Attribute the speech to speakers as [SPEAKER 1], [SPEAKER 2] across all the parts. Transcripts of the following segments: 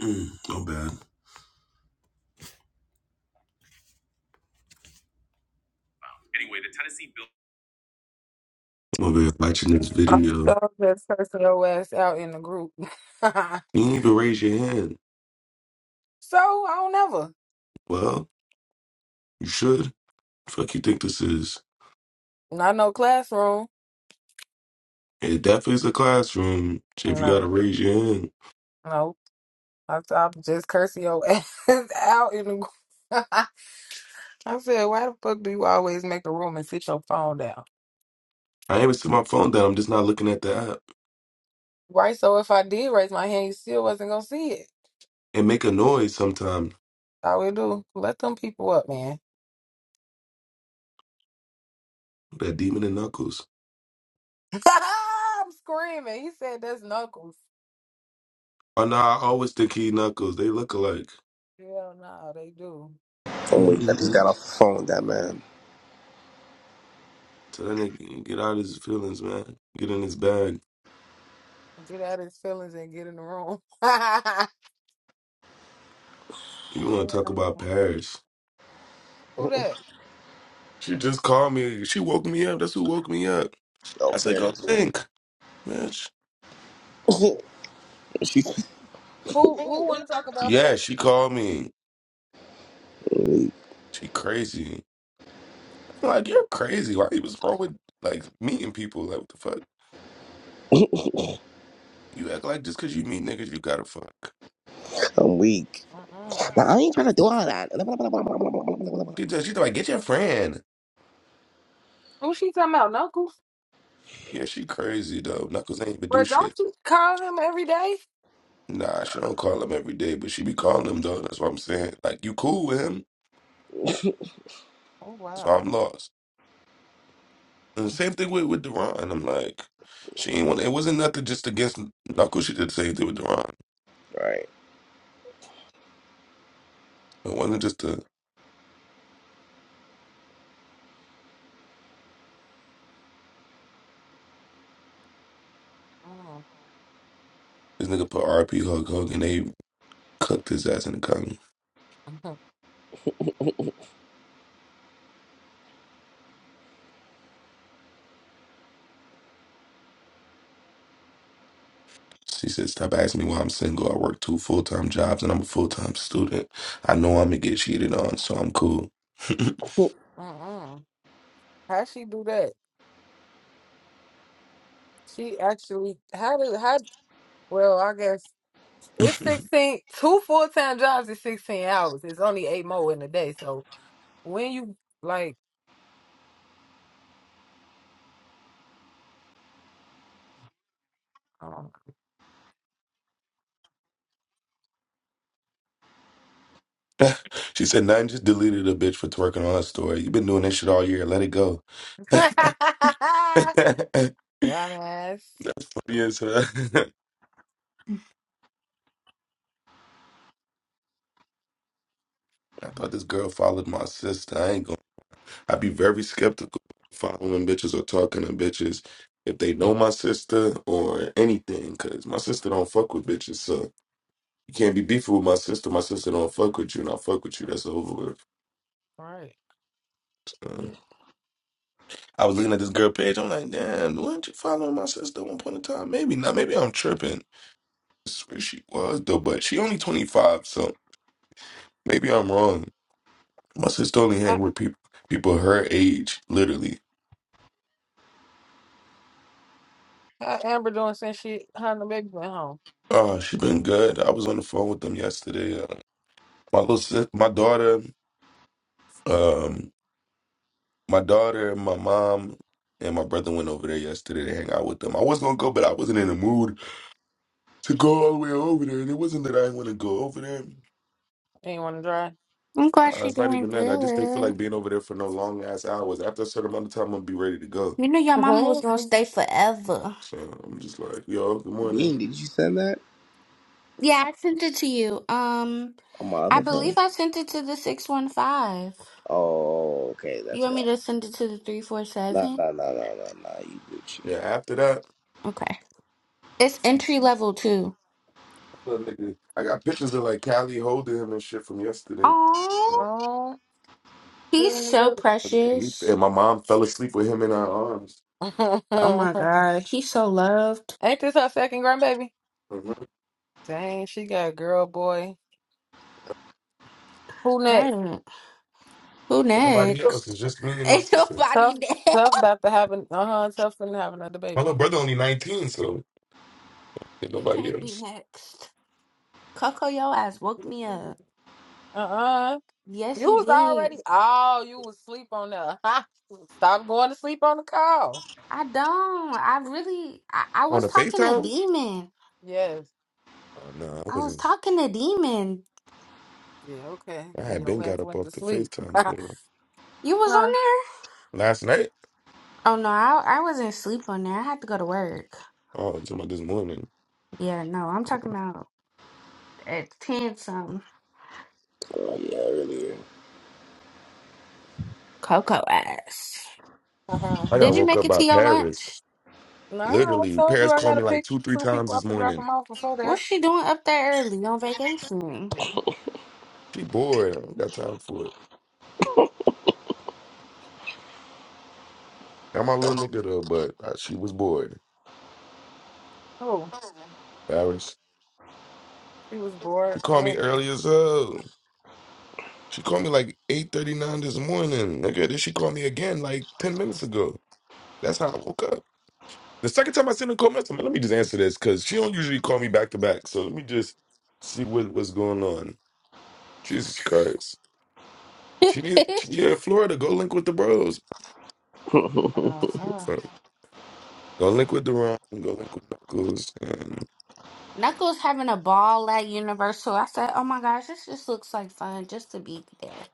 [SPEAKER 1] Mm, no bad. I'm over here watching this
[SPEAKER 2] I was
[SPEAKER 1] video. You
[SPEAKER 2] so just cursing your ass out in the group. so I
[SPEAKER 1] didn't even raise your hand.
[SPEAKER 2] don't ever.
[SPEAKER 1] Well, you should. Fuck you think this is?
[SPEAKER 2] Not no classroom.
[SPEAKER 1] It definitely is a classroom. So If you
[SPEAKER 2] No,
[SPEAKER 1] gotta raise your hand,
[SPEAKER 2] no. I, I just cursing your ass out in the group. I said, why the fuck do you always make a room and sit your phone down?
[SPEAKER 1] I ain't even set my phone down. I'm just not looking at the app
[SPEAKER 2] Right. So if I did raise my hand, you still wasn't gonna see it.
[SPEAKER 1] and make a noise sometime.
[SPEAKER 2] I would do. Let them people up, man.
[SPEAKER 1] That demon in Knuckles.
[SPEAKER 2] I'm screaming. He said that's knuckles.
[SPEAKER 1] Oh no, I always think he Knuckles. They look alike.
[SPEAKER 2] Hell no, they do.
[SPEAKER 1] so
[SPEAKER 3] I'm weak. I just got
[SPEAKER 1] that
[SPEAKER 3] off the phone with that man.
[SPEAKER 1] nigga get out of his feelings, man. Get in his bag.
[SPEAKER 2] Get out his feelings and get in the room.
[SPEAKER 1] You want
[SPEAKER 2] Who
[SPEAKER 1] to talk about Paris?
[SPEAKER 2] that?
[SPEAKER 1] She just called me. She woke me up. That's who woke me up.
[SPEAKER 3] No
[SPEAKER 1] I said, go
[SPEAKER 3] parents.
[SPEAKER 1] think, bitch.
[SPEAKER 3] she think
[SPEAKER 2] Who who want to talk about
[SPEAKER 1] Yeah,
[SPEAKER 2] Perry?
[SPEAKER 1] she called me. She crazy. I'm like, you're crazy. Why you was wrong with like meeting people? Like, what the fuck? You act like just because you meet niggas, you gotta fuck.
[SPEAKER 3] I'm weak.
[SPEAKER 2] Mm-mm.
[SPEAKER 3] Now, I ain't trying to do all that.
[SPEAKER 1] She just, she's like, get your friend.
[SPEAKER 2] Who she talking about? Knuckles?
[SPEAKER 1] Yeah, she crazy though. Knuckles ain't even do
[SPEAKER 2] Bro, don't
[SPEAKER 1] shit.
[SPEAKER 2] you call him every day?
[SPEAKER 1] Nah, she don't call him every day, but she be calling him though. That's what I'm saying. Like, you cool with him?
[SPEAKER 2] Oh
[SPEAKER 1] That's why
[SPEAKER 2] wow.
[SPEAKER 1] I'm lost. And the same thing with with Deron. I'm like, she ain't want. It wasn't nothing just against Knuckles. She did the same thing with Deron.
[SPEAKER 3] Right.
[SPEAKER 1] It wasn't just a
[SPEAKER 2] Mm.
[SPEAKER 1] this nigga put RP hug hug and they cooked his ass in the comments. She said, Stop asking me why I'm single. I work two full time jobs and I'm a full time student. I know I'm gonna get cheated on, so I'm cool.
[SPEAKER 2] Mm-mm. How she do that? She actually how do how? Well, I guess it's sixteen. Two full time jobs is sixteen hours. It's only eight more in a day. So when you like, um,
[SPEAKER 1] she said, Nine just deleted a bitch for twerking on her story. You've been doing this shit all year. Let it go. Funny
[SPEAKER 2] dumbass.
[SPEAKER 1] as I thought this girl followed my sister. I ain't gonna. I'd be very skeptical following bitches or talking to bitches if they know my sister or anything, cause my sister don't fuck with bitches. So You can't be beefing with my sister. My sister don't fuck with you, and I fuck with you. That's over with.
[SPEAKER 2] Right.
[SPEAKER 1] Um, I was looking at this girl page. I'm like, damn, weren't you following my sister at one point in time? Maybe not. Maybe I'm tripping. I swear she was though, but she only 25, so maybe I'm wrong. My sister only hang
[SPEAKER 2] How,
[SPEAKER 1] with people people her age, literally.
[SPEAKER 2] how Amber doing since she her and the baby went home?
[SPEAKER 1] Oh, she been good. I was on the phone with them yesterday. Uh, my little sis, my daughter, um, my daughter, my mom, and my brother went over there yesterday to hang out with them. I was gonna go, but I wasn't in the mood. to go all the way over there. And it wasn't that I didn't want to go over there.
[SPEAKER 2] Ain't want to drive.
[SPEAKER 4] I'm glad
[SPEAKER 1] Uh,
[SPEAKER 4] she's
[SPEAKER 1] it's not
[SPEAKER 4] doing
[SPEAKER 1] even that. I just didn't feel
[SPEAKER 4] good.
[SPEAKER 1] like being over there for no long ass hours. After a certain amount of time, I'm gonna be ready to go.
[SPEAKER 4] You knew your mama was gonna
[SPEAKER 2] Okay.
[SPEAKER 4] stay forever.
[SPEAKER 1] So I'm just like, yo, good morning.
[SPEAKER 3] Bean, did you send that?
[SPEAKER 4] Yeah, I sent it to you. Um,
[SPEAKER 3] On my
[SPEAKER 4] I
[SPEAKER 3] other
[SPEAKER 4] believe
[SPEAKER 3] phone.
[SPEAKER 4] I sent it to the six one five.
[SPEAKER 3] Oh, okay,
[SPEAKER 4] You
[SPEAKER 3] that's
[SPEAKER 4] want me
[SPEAKER 3] why.
[SPEAKER 4] to send it to the three four
[SPEAKER 3] Nah,
[SPEAKER 4] seven?
[SPEAKER 3] nah, nah, nah, nah, nah. You Gucci.
[SPEAKER 1] Yeah. After that,
[SPEAKER 4] Okay. It's entry level too.
[SPEAKER 1] little nigga, I got pictures of like Callie holding him and shit from yesterday,
[SPEAKER 4] Oh,
[SPEAKER 2] Oh,
[SPEAKER 4] he's so
[SPEAKER 2] remember.
[SPEAKER 1] and, he,
[SPEAKER 4] precious.
[SPEAKER 1] and my mom fell asleep with him in our arms.
[SPEAKER 4] Oh my god, he's so loved.
[SPEAKER 2] Ain't this her second grandbaby?
[SPEAKER 1] Mhm.
[SPEAKER 2] Dang, she got a girl, boy. Who next?
[SPEAKER 4] Right. Who
[SPEAKER 1] Ain't nobody else.
[SPEAKER 4] next?
[SPEAKER 1] It's just me and my
[SPEAKER 4] Ain't
[SPEAKER 1] sister.
[SPEAKER 4] nobody
[SPEAKER 2] Tough,
[SPEAKER 4] next.
[SPEAKER 2] tough about to have an uh huh. Tough finna have another
[SPEAKER 1] My little
[SPEAKER 2] baby.
[SPEAKER 1] brother only 19, so ain't
[SPEAKER 4] He
[SPEAKER 1] nobody
[SPEAKER 4] can't be
[SPEAKER 1] else
[SPEAKER 4] next. Coco, your ass woke me up.
[SPEAKER 2] Uh uh
[SPEAKER 4] Yes,
[SPEAKER 2] You
[SPEAKER 4] you
[SPEAKER 2] was
[SPEAKER 4] did.
[SPEAKER 2] already. Oh, you was sleep on that. Stop going to sleep on the call.
[SPEAKER 4] I don't. I really. I, I
[SPEAKER 1] on
[SPEAKER 4] was
[SPEAKER 1] the
[SPEAKER 4] talking to
[SPEAKER 1] Facetime.
[SPEAKER 4] Demon.
[SPEAKER 2] Yes.
[SPEAKER 1] Oh no, I
[SPEAKER 4] I was
[SPEAKER 1] wasn't.
[SPEAKER 4] talking to Demon.
[SPEAKER 2] Yeah. Okay.
[SPEAKER 1] I
[SPEAKER 2] And
[SPEAKER 1] had
[SPEAKER 2] your
[SPEAKER 1] been got
[SPEAKER 2] ass
[SPEAKER 1] up
[SPEAKER 2] went to
[SPEAKER 1] off the
[SPEAKER 2] sleep.
[SPEAKER 1] Facetime girl
[SPEAKER 4] You was on
[SPEAKER 2] Huh.
[SPEAKER 4] there?
[SPEAKER 1] last night.
[SPEAKER 4] Oh no, I I wasn't asleep on there. I had to go to work.
[SPEAKER 1] Oh, I'm talking about this morning.
[SPEAKER 4] Yeah, no, I'm talking about at ten some
[SPEAKER 3] Oh yeah, earlier.
[SPEAKER 4] Coco ass.
[SPEAKER 1] I
[SPEAKER 4] Did
[SPEAKER 1] got
[SPEAKER 4] you
[SPEAKER 1] woke
[SPEAKER 2] no,
[SPEAKER 4] make
[SPEAKER 1] up
[SPEAKER 4] it
[SPEAKER 1] by
[SPEAKER 4] to your
[SPEAKER 1] Paris.
[SPEAKER 4] lunch?
[SPEAKER 2] I
[SPEAKER 1] Literally,
[SPEAKER 2] told you
[SPEAKER 1] Paris
[SPEAKER 2] I
[SPEAKER 1] called
[SPEAKER 2] gotta
[SPEAKER 1] me like
[SPEAKER 2] pick
[SPEAKER 1] two, three
[SPEAKER 2] two
[SPEAKER 1] times
[SPEAKER 2] people up
[SPEAKER 1] this
[SPEAKER 2] and drop
[SPEAKER 1] morning.
[SPEAKER 2] them off before that.
[SPEAKER 4] What's she doing up there early on vacation?
[SPEAKER 1] She bored. I don't got time for it. I'm my little nigga though, but uh, she was bored.
[SPEAKER 2] Oh,
[SPEAKER 1] Paris.
[SPEAKER 2] she was bored.
[SPEAKER 1] She called me
[SPEAKER 2] when.
[SPEAKER 1] early as hell. She called me like 8.39 this morning. Nigga, then she called me again like 10 minutes ago. That's how I woke up. The second time I sent her a call message, I'm like, let me just answer this because she don't usually call me back to back. So let me just see what, what's going on. Jesus Christ. She need, she in Florida. Go link with the bros.
[SPEAKER 2] Uh-huh.
[SPEAKER 1] Go link with Deron. Go link with Knuckles. And
[SPEAKER 4] Knuckles having a ball at Universal. I said, oh my gosh, this just looks like fun just to be there.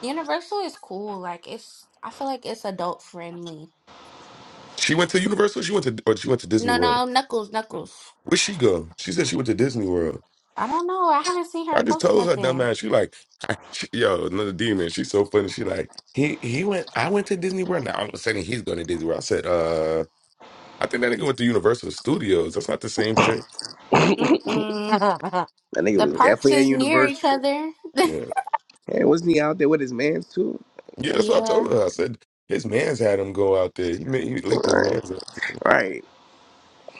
[SPEAKER 4] Universal is cool. Like it's, I feel like it's adult friendly.
[SPEAKER 1] she went to Universal. She went to or she went to Disney
[SPEAKER 4] No,
[SPEAKER 1] World.
[SPEAKER 4] no, Knuckles, Knuckles.
[SPEAKER 1] where she go? She said she went to Disney World.
[SPEAKER 4] I don't know. I haven't seen
[SPEAKER 1] I
[SPEAKER 4] her
[SPEAKER 1] just
[SPEAKER 4] post
[SPEAKER 1] told her dumb
[SPEAKER 4] nothing.
[SPEAKER 1] ass. She like, she, yo, another demon. She's so funny. She like, he he went. I went to Disney World. Now all of a sudden he's going to Disney World. I said, uh, I think that nigga went to Universal Studios. That's not the same shit.
[SPEAKER 4] Mm-mm.
[SPEAKER 3] that nigga
[SPEAKER 4] The
[SPEAKER 1] Yeah,
[SPEAKER 3] was
[SPEAKER 4] parks
[SPEAKER 3] definitely at
[SPEAKER 4] is near each
[SPEAKER 3] Universal.
[SPEAKER 4] other.
[SPEAKER 1] yeah.
[SPEAKER 3] Hey, wasn't he out there with his mans too?
[SPEAKER 1] That's what I
[SPEAKER 4] Yeah.
[SPEAKER 1] told her. I said his man's had him go out there. He, ma- he linked his
[SPEAKER 3] Right,
[SPEAKER 1] man's up.
[SPEAKER 3] right.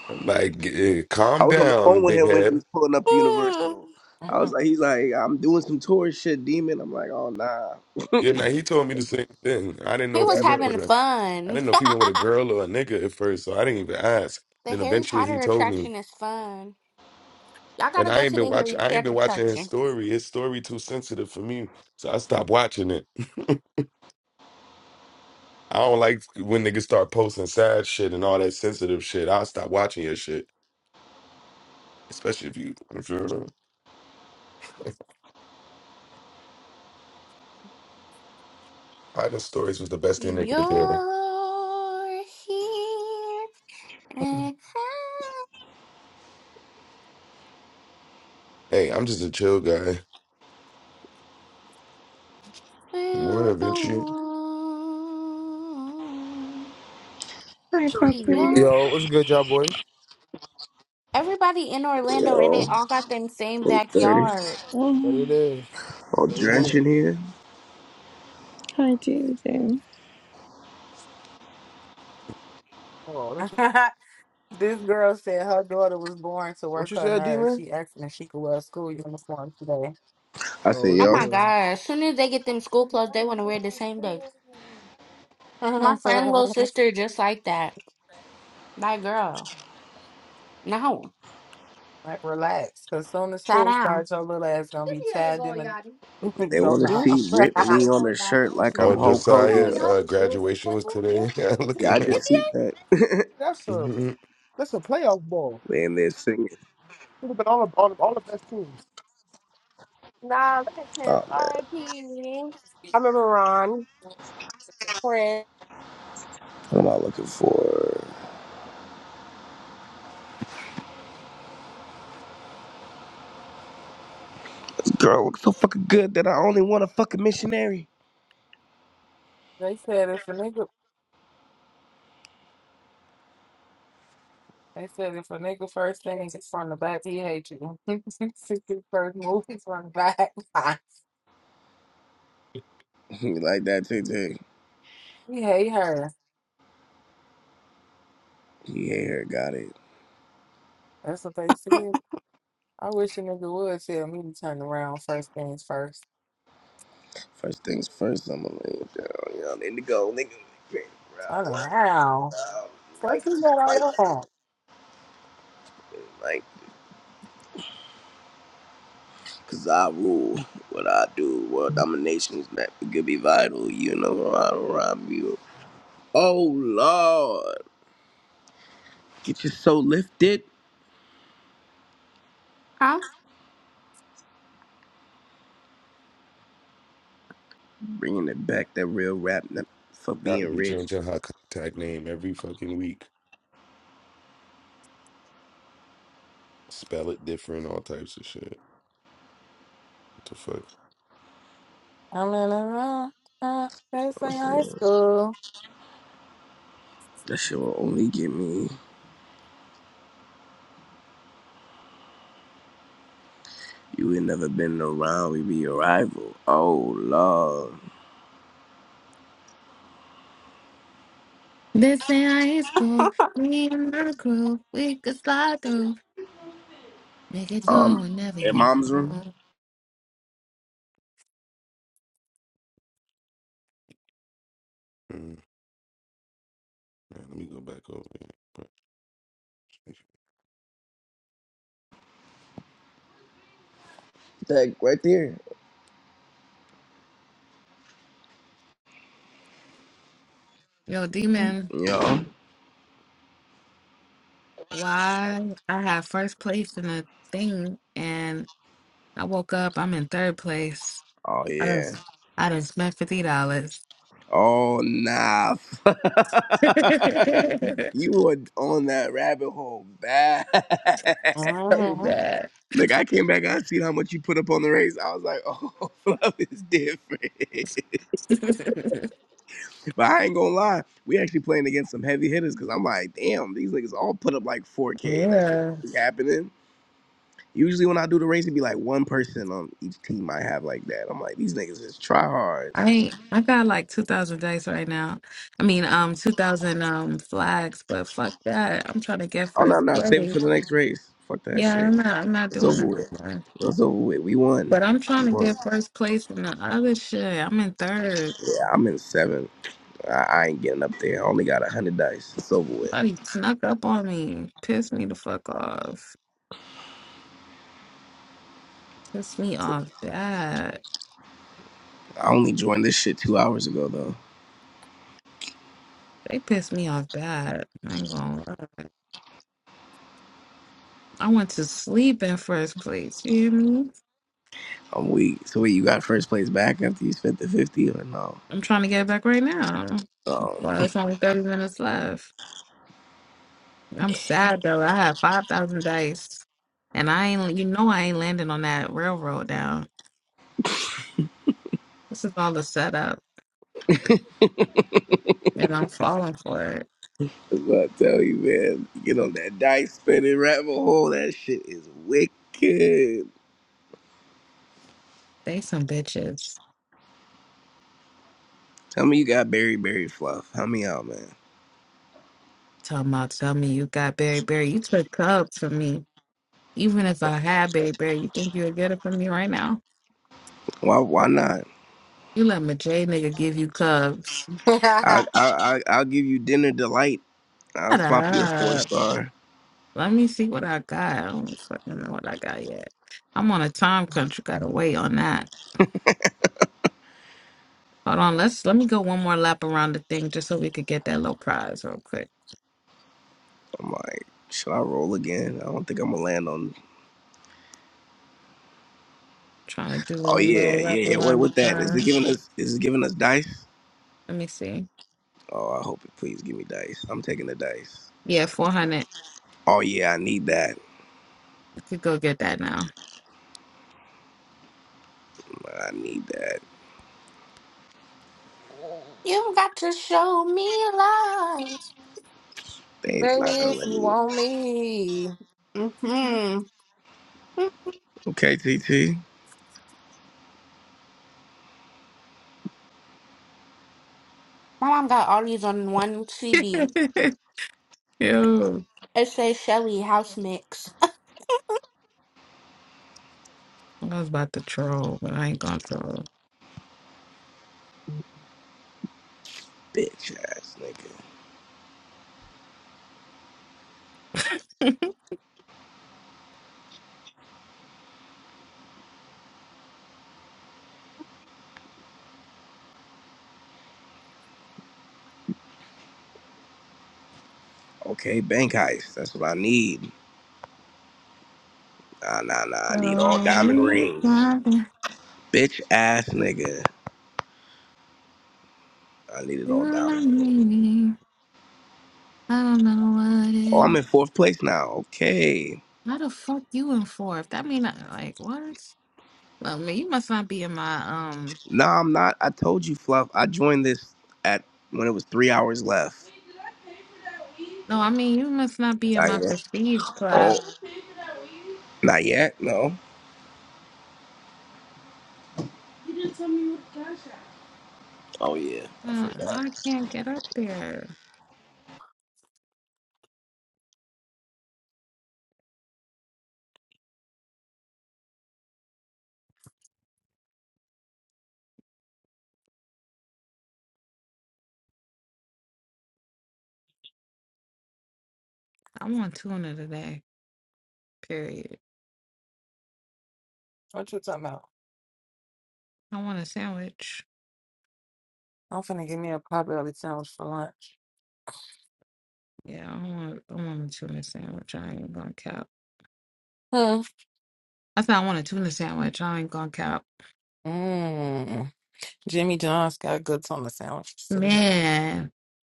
[SPEAKER 1] Like, eh,
[SPEAKER 3] I
[SPEAKER 1] calm
[SPEAKER 3] was on the
[SPEAKER 1] down,
[SPEAKER 3] phone with
[SPEAKER 1] big
[SPEAKER 3] him when he
[SPEAKER 1] head.
[SPEAKER 3] was pulling up to
[SPEAKER 4] Hmm.
[SPEAKER 3] Universal. I was like, he's like, I'm doing some tourist shit, demon. I'm like, oh nah.
[SPEAKER 1] Yeah, now he told me the same thing. I didn't know
[SPEAKER 4] He
[SPEAKER 1] if he
[SPEAKER 4] was
[SPEAKER 1] went
[SPEAKER 4] having
[SPEAKER 1] with
[SPEAKER 3] Yo,
[SPEAKER 1] a I
[SPEAKER 4] fun.
[SPEAKER 1] didn't know if he went with a girl or a nigga at first, so I didn't even ask.
[SPEAKER 4] the
[SPEAKER 1] Then
[SPEAKER 4] Harry
[SPEAKER 1] eventually he
[SPEAKER 4] Potter
[SPEAKER 1] told me.
[SPEAKER 4] attraction is fun. Y'all gotta
[SPEAKER 1] And I
[SPEAKER 4] go
[SPEAKER 1] ain't
[SPEAKER 4] to
[SPEAKER 1] been
[SPEAKER 4] the
[SPEAKER 1] watch
[SPEAKER 4] Harry
[SPEAKER 1] I ain't
[SPEAKER 4] Potter
[SPEAKER 1] been watching his
[SPEAKER 4] attraction.
[SPEAKER 1] story. His story too sensitive for me. So I stopped watching it. I don't like when niggas start posting sad shit and all that sensitive shit. I'll stop watching your shit. Especially if you if you're hiding stories was the best thing they
[SPEAKER 4] You're
[SPEAKER 1] could do.
[SPEAKER 4] here and I
[SPEAKER 1] Hey, I'm just a chill guy. What
[SPEAKER 4] will
[SPEAKER 1] Morning,
[SPEAKER 4] go
[SPEAKER 1] Vinci.
[SPEAKER 4] on.
[SPEAKER 5] Hi, puppy.
[SPEAKER 4] Yeah.
[SPEAKER 6] Yo, what's good, y'all boys?
[SPEAKER 4] Everybody in Orlando and they all got them same
[SPEAKER 3] I'm 30.
[SPEAKER 4] backyard.
[SPEAKER 6] What it
[SPEAKER 5] Mm.
[SPEAKER 6] is?
[SPEAKER 3] I'm drenching here.
[SPEAKER 5] Hi, JJ.
[SPEAKER 6] Hold on, let me check.
[SPEAKER 2] this girl said her daughter was born to
[SPEAKER 6] What
[SPEAKER 2] work
[SPEAKER 6] you
[SPEAKER 2] her
[SPEAKER 6] said,
[SPEAKER 2] nerves.
[SPEAKER 6] D-Man?
[SPEAKER 2] She asked me if she could wear a school uniform today.
[SPEAKER 3] I
[SPEAKER 6] Oh,
[SPEAKER 3] said,
[SPEAKER 6] what's
[SPEAKER 4] Oh
[SPEAKER 6] it
[SPEAKER 3] yo,
[SPEAKER 4] my
[SPEAKER 6] doing?
[SPEAKER 4] gosh. Soon as they get them school clothes,
[SPEAKER 6] Who?
[SPEAKER 4] they want to wear the same day. My
[SPEAKER 2] like,
[SPEAKER 4] friend little sister just like that. Like girl. No.
[SPEAKER 2] relax, because soon as
[SPEAKER 4] Sit
[SPEAKER 2] school
[SPEAKER 4] down.
[SPEAKER 2] starts, your little ass gonna
[SPEAKER 6] Yes,
[SPEAKER 2] be tied in the
[SPEAKER 3] they
[SPEAKER 2] go
[SPEAKER 3] want to
[SPEAKER 2] knob.
[SPEAKER 3] see rip me on a shirt
[SPEAKER 6] she
[SPEAKER 3] like I'm
[SPEAKER 1] Oh,
[SPEAKER 6] did.
[SPEAKER 3] Hulk
[SPEAKER 1] Josiah,
[SPEAKER 3] Hogan.
[SPEAKER 6] Yeah.
[SPEAKER 1] uh, graduation was today. Look
[SPEAKER 3] Yeah, I
[SPEAKER 1] at him.
[SPEAKER 3] just see that.
[SPEAKER 6] That's a
[SPEAKER 1] hmm
[SPEAKER 6] that's a playoff ball.
[SPEAKER 3] Man, they're singing.
[SPEAKER 6] Should have been all the all, the- all the best teams. I
[SPEAKER 3] Oh, man.
[SPEAKER 6] remember Ron. Prince.
[SPEAKER 3] What am I looking for? Girl, Look so fucking good that I only want a fucking missionary.
[SPEAKER 2] they said if a nigga, they said if a nigga first thing is from the back, he hate you. If His first move is from the back.
[SPEAKER 3] you like that, too, too.
[SPEAKER 2] he hate her.
[SPEAKER 3] Yeah, here, got it.
[SPEAKER 2] That's what they said. I wish a nigga would tell me to turn around first things first.
[SPEAKER 3] First things first, I'm gonna lay it down. You know, indigo, nigga, nigga, bro.
[SPEAKER 2] Turn
[SPEAKER 3] What?
[SPEAKER 2] around.
[SPEAKER 3] Um,
[SPEAKER 2] What
[SPEAKER 3] like,
[SPEAKER 2] you got on
[SPEAKER 3] like,
[SPEAKER 2] your hand?
[SPEAKER 3] like. Cause I rule what I do. World domination is not gonna be vital. You know I don't rhyme you. Oh Lord, get your soul lifted.
[SPEAKER 4] Huh?
[SPEAKER 3] Bringing it back that real rap n- for
[SPEAKER 1] Got to
[SPEAKER 3] being
[SPEAKER 1] be
[SPEAKER 3] rich.
[SPEAKER 1] changing her contact name every fucking week. Spell it different, all types of shit. What the fuck?
[SPEAKER 2] I'm in around. Uh, first day high school.
[SPEAKER 3] That shit will only get me. You ain't never been around. We be a rival. Oh Lord.
[SPEAKER 7] This ain't high school. Me and my crew, we could slide through. Make it to it
[SPEAKER 3] Um,
[SPEAKER 7] whenever
[SPEAKER 3] in
[SPEAKER 7] you
[SPEAKER 3] mom's room.
[SPEAKER 7] want.
[SPEAKER 1] Mm. Yeah, let me go back over here.
[SPEAKER 3] That right there.
[SPEAKER 7] Yo, D-Man,
[SPEAKER 3] Yo.
[SPEAKER 7] why I had first place in the thing and I woke up, I'm in third place.
[SPEAKER 3] Oh
[SPEAKER 7] I done,
[SPEAKER 3] yeah.
[SPEAKER 7] I done spent $50.
[SPEAKER 3] Oh nah. you were on that rabbit hole bad.
[SPEAKER 7] so
[SPEAKER 2] hmm
[SPEAKER 7] bad.
[SPEAKER 3] Like I came back, I seen how much you put up on the race. I was like, oh, love is different. but I ain't gonna lie, we actually playing against some heavy hitters because I'm like, damn, these niggas all put up like 4K. That shit
[SPEAKER 7] yeah.
[SPEAKER 3] don't be happening. Usually when I do the race, it'd be like one person on each team I have like that. I'm like, these niggas just try hards.
[SPEAKER 7] I ain't, I got like 2,000 dice right now. I mean, um, 2,000 um flags, but fuck that. I'm trying to get
[SPEAKER 3] Oh no,
[SPEAKER 7] first
[SPEAKER 3] no, save it
[SPEAKER 7] place.
[SPEAKER 3] for the next race. Fuck that
[SPEAKER 7] Yeah,
[SPEAKER 3] shit.
[SPEAKER 7] I'm not. I'm not
[SPEAKER 3] It's
[SPEAKER 7] doing
[SPEAKER 3] over
[SPEAKER 7] that no
[SPEAKER 3] with.
[SPEAKER 7] more.
[SPEAKER 3] It's over with. We won.
[SPEAKER 7] But I'm
[SPEAKER 3] We
[SPEAKER 7] trying to
[SPEAKER 3] won.
[SPEAKER 7] get first place in the other shit. I'm in third.
[SPEAKER 3] Yeah, I'm in seven. I, I ain't getting up there. I only got a hundred dice. It's over with.
[SPEAKER 7] Somebody snuck up on me, pissed me the fuck off, pissed me off bad.
[SPEAKER 3] I only joined this shit two hours ago though.
[SPEAKER 7] They pissed me off bad. I ain't gonna lie. I went to sleep in first place. You hear me?
[SPEAKER 3] I'm weak. So wait, you got first place back after you spent the fifty or no?
[SPEAKER 7] I'm trying to get back right now.
[SPEAKER 3] Oh,
[SPEAKER 7] Well, it's only 30 minutes left. I'm sad though. I had 5,000 dice, and I ain't. You know I ain't landing on that railroad down. This is all the setup. And I'm falling for it.
[SPEAKER 3] that's what I tell you, man. Get on that dice spinning rabbit hole. That shit is wicked.
[SPEAKER 7] They some bitches.
[SPEAKER 3] Tell me you got berry berry fluff. Help me out, man.
[SPEAKER 7] Talking about tell me you got Berry Berry. You took Cub from me. Even if I had Berry Berry, you think you would get it from me right now?
[SPEAKER 3] Why? Why not?
[SPEAKER 7] You let my J nigga give you Cubs.
[SPEAKER 3] I I, I I'll give you dinner delight. I'll
[SPEAKER 7] Shut
[SPEAKER 3] swap you a four
[SPEAKER 7] up.
[SPEAKER 3] star.
[SPEAKER 7] Let me see what I got. I don't fucking know what I got yet. I'm on a time crunch. You Gotta wait on that. Hold on. Let's let me go one more lap around the thing just so we could get that little prize real quick.
[SPEAKER 3] I'm like, should I roll again? I don't think I'm gonna land on.
[SPEAKER 7] Trying to do
[SPEAKER 3] Oh
[SPEAKER 7] one
[SPEAKER 3] yeah,
[SPEAKER 7] little lap
[SPEAKER 3] yeah, yeah. What
[SPEAKER 7] around the
[SPEAKER 3] with that? Is it
[SPEAKER 7] thing.
[SPEAKER 3] giving us? Is it giving us dice?
[SPEAKER 7] Let me see.
[SPEAKER 3] Oh, I hope it. Please give me dice. I'm taking the dice.
[SPEAKER 7] Yeah, 400.
[SPEAKER 3] Oh yeah, I need that.
[SPEAKER 7] You could go get that now.
[SPEAKER 3] I need that.
[SPEAKER 4] You got to show me love.
[SPEAKER 3] They's
[SPEAKER 2] Baby,
[SPEAKER 3] not gonna
[SPEAKER 2] if
[SPEAKER 3] let
[SPEAKER 2] you
[SPEAKER 3] me. win.
[SPEAKER 2] want me.
[SPEAKER 4] Mm-hmm.
[SPEAKER 3] Okay, T. T.
[SPEAKER 4] My mom got all these on one CD.
[SPEAKER 7] Yo,
[SPEAKER 4] It says Shelly House Mix.
[SPEAKER 7] I was about to troll, but I ain't gonna troll.
[SPEAKER 3] Bitch ass nigga. Okay, bank heist. That's what I need. Nah, nah, nah. I need all
[SPEAKER 7] Tell
[SPEAKER 3] diamond
[SPEAKER 7] me
[SPEAKER 3] rings.
[SPEAKER 7] something,
[SPEAKER 3] Bitch ass nigga. I needed all
[SPEAKER 7] you're not
[SPEAKER 3] diamond rings.
[SPEAKER 7] meaning. I don't know what
[SPEAKER 3] Oh, I'm
[SPEAKER 7] it.
[SPEAKER 3] in fourth place now. Okay.
[SPEAKER 7] How the fuck you in for? If that mean I like what? Well, I mean, you must not be in my um.
[SPEAKER 3] No, I'm not. I told you, Fluff. I joined this at when it was three hours left.
[SPEAKER 7] No, I mean you must not be in
[SPEAKER 3] Not
[SPEAKER 7] my
[SPEAKER 3] yet.
[SPEAKER 7] prestige class.
[SPEAKER 3] Oh, not yet. No. Oh yeah, I
[SPEAKER 7] Um, I
[SPEAKER 3] forgot.
[SPEAKER 7] can't get up there. I want tuna today. Period.
[SPEAKER 2] What you talking about?
[SPEAKER 7] I want a sandwich.
[SPEAKER 2] I'm finna give me a potbelly sandwich for lunch.
[SPEAKER 7] Yeah, I want. I want a tuna sandwich. I ain't gonna cap.
[SPEAKER 2] Hmm.
[SPEAKER 7] I said I want a tuna sandwich. I ain't gonna cap.
[SPEAKER 2] Mm. Jimmy John's got goods on the sandwiches too.
[SPEAKER 7] Man,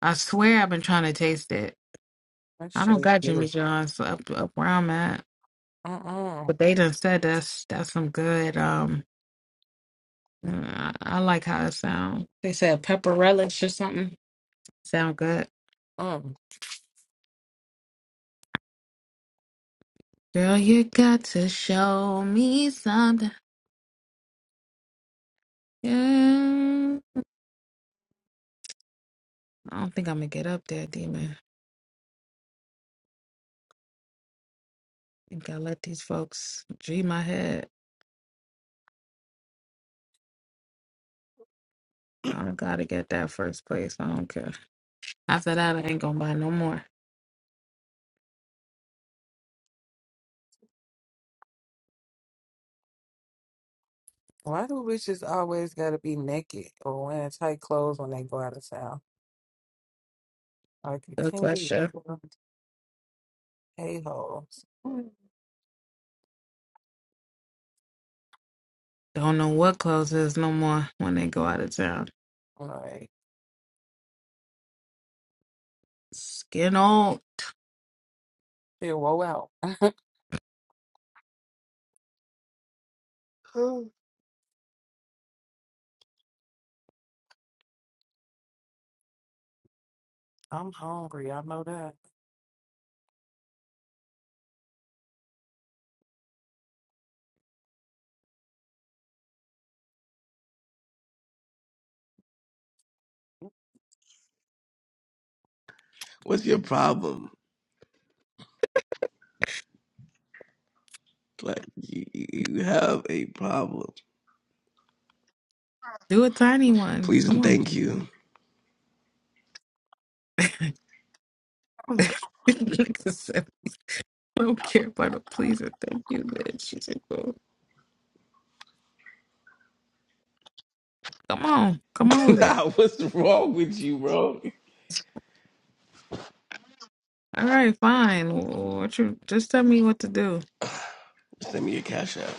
[SPEAKER 7] I swear I've been trying to taste it.
[SPEAKER 2] That
[SPEAKER 7] I don't
[SPEAKER 2] shit's
[SPEAKER 7] got Jimmy
[SPEAKER 2] good.
[SPEAKER 7] John's up up where I'm at,
[SPEAKER 2] Mm-mm.
[SPEAKER 7] but they done said that's that's some good. Um, I, I like how it sounds. They said pepper relish or something. Sound good,
[SPEAKER 2] Mm.
[SPEAKER 7] girl. You got to show me something. Yeah. I don't think I'm gonna get up there, demon. I think I let these folks G my head. I gotta get that first place. I don't care. After that, I ain't gonna buy no more.
[SPEAKER 2] Why do bitches always gotta be naked or wearing tight clothes when they go out of town? Like you
[SPEAKER 7] Good
[SPEAKER 2] can't be
[SPEAKER 7] question.
[SPEAKER 2] regular a-holes.
[SPEAKER 7] Don't know what clothes is no more when they go out of town.
[SPEAKER 2] Like,
[SPEAKER 7] Skin old.
[SPEAKER 2] feel woe out. I'm hungry. I know that.
[SPEAKER 3] What's your problem? Like you, you you have a problem.
[SPEAKER 7] Do a tiny one.
[SPEAKER 3] Please
[SPEAKER 7] Come
[SPEAKER 3] and
[SPEAKER 7] on.
[SPEAKER 3] thank you.
[SPEAKER 4] Mhm.
[SPEAKER 7] Like said, I don't care about a pleaser. Thank you, bitch. She said, "Go." Come on. Come on with it.
[SPEAKER 3] nah, what's wrong with you, bro?
[SPEAKER 7] All right, fine. Wh- What you just tell me what to do.
[SPEAKER 3] Send me your cash app.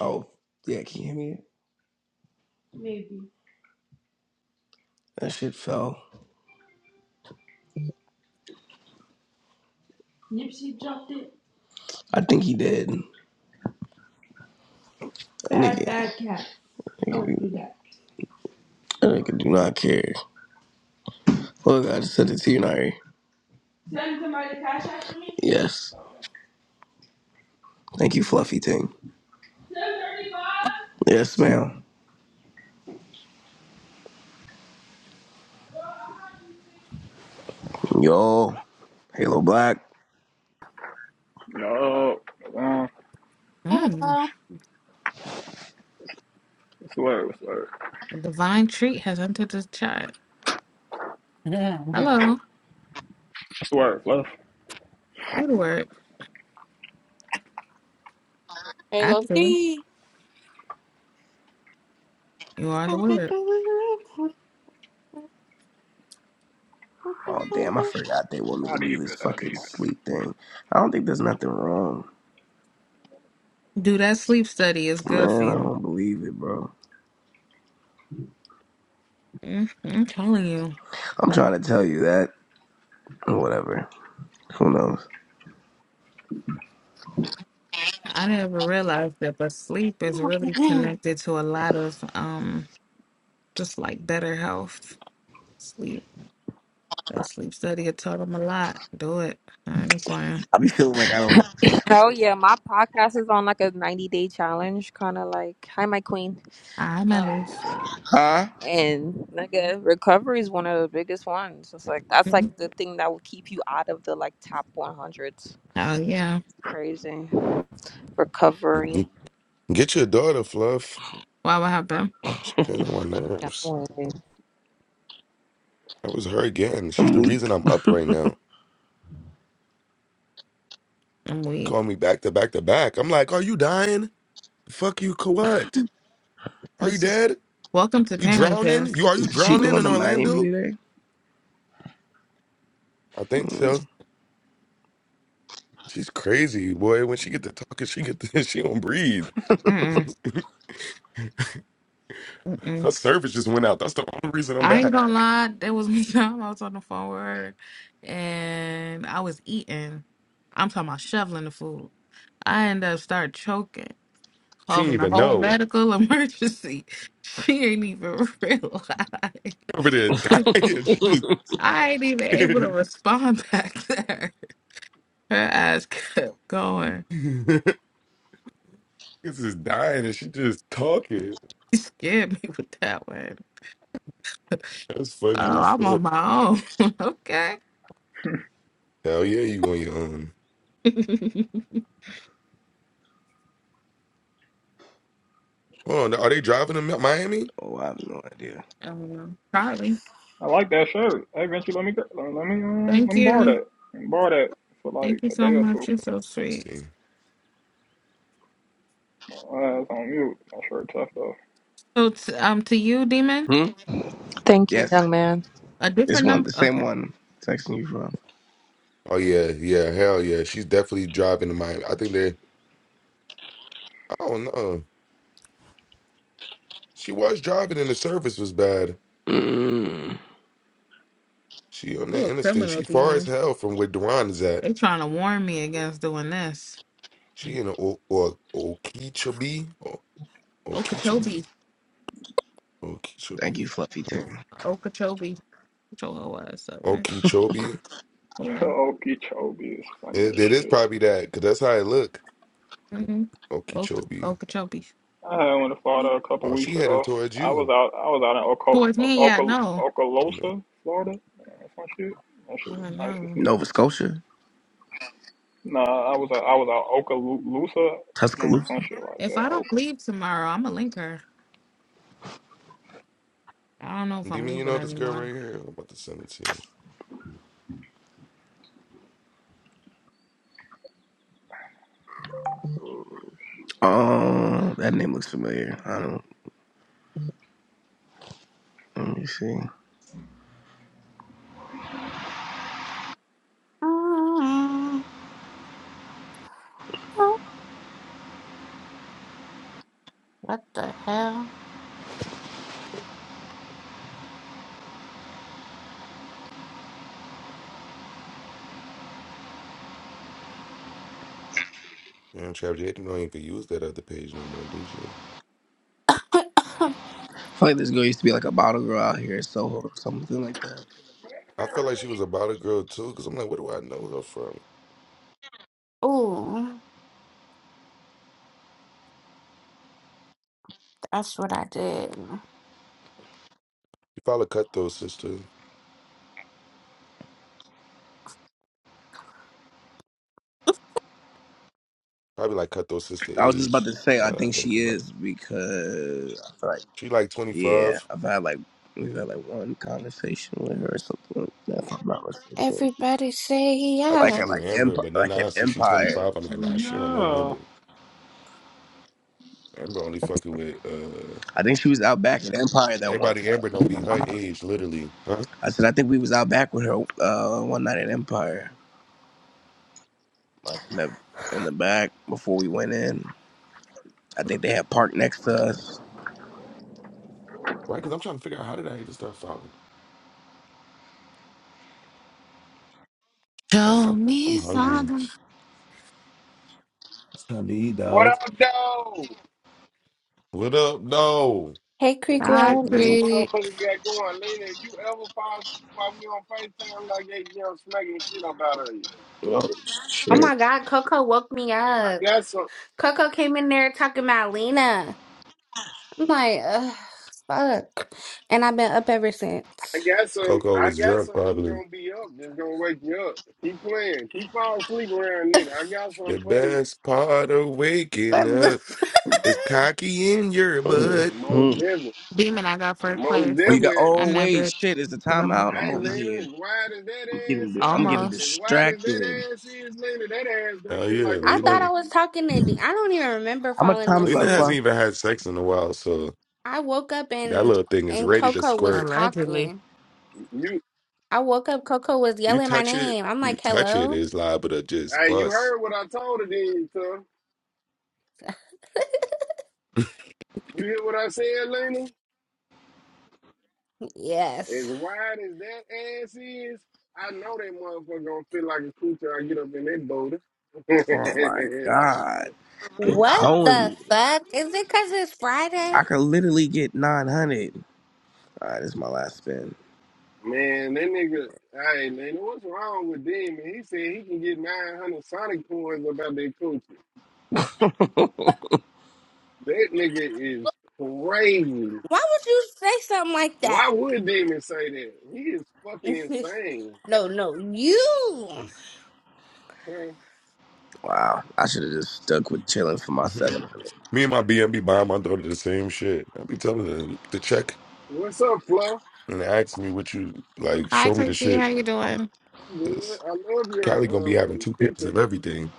[SPEAKER 3] Oh, yeah. Can you hear me? That shit fell. I think he did. That nigga, that nigga do that nigga do not care. Look, I just sent it to you, Nari. Yes. Thank you, Fluffy Ting. Yes, ma'am. Yo, Halo Black.
[SPEAKER 8] Yo, um,
[SPEAKER 4] Hey,
[SPEAKER 7] Mm,
[SPEAKER 8] swerve, swerve,
[SPEAKER 7] a divine treat has entered this chat. Hello.
[SPEAKER 8] swerve, left.
[SPEAKER 7] You the word,
[SPEAKER 2] Hey,
[SPEAKER 7] actually.
[SPEAKER 2] Loki.
[SPEAKER 7] You are the word.
[SPEAKER 3] Oh, damn, I forgot they want me
[SPEAKER 8] Not
[SPEAKER 3] to
[SPEAKER 8] even,
[SPEAKER 3] do this
[SPEAKER 8] not
[SPEAKER 3] fucking
[SPEAKER 8] even.
[SPEAKER 3] sleep thing. I don't think there's nothing wrong.
[SPEAKER 7] Do that sleep study is good for
[SPEAKER 3] Man, I
[SPEAKER 7] you.
[SPEAKER 3] don't believe it, bro.
[SPEAKER 7] Mm, I'm telling you.
[SPEAKER 3] I'm trying to tell you that. Whatever. Who knows?
[SPEAKER 7] I never realized that, but sleep is really connected to a lot of um just like better health. Sleep. That sleep study it taught them a lot. Do it. I ain't lying.
[SPEAKER 3] I be feeling like I don't.
[SPEAKER 5] Hell yeah, my podcast is on like a 90 day challenge, kind of like, hi, my queen.
[SPEAKER 7] I'm at
[SPEAKER 5] Um,
[SPEAKER 7] least.
[SPEAKER 3] Huh?
[SPEAKER 5] and nigga, recovery is one of the biggest ones. It's like, that's
[SPEAKER 7] Mm,
[SPEAKER 5] like the thing that will keep you out of the like top 100s.
[SPEAKER 7] Oh yeah.
[SPEAKER 5] Crazy.
[SPEAKER 1] Mhm.
[SPEAKER 5] Recovery.
[SPEAKER 1] Get your daughter, Fluff.
[SPEAKER 7] Why would happen?
[SPEAKER 1] She's getting on my
[SPEAKER 5] Yeah.
[SPEAKER 1] nerves. That was her again. She's
[SPEAKER 3] I'm
[SPEAKER 1] the reason
[SPEAKER 3] weak.
[SPEAKER 1] I'm up right now.
[SPEAKER 7] I'm weak.
[SPEAKER 1] Call me back to back to back. I'm like, are you dying? Fuck you, co- what? Are you
[SPEAKER 7] This is
[SPEAKER 1] dead?
[SPEAKER 7] welcome to
[SPEAKER 1] You
[SPEAKER 7] parenting.
[SPEAKER 1] drowning? You are you
[SPEAKER 3] Is she
[SPEAKER 1] drowning
[SPEAKER 3] going
[SPEAKER 1] in
[SPEAKER 3] to Miami
[SPEAKER 1] Orlando?
[SPEAKER 3] today?
[SPEAKER 1] I think
[SPEAKER 3] Mm.
[SPEAKER 1] so. She's crazy, boy. When she get to talking, she get to, she don't breathe.
[SPEAKER 7] Mm-mm. Mm-mm.
[SPEAKER 1] Her service just went out. That's the only reason I'm
[SPEAKER 7] I ain't
[SPEAKER 1] back.
[SPEAKER 7] gonna lie, there was one time I was on the phone with her and I was eating. I'm talking about shoveling the food. I ended up start choking,
[SPEAKER 1] She didn't
[SPEAKER 7] causing a
[SPEAKER 1] even
[SPEAKER 7] whole
[SPEAKER 1] know.
[SPEAKER 7] medical emergency. She ain't even realize.
[SPEAKER 1] Over there dying. She just
[SPEAKER 7] I ain't even able to respond back there. Her ass kept going.
[SPEAKER 1] this is dying and she just talking.
[SPEAKER 7] She scared me with that one.
[SPEAKER 1] That's
[SPEAKER 7] Oh,
[SPEAKER 1] funny as
[SPEAKER 7] I'm on
[SPEAKER 1] fuck.
[SPEAKER 7] my own. okay.
[SPEAKER 1] Hell yeah, you on your own. Hold on, are they driving to Mi- Miami?
[SPEAKER 3] oh, I have no idea.
[SPEAKER 7] um, probably.
[SPEAKER 8] I like that shirt. Hey, Vinci, let me go. Let me um, let
[SPEAKER 7] Thank
[SPEAKER 8] me borrow
[SPEAKER 7] you.
[SPEAKER 8] that. Let me borrow that for like
[SPEAKER 7] Thank you
[SPEAKER 8] a
[SPEAKER 7] so
[SPEAKER 8] day or two.
[SPEAKER 7] much. You're so
[SPEAKER 1] Let's
[SPEAKER 7] sweet.
[SPEAKER 1] see.
[SPEAKER 8] My ass on mute. My shirt tough though.
[SPEAKER 7] So, t- um, to you, demon,
[SPEAKER 3] Hmm?
[SPEAKER 5] Thank you,
[SPEAKER 3] Yes.
[SPEAKER 5] young man.
[SPEAKER 7] a
[SPEAKER 3] It's
[SPEAKER 7] different
[SPEAKER 3] one,
[SPEAKER 7] number.
[SPEAKER 3] the same
[SPEAKER 7] Okay,
[SPEAKER 3] one I'm texting you from.
[SPEAKER 1] Oh yeah, yeah, hell yeah. She's definitely driving to Miami. I think they I don't know. She was driving and the service was bad.
[SPEAKER 3] Mm.
[SPEAKER 1] She on
[SPEAKER 7] you
[SPEAKER 1] that
[SPEAKER 7] a
[SPEAKER 1] interstate.
[SPEAKER 7] criminal
[SPEAKER 1] She far as
[SPEAKER 7] demon.
[SPEAKER 1] hell from where Duran is at.
[SPEAKER 7] They trying to warn me against doing this.
[SPEAKER 1] She in a, or, or Okeechobee. Or, Okeechobee.
[SPEAKER 7] Okeechobee,
[SPEAKER 3] Thank you,
[SPEAKER 1] Okeechobee.
[SPEAKER 3] Fluffy Tim.
[SPEAKER 7] Okeechobee, Get your whole ass up, man.
[SPEAKER 1] Okeechobee.
[SPEAKER 7] Yeah.
[SPEAKER 8] Okeechobee is funny as
[SPEAKER 1] It, it is
[SPEAKER 8] shit.
[SPEAKER 1] probably that, because that's how it look.
[SPEAKER 7] Mm-hmm. O-
[SPEAKER 1] Okeechobee.
[SPEAKER 7] Okeechobee.
[SPEAKER 8] I had one to Florida a couple
[SPEAKER 1] Oh,
[SPEAKER 8] weeks
[SPEAKER 1] she heading
[SPEAKER 8] ago.
[SPEAKER 1] towards
[SPEAKER 8] I was
[SPEAKER 1] you.
[SPEAKER 8] out. I was out
[SPEAKER 7] Towards
[SPEAKER 8] in Oco,
[SPEAKER 7] me, yeah.
[SPEAKER 8] Oco,
[SPEAKER 7] No.
[SPEAKER 1] Mm.
[SPEAKER 8] Okaloosa, Florida. Uh, some shit. That shit was
[SPEAKER 7] Yeah,
[SPEAKER 8] nice as
[SPEAKER 7] no.
[SPEAKER 8] hell.
[SPEAKER 3] Nova Scotia?
[SPEAKER 8] Nah, I was out, I was out Okaloosa. No,
[SPEAKER 3] Tuscaloosa?
[SPEAKER 8] some shit like
[SPEAKER 7] If
[SPEAKER 8] that.
[SPEAKER 7] I don't leave tomorrow, I'm a linker. I don't know if
[SPEAKER 1] Do you
[SPEAKER 7] I'm
[SPEAKER 1] mean you
[SPEAKER 7] leaving
[SPEAKER 1] know this girl
[SPEAKER 7] anymore.
[SPEAKER 1] right here? I'm about to send it to you.
[SPEAKER 8] Oka.
[SPEAKER 3] Oh, that name looks familiar. I don't, let me see.
[SPEAKER 4] hello. What the hell?
[SPEAKER 1] Man, Trap J don't even use that other page no more, do she?
[SPEAKER 3] I feel like this girl used to be like a bottle girl out here in Soho or something like that.
[SPEAKER 1] I felt like she was about a girl too, because I'm like, where do I know her from? She
[SPEAKER 4] Ooh, that's what I did.
[SPEAKER 1] probably Cutthroat sister. Probably like Cutthroat sister
[SPEAKER 3] I was just about
[SPEAKER 1] age.
[SPEAKER 3] to say,
[SPEAKER 1] Now
[SPEAKER 3] I
[SPEAKER 1] that I
[SPEAKER 3] think
[SPEAKER 1] think
[SPEAKER 3] she
[SPEAKER 1] about it.
[SPEAKER 3] is because I feel like,
[SPEAKER 1] She like
[SPEAKER 3] yeah,
[SPEAKER 1] 25.
[SPEAKER 3] I've had like, we've had like one conversation with her or something like that, if I'm not mistaken.
[SPEAKER 4] Everybody say
[SPEAKER 1] I thought
[SPEAKER 3] Like
[SPEAKER 1] she
[SPEAKER 4] yeah.
[SPEAKER 3] at
[SPEAKER 1] knew
[SPEAKER 3] like
[SPEAKER 1] Amber,
[SPEAKER 3] empire,
[SPEAKER 1] but then
[SPEAKER 3] like
[SPEAKER 1] now I
[SPEAKER 3] at
[SPEAKER 1] see she
[SPEAKER 3] Empire.
[SPEAKER 1] 25. I'm like,
[SPEAKER 8] Oh,
[SPEAKER 1] nah, she don't know
[SPEAKER 8] Yeah.
[SPEAKER 1] Amber. Amber only fucking with uh.
[SPEAKER 3] I think she was out back at Empire that one
[SPEAKER 1] Everybody
[SPEAKER 3] time.
[SPEAKER 1] Amber don't be her age, literally. Huh?
[SPEAKER 3] I said I think we was out back with her uh, one night at Empire. like in the in the back before we went in. I think they had parked next to us.
[SPEAKER 1] Right? Because I'm trying to figure out how did I even start following? I don't
[SPEAKER 7] Show
[SPEAKER 1] know. I'm
[SPEAKER 7] me
[SPEAKER 1] hungry.
[SPEAKER 7] something.
[SPEAKER 1] It's time to eat,
[SPEAKER 9] What
[SPEAKER 1] dog.
[SPEAKER 9] up, though?
[SPEAKER 1] What up? No.
[SPEAKER 4] Hey,
[SPEAKER 7] I
[SPEAKER 4] Creekwell.
[SPEAKER 9] What
[SPEAKER 7] freak.
[SPEAKER 9] motherfuckers got going? Lena, if you ever fall asleep while we on FaceTime, like they young smacking shit up out of you.
[SPEAKER 3] Oh
[SPEAKER 4] Oh
[SPEAKER 3] shit!
[SPEAKER 4] my God, Coco woke me
[SPEAKER 9] I
[SPEAKER 4] up.
[SPEAKER 9] got some,
[SPEAKER 4] Coco came in there talking about Lena. I'm like, ugh, fuck. And I've been up ever since.
[SPEAKER 9] I got some,
[SPEAKER 1] Coco
[SPEAKER 9] I
[SPEAKER 1] was
[SPEAKER 9] got
[SPEAKER 1] drunk,
[SPEAKER 9] something that's
[SPEAKER 1] probably.
[SPEAKER 9] gonna be up, that's gonna wake you up. Keep playing, keep falling asleep around nigga. I got
[SPEAKER 1] The
[SPEAKER 9] something for you.
[SPEAKER 1] best part of
[SPEAKER 4] What
[SPEAKER 1] waking
[SPEAKER 4] the
[SPEAKER 1] up is cocky in your
[SPEAKER 3] hmm
[SPEAKER 9] Mm,
[SPEAKER 1] butt.
[SPEAKER 9] Most definitely,
[SPEAKER 7] Demon, I got first
[SPEAKER 9] most
[SPEAKER 7] place.
[SPEAKER 3] Oh, you got.
[SPEAKER 9] definitely.
[SPEAKER 7] I'm
[SPEAKER 3] Oh
[SPEAKER 7] that
[SPEAKER 3] wait,
[SPEAKER 7] bitch.
[SPEAKER 3] shit! It's the
[SPEAKER 7] 'Cause I'm
[SPEAKER 3] timeout. I'm
[SPEAKER 9] Hey,
[SPEAKER 3] over
[SPEAKER 7] a-
[SPEAKER 9] Lena,
[SPEAKER 3] here.
[SPEAKER 9] as wide as that
[SPEAKER 3] I'm
[SPEAKER 9] ass
[SPEAKER 3] getting. I'm
[SPEAKER 9] is,
[SPEAKER 3] getting
[SPEAKER 9] as
[SPEAKER 7] Almost.
[SPEAKER 9] wide as that
[SPEAKER 3] distracted.
[SPEAKER 9] ass is, Lena, that ass don't
[SPEAKER 1] Oh,
[SPEAKER 9] feel like
[SPEAKER 1] yeah.
[SPEAKER 9] a
[SPEAKER 4] I thought I
[SPEAKER 1] Lena.
[SPEAKER 4] was
[SPEAKER 9] coochie.
[SPEAKER 4] talking to D. I don't even remember
[SPEAKER 3] How much
[SPEAKER 4] falling
[SPEAKER 3] time is
[SPEAKER 1] Lena
[SPEAKER 3] left?
[SPEAKER 1] hasn't
[SPEAKER 3] Fuck.
[SPEAKER 4] asleep.
[SPEAKER 1] even had sex in a while, so
[SPEAKER 4] I woke up
[SPEAKER 1] that
[SPEAKER 4] and
[SPEAKER 1] little thing is
[SPEAKER 4] and
[SPEAKER 1] ready to
[SPEAKER 4] Coco was
[SPEAKER 1] squirt.
[SPEAKER 7] Allegedly.
[SPEAKER 4] talking.
[SPEAKER 9] You,
[SPEAKER 4] I woke up, Coco was
[SPEAKER 1] You
[SPEAKER 4] yelling my
[SPEAKER 1] touch it,
[SPEAKER 4] name. I'm
[SPEAKER 1] you
[SPEAKER 4] like,
[SPEAKER 1] touch it,
[SPEAKER 4] hello?
[SPEAKER 1] it's liable to just
[SPEAKER 9] hey, you
[SPEAKER 1] bust.
[SPEAKER 9] heard what I told her, then you, cuz. You hear what I said, Lena? As
[SPEAKER 4] Yes.
[SPEAKER 9] wide as that ass is, I know that motherfucker gonna feel like a coochie. I get up in that boulder.
[SPEAKER 3] Oh my god! It's
[SPEAKER 4] What
[SPEAKER 3] hoeing
[SPEAKER 4] the
[SPEAKER 3] me.
[SPEAKER 4] fuck? Is it because it's Friday?
[SPEAKER 3] I could literally get 900. All right, this is my last spin.
[SPEAKER 9] Man, that nigga, hey, Lena, what's wrong with Demon? He said he can get 900 Sonic coins about that coochie.
[SPEAKER 3] wow,
[SPEAKER 9] That nigga is crazy.
[SPEAKER 4] Why would you say something like
[SPEAKER 9] Why
[SPEAKER 4] that?
[SPEAKER 9] would Demon say that? He is fucking insane.
[SPEAKER 4] no, no, you.
[SPEAKER 9] Huh?
[SPEAKER 3] I should have just stuck with chilling for my 700.
[SPEAKER 1] Me and my BM be buying my daughter the same shit. I be telling her to check
[SPEAKER 9] What's up, Fluff?
[SPEAKER 1] and ask me what you like.
[SPEAKER 7] Hi,
[SPEAKER 1] Show me the
[SPEAKER 7] Creepy.
[SPEAKER 1] shit.
[SPEAKER 7] How you doing?
[SPEAKER 9] I'm good.
[SPEAKER 1] Cause
[SPEAKER 9] I love your
[SPEAKER 1] Callie gonna be having
[SPEAKER 9] um
[SPEAKER 1] two pairs
[SPEAKER 9] picture.
[SPEAKER 1] of everything.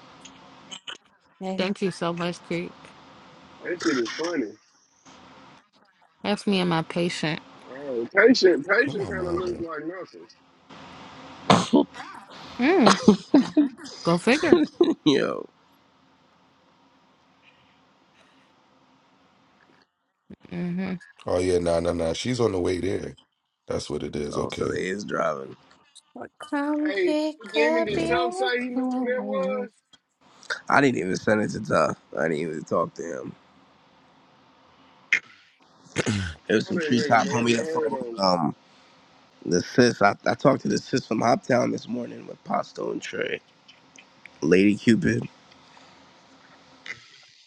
[SPEAKER 4] Hey,
[SPEAKER 7] Thank you so much, Creep.
[SPEAKER 9] That shit is funny.
[SPEAKER 7] That's me and my patient.
[SPEAKER 9] Oh, patient,
[SPEAKER 1] Where
[SPEAKER 9] patient
[SPEAKER 1] my
[SPEAKER 9] kind of
[SPEAKER 1] mom,
[SPEAKER 9] looks
[SPEAKER 1] man?
[SPEAKER 9] like nothing.
[SPEAKER 7] Mm, go figure.
[SPEAKER 3] Yo.
[SPEAKER 7] hmm
[SPEAKER 1] Oh yeah, nah, nah, nah. She's on the way there. That's what it is.
[SPEAKER 3] Oh, so
[SPEAKER 1] Okay,
[SPEAKER 3] they is driving.
[SPEAKER 4] Come
[SPEAKER 9] Hey,
[SPEAKER 4] pick
[SPEAKER 9] Demon,
[SPEAKER 4] up
[SPEAKER 9] did
[SPEAKER 1] yeah.
[SPEAKER 9] Tuff
[SPEAKER 4] your
[SPEAKER 9] say he knew who that
[SPEAKER 4] clothes.
[SPEAKER 9] was?
[SPEAKER 3] I didn't even send it to Tough. I didn't even talk to him. It was
[SPEAKER 9] Oh,
[SPEAKER 3] some
[SPEAKER 9] that nigga,
[SPEAKER 3] treetop
[SPEAKER 9] man,
[SPEAKER 3] homie
[SPEAKER 9] they
[SPEAKER 3] that
[SPEAKER 9] heard
[SPEAKER 3] phone.
[SPEAKER 9] on. him. I
[SPEAKER 3] Um, the sis. I, I talked to the sis from Hoptown this morning with Pasto and Trey. Lady Cupid.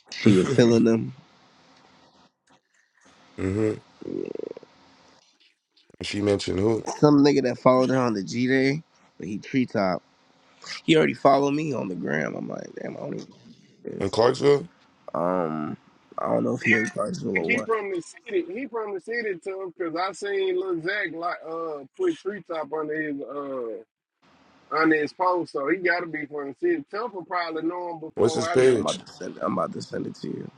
[SPEAKER 3] She was filling
[SPEAKER 1] mm-hmm.
[SPEAKER 3] them.
[SPEAKER 1] She mentioned who
[SPEAKER 3] Some nigga that followed her on the G Day, but he treetop. He already followed me on the gram. I'm like, damn, I don't even know who this.
[SPEAKER 1] in
[SPEAKER 3] is.
[SPEAKER 1] Clarksville?
[SPEAKER 3] Um, I don't know if he in Clarksville
[SPEAKER 9] Think
[SPEAKER 3] or
[SPEAKER 9] he
[SPEAKER 3] what.
[SPEAKER 9] from the city. He from the city, Tuff, because I seen Lil Zach like uh put treetop under his uh under his post, so he got to be from the city. Tuff will probably know him
[SPEAKER 1] What's his
[SPEAKER 9] before I
[SPEAKER 3] I'm
[SPEAKER 9] do.
[SPEAKER 1] page?
[SPEAKER 3] about to send. I'm about to send it to you.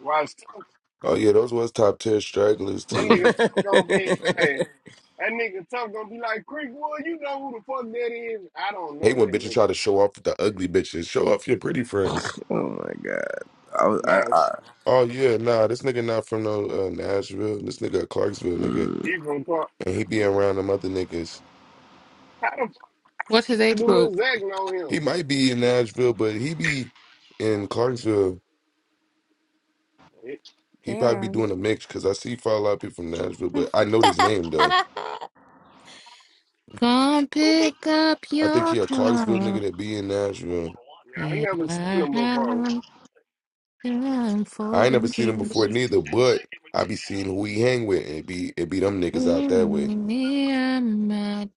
[SPEAKER 9] Watch Tuff.
[SPEAKER 1] Oh yeah, those was top tier stragglers
[SPEAKER 9] That nigga
[SPEAKER 1] too.
[SPEAKER 9] Tuff gonna be. Hey, that nigga Tuff gonna be like Creekwood. You know who the fuck that is? I don't
[SPEAKER 1] Hey,
[SPEAKER 9] know that
[SPEAKER 1] when bitches
[SPEAKER 9] nigga.
[SPEAKER 1] try to show off the ugly bitches, show off your pretty friends.
[SPEAKER 3] oh my god. I was. I.
[SPEAKER 9] Nah, sh-
[SPEAKER 3] I
[SPEAKER 1] Oh yeah, nah, this nigga not from no uh, Nashville. This nigga a Clarksville nigga.
[SPEAKER 3] mm.
[SPEAKER 9] he from Park.
[SPEAKER 1] and he be around them other niggas.
[SPEAKER 7] What's his
[SPEAKER 9] Fuck
[SPEAKER 7] age
[SPEAKER 9] do
[SPEAKER 7] group?
[SPEAKER 9] Lil Zach know
[SPEAKER 1] He
[SPEAKER 9] him?
[SPEAKER 1] might be in Nashville, but he be in Clarksville.
[SPEAKER 9] It-
[SPEAKER 1] He probably be
[SPEAKER 4] Damn.
[SPEAKER 1] doing a mix because I see follow a lot of people from Nashville, but I know his name though.
[SPEAKER 7] Come pick up
[SPEAKER 1] I think
[SPEAKER 7] your
[SPEAKER 1] he a Clarksville
[SPEAKER 7] clothes.
[SPEAKER 1] nigga that be in Nashville.
[SPEAKER 9] Yeah, I
[SPEAKER 7] Yeah,
[SPEAKER 9] never seen
[SPEAKER 7] I
[SPEAKER 9] him before.
[SPEAKER 7] haven't time
[SPEAKER 1] I
[SPEAKER 7] for
[SPEAKER 1] ain't never
[SPEAKER 7] this.
[SPEAKER 1] seen him before neither, but I be seeing who he hang with, and it be it be them niggas out
[SPEAKER 7] Meet
[SPEAKER 1] that way.
[SPEAKER 7] me at my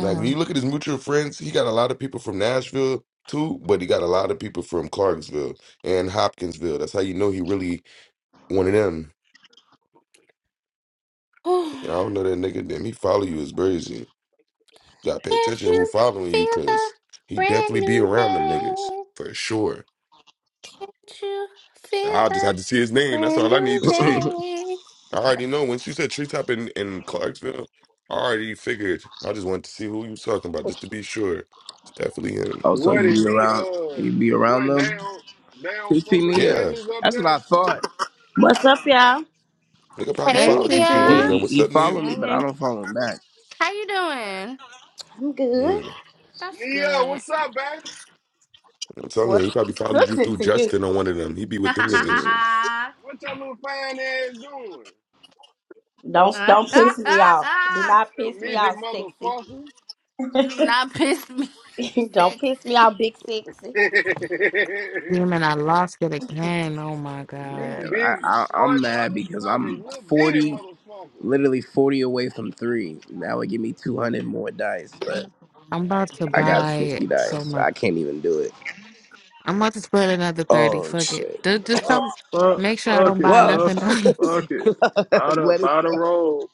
[SPEAKER 1] Like when you look at his mutual friends, he got a lot of people from Nashville too, but he got a lot of people from Clarksville and Hopkinsville. That's how you know he really one of them. I don't know that nigga. Damn, he follow you is crazy. You gotta pay
[SPEAKER 4] Can't
[SPEAKER 1] attention to who
[SPEAKER 4] you
[SPEAKER 1] following you,
[SPEAKER 4] feel the
[SPEAKER 1] cause he
[SPEAKER 4] brand
[SPEAKER 1] definitely be
[SPEAKER 4] new
[SPEAKER 1] around them
[SPEAKER 4] day?
[SPEAKER 1] niggas for sure.
[SPEAKER 4] Can't you feel
[SPEAKER 1] I just
[SPEAKER 4] the
[SPEAKER 1] had to see his name. That's
[SPEAKER 4] brand
[SPEAKER 1] all I need
[SPEAKER 4] new
[SPEAKER 1] to see.
[SPEAKER 4] day?
[SPEAKER 1] I already know. Once you said treetop in in Clarksville, I already figured. I just wanted to see who you was talking about, just to be sure. It's definitely him.
[SPEAKER 3] Oh, so
[SPEAKER 9] What
[SPEAKER 3] he
[SPEAKER 9] is
[SPEAKER 3] be
[SPEAKER 9] he?
[SPEAKER 3] around
[SPEAKER 9] Uh,
[SPEAKER 3] he be around
[SPEAKER 9] what
[SPEAKER 3] them?
[SPEAKER 9] they don't they
[SPEAKER 3] He
[SPEAKER 9] don't fuck
[SPEAKER 3] see me
[SPEAKER 9] with the
[SPEAKER 3] here.
[SPEAKER 1] Yeah,
[SPEAKER 9] Billies up
[SPEAKER 3] That's what I
[SPEAKER 9] there?
[SPEAKER 3] thought.
[SPEAKER 10] What's up, y'all?
[SPEAKER 1] nigga probably
[SPEAKER 4] Hey,
[SPEAKER 7] Hey,
[SPEAKER 1] followed you through one
[SPEAKER 3] He
[SPEAKER 4] Nia.
[SPEAKER 1] of
[SPEAKER 7] Pigeon.
[SPEAKER 1] them.
[SPEAKER 3] he,
[SPEAKER 1] What's
[SPEAKER 3] he
[SPEAKER 1] up, Neil?
[SPEAKER 3] followed me, but
[SPEAKER 10] Hey,
[SPEAKER 3] I don't follow him back.
[SPEAKER 4] How you doing?
[SPEAKER 10] I'm good.
[SPEAKER 1] Mm,
[SPEAKER 4] That's
[SPEAKER 9] Neo,
[SPEAKER 4] good.
[SPEAKER 9] what's up, baby?
[SPEAKER 1] I'm telling you, he
[SPEAKER 10] What's
[SPEAKER 1] probably followed you
[SPEAKER 10] cooking
[SPEAKER 1] through
[SPEAKER 10] to you?
[SPEAKER 1] Justin on one of them. He be with them niggas.
[SPEAKER 3] Mm,
[SPEAKER 9] What your little fine ass doing?
[SPEAKER 10] Don't don't piss me off. Do not
[SPEAKER 9] Little
[SPEAKER 10] piss me
[SPEAKER 9] midget
[SPEAKER 10] off, sexy.
[SPEAKER 9] motherfucker.
[SPEAKER 4] Do not piss me. off,
[SPEAKER 10] don't piss me
[SPEAKER 4] Sexy.
[SPEAKER 10] off, big sexy.
[SPEAKER 7] Damn, and I lost it again. Oh my God.
[SPEAKER 9] you
[SPEAKER 3] man, I,
[SPEAKER 9] big
[SPEAKER 3] I I'm
[SPEAKER 9] short
[SPEAKER 3] mad because
[SPEAKER 9] motherfucker. You
[SPEAKER 3] I'm
[SPEAKER 9] Little bitty
[SPEAKER 3] forty,
[SPEAKER 9] motherfucker.
[SPEAKER 3] literally forty away from three. That would give me two hundred more dice, but
[SPEAKER 7] I'm about to
[SPEAKER 9] Hey,
[SPEAKER 3] I got
[SPEAKER 9] Neo.
[SPEAKER 7] buy
[SPEAKER 3] fifty
[SPEAKER 7] so
[SPEAKER 3] dice.
[SPEAKER 7] much.
[SPEAKER 3] I can't even do it.
[SPEAKER 7] I'm about to spend another 30.
[SPEAKER 3] Oh
[SPEAKER 7] Fuck it.
[SPEAKER 3] shit.
[SPEAKER 7] Just, just tell me,
[SPEAKER 8] Fuck, fuck,
[SPEAKER 7] make sure I
[SPEAKER 8] fuck
[SPEAKER 7] don't
[SPEAKER 8] it,
[SPEAKER 7] buy
[SPEAKER 3] Love,
[SPEAKER 8] fluff.
[SPEAKER 7] nothing
[SPEAKER 8] it,
[SPEAKER 7] else.
[SPEAKER 8] Fuck it.
[SPEAKER 3] love,
[SPEAKER 8] Buy the,
[SPEAKER 3] let it
[SPEAKER 8] buy
[SPEAKER 3] go.
[SPEAKER 8] the roll.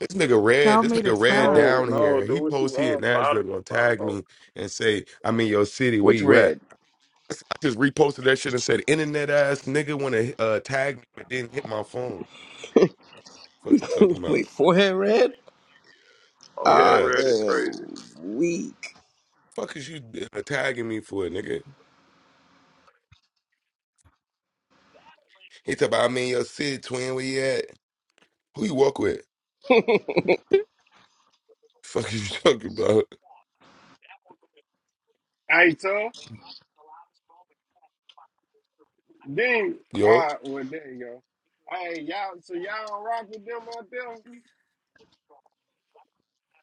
[SPEAKER 1] This nigga red,
[SPEAKER 7] tell
[SPEAKER 1] this
[SPEAKER 7] me to
[SPEAKER 1] nigga red
[SPEAKER 7] stop.
[SPEAKER 8] No,
[SPEAKER 1] down
[SPEAKER 8] no,
[SPEAKER 1] here.
[SPEAKER 8] do
[SPEAKER 1] He
[SPEAKER 8] what you
[SPEAKER 1] posts here in
[SPEAKER 8] want. Buy the,
[SPEAKER 1] Nashville, gonna
[SPEAKER 8] buy the
[SPEAKER 1] tag
[SPEAKER 8] roll.
[SPEAKER 1] me and say, "I'm in your city. Where
[SPEAKER 3] Which
[SPEAKER 1] you at?"
[SPEAKER 3] red?
[SPEAKER 1] I just reposted that shit and said, "Internet ass nigga want to uh, tag me, but didn't hit my phone." Fuck you talking
[SPEAKER 3] Wait,
[SPEAKER 1] about?
[SPEAKER 3] forehead red?
[SPEAKER 8] Oh, here,
[SPEAKER 3] I
[SPEAKER 1] Yeah.
[SPEAKER 8] red is
[SPEAKER 3] am
[SPEAKER 8] crazy.
[SPEAKER 3] weak.
[SPEAKER 1] Fuck is you uh, tagging me for, nigga? He talking about I'm in your city, twin. Where you at? Who you walk with?
[SPEAKER 3] yeah,
[SPEAKER 1] Fuck is you talking about?
[SPEAKER 9] Hey, tough. Then, all
[SPEAKER 1] Yo,
[SPEAKER 9] right, well, there you go. Hey, y'all, so y'all don't rock with them out there?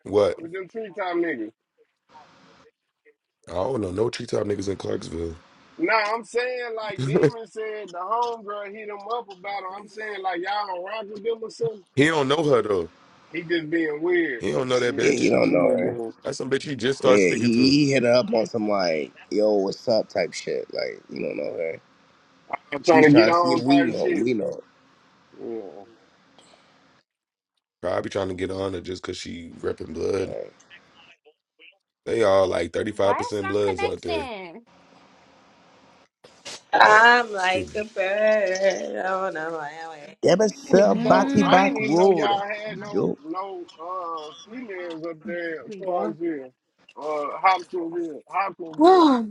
[SPEAKER 1] what?
[SPEAKER 9] With them tree top niggas?
[SPEAKER 1] I don't know. No treetop niggas in Clarksville.
[SPEAKER 9] Nah, I'm saying like Demon said the homegirl hit him up about her. I'm saying like y'all don't rock with them or something.
[SPEAKER 1] he don't know her though.
[SPEAKER 9] He just being weird.
[SPEAKER 1] He don't know that
[SPEAKER 9] Yeah,
[SPEAKER 3] you
[SPEAKER 1] bitch.
[SPEAKER 3] don't
[SPEAKER 9] he just
[SPEAKER 3] know. her.
[SPEAKER 9] being,
[SPEAKER 1] That's some bitch he just
[SPEAKER 3] Yeah,
[SPEAKER 1] started speaking
[SPEAKER 3] he,
[SPEAKER 1] to.
[SPEAKER 3] he hit her up on some like, yo, what's up type shit. Like, you don't know her.
[SPEAKER 9] I'm
[SPEAKER 3] She
[SPEAKER 9] trying
[SPEAKER 3] was
[SPEAKER 9] to get
[SPEAKER 3] trying to see
[SPEAKER 9] on
[SPEAKER 3] if we
[SPEAKER 9] type
[SPEAKER 3] know.
[SPEAKER 9] shit.
[SPEAKER 3] We know.
[SPEAKER 9] Yeah,
[SPEAKER 1] Probably trying to get on her just cause she repping blood. They all like
[SPEAKER 4] Why is
[SPEAKER 1] 35%
[SPEAKER 4] not
[SPEAKER 1] bloods out there.
[SPEAKER 4] connecting?
[SPEAKER 1] Uh,
[SPEAKER 5] I'm
[SPEAKER 1] excuse
[SPEAKER 5] like
[SPEAKER 1] me.
[SPEAKER 5] a bird. Oh no, I
[SPEAKER 3] Debit
[SPEAKER 9] I didn't
[SPEAKER 3] sell
[SPEAKER 9] even know.
[SPEAKER 3] Bati
[SPEAKER 9] I
[SPEAKER 3] Bak
[SPEAKER 7] Mm,
[SPEAKER 9] didn't even know y'all
[SPEAKER 3] Road.
[SPEAKER 9] had no
[SPEAKER 3] Yo.
[SPEAKER 9] no uh females up there
[SPEAKER 4] Here
[SPEAKER 9] in
[SPEAKER 4] we go.
[SPEAKER 9] Clarksville, uh Hopkinsville, Hopkinsville.
[SPEAKER 4] Oh,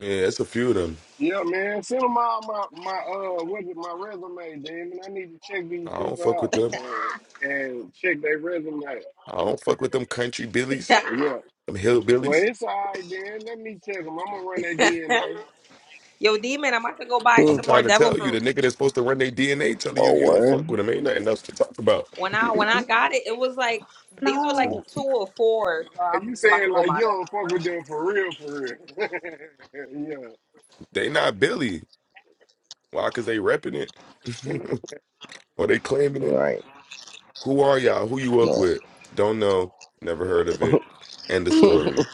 [SPEAKER 1] Yeah, it's a few of them.
[SPEAKER 9] Yeah, man, send them all my my uh what is it, my resume, Demon. I need to check these
[SPEAKER 1] I don't
[SPEAKER 9] people
[SPEAKER 1] fuck with
[SPEAKER 9] out
[SPEAKER 1] them.
[SPEAKER 9] and, and check their resume.
[SPEAKER 1] I don't fuck with them country billies,
[SPEAKER 9] Yeah.
[SPEAKER 1] them
[SPEAKER 9] Well,
[SPEAKER 1] hillbillies.
[SPEAKER 9] it's all right, then. Let me check them. I'm gonna run that
[SPEAKER 5] am.
[SPEAKER 9] DNA.
[SPEAKER 5] Yo, demon, I'm about to go buy
[SPEAKER 3] Hmm.
[SPEAKER 1] I'm
[SPEAKER 5] some more
[SPEAKER 1] trying to
[SPEAKER 5] devil
[SPEAKER 1] tell you,
[SPEAKER 5] fruit.
[SPEAKER 1] the nigga that's supposed to run their DNA telling you
[SPEAKER 3] Oh,
[SPEAKER 1] he don't
[SPEAKER 3] word.
[SPEAKER 1] fuck with them. Ain't nothing else to talk about.
[SPEAKER 5] When I when I got it, it was like these were like
[SPEAKER 1] So,
[SPEAKER 4] no.
[SPEAKER 5] two or four. So
[SPEAKER 9] Are
[SPEAKER 5] I'm
[SPEAKER 9] you
[SPEAKER 5] about to
[SPEAKER 9] saying
[SPEAKER 5] go
[SPEAKER 9] like you
[SPEAKER 5] buy the
[SPEAKER 9] don't fuck
[SPEAKER 5] rest.
[SPEAKER 9] with them for real, for real? yeah,
[SPEAKER 1] they not Billy. Why? Cause they repping it. or they claiming it.
[SPEAKER 3] Right.
[SPEAKER 1] Who are y'all? Who you work
[SPEAKER 3] Yeah.
[SPEAKER 1] with? Don't know. Never heard of it. End of story.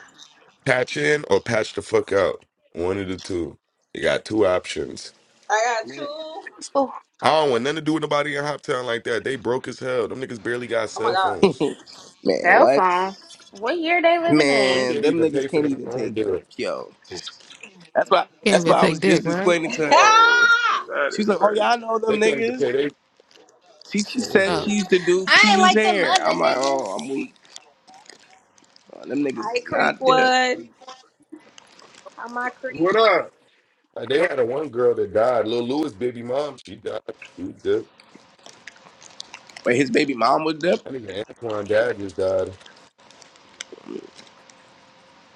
[SPEAKER 1] Patch in or patch the fuck out. One of the two. You got two options.
[SPEAKER 5] I got two.
[SPEAKER 9] man.
[SPEAKER 5] Oh
[SPEAKER 4] Oh,
[SPEAKER 1] I don't want nothing to do with nobody in Hoptown like that. They broke as hell. Them niggas barely got
[SPEAKER 5] my
[SPEAKER 1] cell
[SPEAKER 5] god.
[SPEAKER 1] phones.
[SPEAKER 3] Man,
[SPEAKER 4] cell
[SPEAKER 3] what?
[SPEAKER 4] phones. What year they living
[SPEAKER 1] They
[SPEAKER 4] in?
[SPEAKER 3] Man,
[SPEAKER 1] can't
[SPEAKER 3] them
[SPEAKER 1] even
[SPEAKER 3] niggas
[SPEAKER 1] pay for
[SPEAKER 3] can't
[SPEAKER 1] their
[SPEAKER 3] even
[SPEAKER 1] phone
[SPEAKER 3] take.
[SPEAKER 1] bill.
[SPEAKER 3] Yo. That's why
[SPEAKER 7] can't
[SPEAKER 3] That's
[SPEAKER 7] even
[SPEAKER 3] why I
[SPEAKER 7] take
[SPEAKER 3] was
[SPEAKER 7] dick,
[SPEAKER 3] just
[SPEAKER 7] right?
[SPEAKER 3] explaining to her.
[SPEAKER 8] Whoa,
[SPEAKER 5] Ah!
[SPEAKER 8] that is
[SPEAKER 3] She's like, oh,
[SPEAKER 8] crazy.
[SPEAKER 3] yeah, I know
[SPEAKER 1] They
[SPEAKER 3] them
[SPEAKER 1] can't even pay
[SPEAKER 3] niggas.
[SPEAKER 1] their
[SPEAKER 3] She, she
[SPEAKER 1] phone
[SPEAKER 3] said
[SPEAKER 7] Oh,
[SPEAKER 3] she
[SPEAKER 1] bill.
[SPEAKER 3] used to do
[SPEAKER 4] I
[SPEAKER 3] Pee
[SPEAKER 4] ain't
[SPEAKER 3] Wee's
[SPEAKER 4] like them
[SPEAKER 3] hair.
[SPEAKER 4] other
[SPEAKER 3] I'm like, oh,
[SPEAKER 4] niggas.
[SPEAKER 3] I'm weak. Uh, them niggas
[SPEAKER 5] Hi
[SPEAKER 3] is
[SPEAKER 5] Creek
[SPEAKER 3] not dip.
[SPEAKER 5] one. Hi my
[SPEAKER 9] What
[SPEAKER 5] Creek.
[SPEAKER 9] up?
[SPEAKER 1] Like they had a one girl that died. Lil Lewis baby mom, she died. She was good.
[SPEAKER 3] But his baby mom was dip.
[SPEAKER 1] I think Antoine dad just died.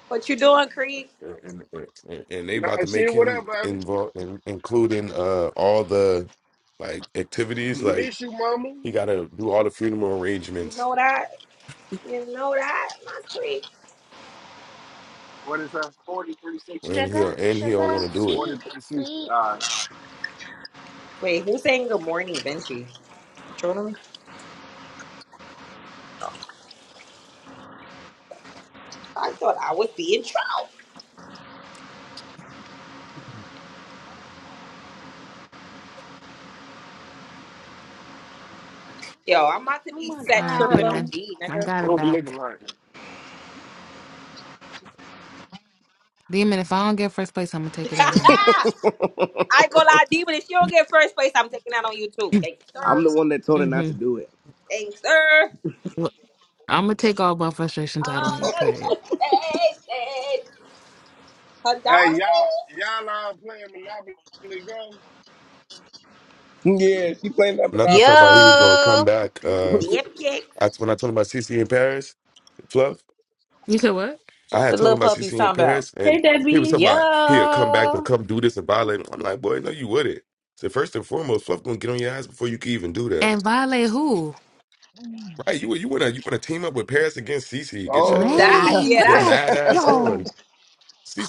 [SPEAKER 5] What you doing, Creek?
[SPEAKER 1] And, and, and they about
[SPEAKER 9] Nah,
[SPEAKER 1] to make
[SPEAKER 9] shit. What
[SPEAKER 1] him
[SPEAKER 9] up, baby?
[SPEAKER 1] involved in, including uh all the like activities.
[SPEAKER 3] Mm-hmm.
[SPEAKER 1] Like
[SPEAKER 9] Miss you, mama.
[SPEAKER 1] he gotta do all the funeral
[SPEAKER 5] You
[SPEAKER 1] arrangements
[SPEAKER 5] know that? You know that? My Creek.
[SPEAKER 9] What is that? Forty three sixty.
[SPEAKER 1] and he
[SPEAKER 4] Sugar,
[SPEAKER 1] and he don't
[SPEAKER 4] sugar,
[SPEAKER 1] wanna do it.
[SPEAKER 9] Forty
[SPEAKER 4] sweet,
[SPEAKER 9] three sixty.
[SPEAKER 4] sweet.
[SPEAKER 9] All right.
[SPEAKER 5] Wait, who's saying good morning, Vinci? You Trolling me? I thought I was being trapped. Yo, I'm about to
[SPEAKER 4] Oh
[SPEAKER 5] be
[SPEAKER 4] my
[SPEAKER 5] set
[SPEAKER 7] all right,
[SPEAKER 5] tripping
[SPEAKER 7] Demon.
[SPEAKER 4] god.
[SPEAKER 5] OD,
[SPEAKER 7] I
[SPEAKER 5] nigga.
[SPEAKER 7] got it
[SPEAKER 9] What we looking
[SPEAKER 7] back.
[SPEAKER 9] like?
[SPEAKER 7] Demon, if I don't get first place, I'm going to take it out on
[SPEAKER 5] I ain't gonna lie, D, but if you don't get first place, I'm taking that on you too.
[SPEAKER 7] you.
[SPEAKER 5] Thanks,
[SPEAKER 3] I'm
[SPEAKER 5] sir.
[SPEAKER 3] the one that told her not
[SPEAKER 7] hmm
[SPEAKER 3] to do it.
[SPEAKER 5] Thanks, sir.
[SPEAKER 7] I'm going to take all my frustrations out on
[SPEAKER 5] on
[SPEAKER 7] you, period.
[SPEAKER 5] a baby.
[SPEAKER 9] Hey,
[SPEAKER 5] Hadari?
[SPEAKER 9] y'all, y'all all playing Monopoly Go?
[SPEAKER 3] Yeah, she playing that
[SPEAKER 1] Knuckles
[SPEAKER 11] Yo,
[SPEAKER 3] Monopoly
[SPEAKER 1] talking about
[SPEAKER 3] Go
[SPEAKER 1] he was gonna
[SPEAKER 3] Creek.
[SPEAKER 1] come back. Uh,
[SPEAKER 5] Dipkick.
[SPEAKER 1] I, when I told him about CC in Paris, Fluff,
[SPEAKER 7] You said what?
[SPEAKER 1] I
[SPEAKER 11] what
[SPEAKER 1] had
[SPEAKER 11] the
[SPEAKER 1] told
[SPEAKER 11] little
[SPEAKER 1] him about
[SPEAKER 11] puppy's
[SPEAKER 1] CC in
[SPEAKER 11] talking about?
[SPEAKER 1] Paris, and
[SPEAKER 4] Hey,
[SPEAKER 1] he was
[SPEAKER 4] Debbie.
[SPEAKER 1] talking
[SPEAKER 11] Yo,
[SPEAKER 1] about he'll come back and
[SPEAKER 11] Kilo.
[SPEAKER 1] come do this and violate. I'm like, boy, no, you wouldn't. So first and foremost, Fluff gonna get on your ass before you can even do that.
[SPEAKER 7] And violate who?
[SPEAKER 1] Right, you you wanna you wanna team up with Paris against CC? Get your
[SPEAKER 5] That?
[SPEAKER 3] Oh,
[SPEAKER 7] Lame.
[SPEAKER 5] Yeah,
[SPEAKER 7] What the?
[SPEAKER 1] your
[SPEAKER 7] heck?
[SPEAKER 1] mad ass on.
[SPEAKER 7] Yo.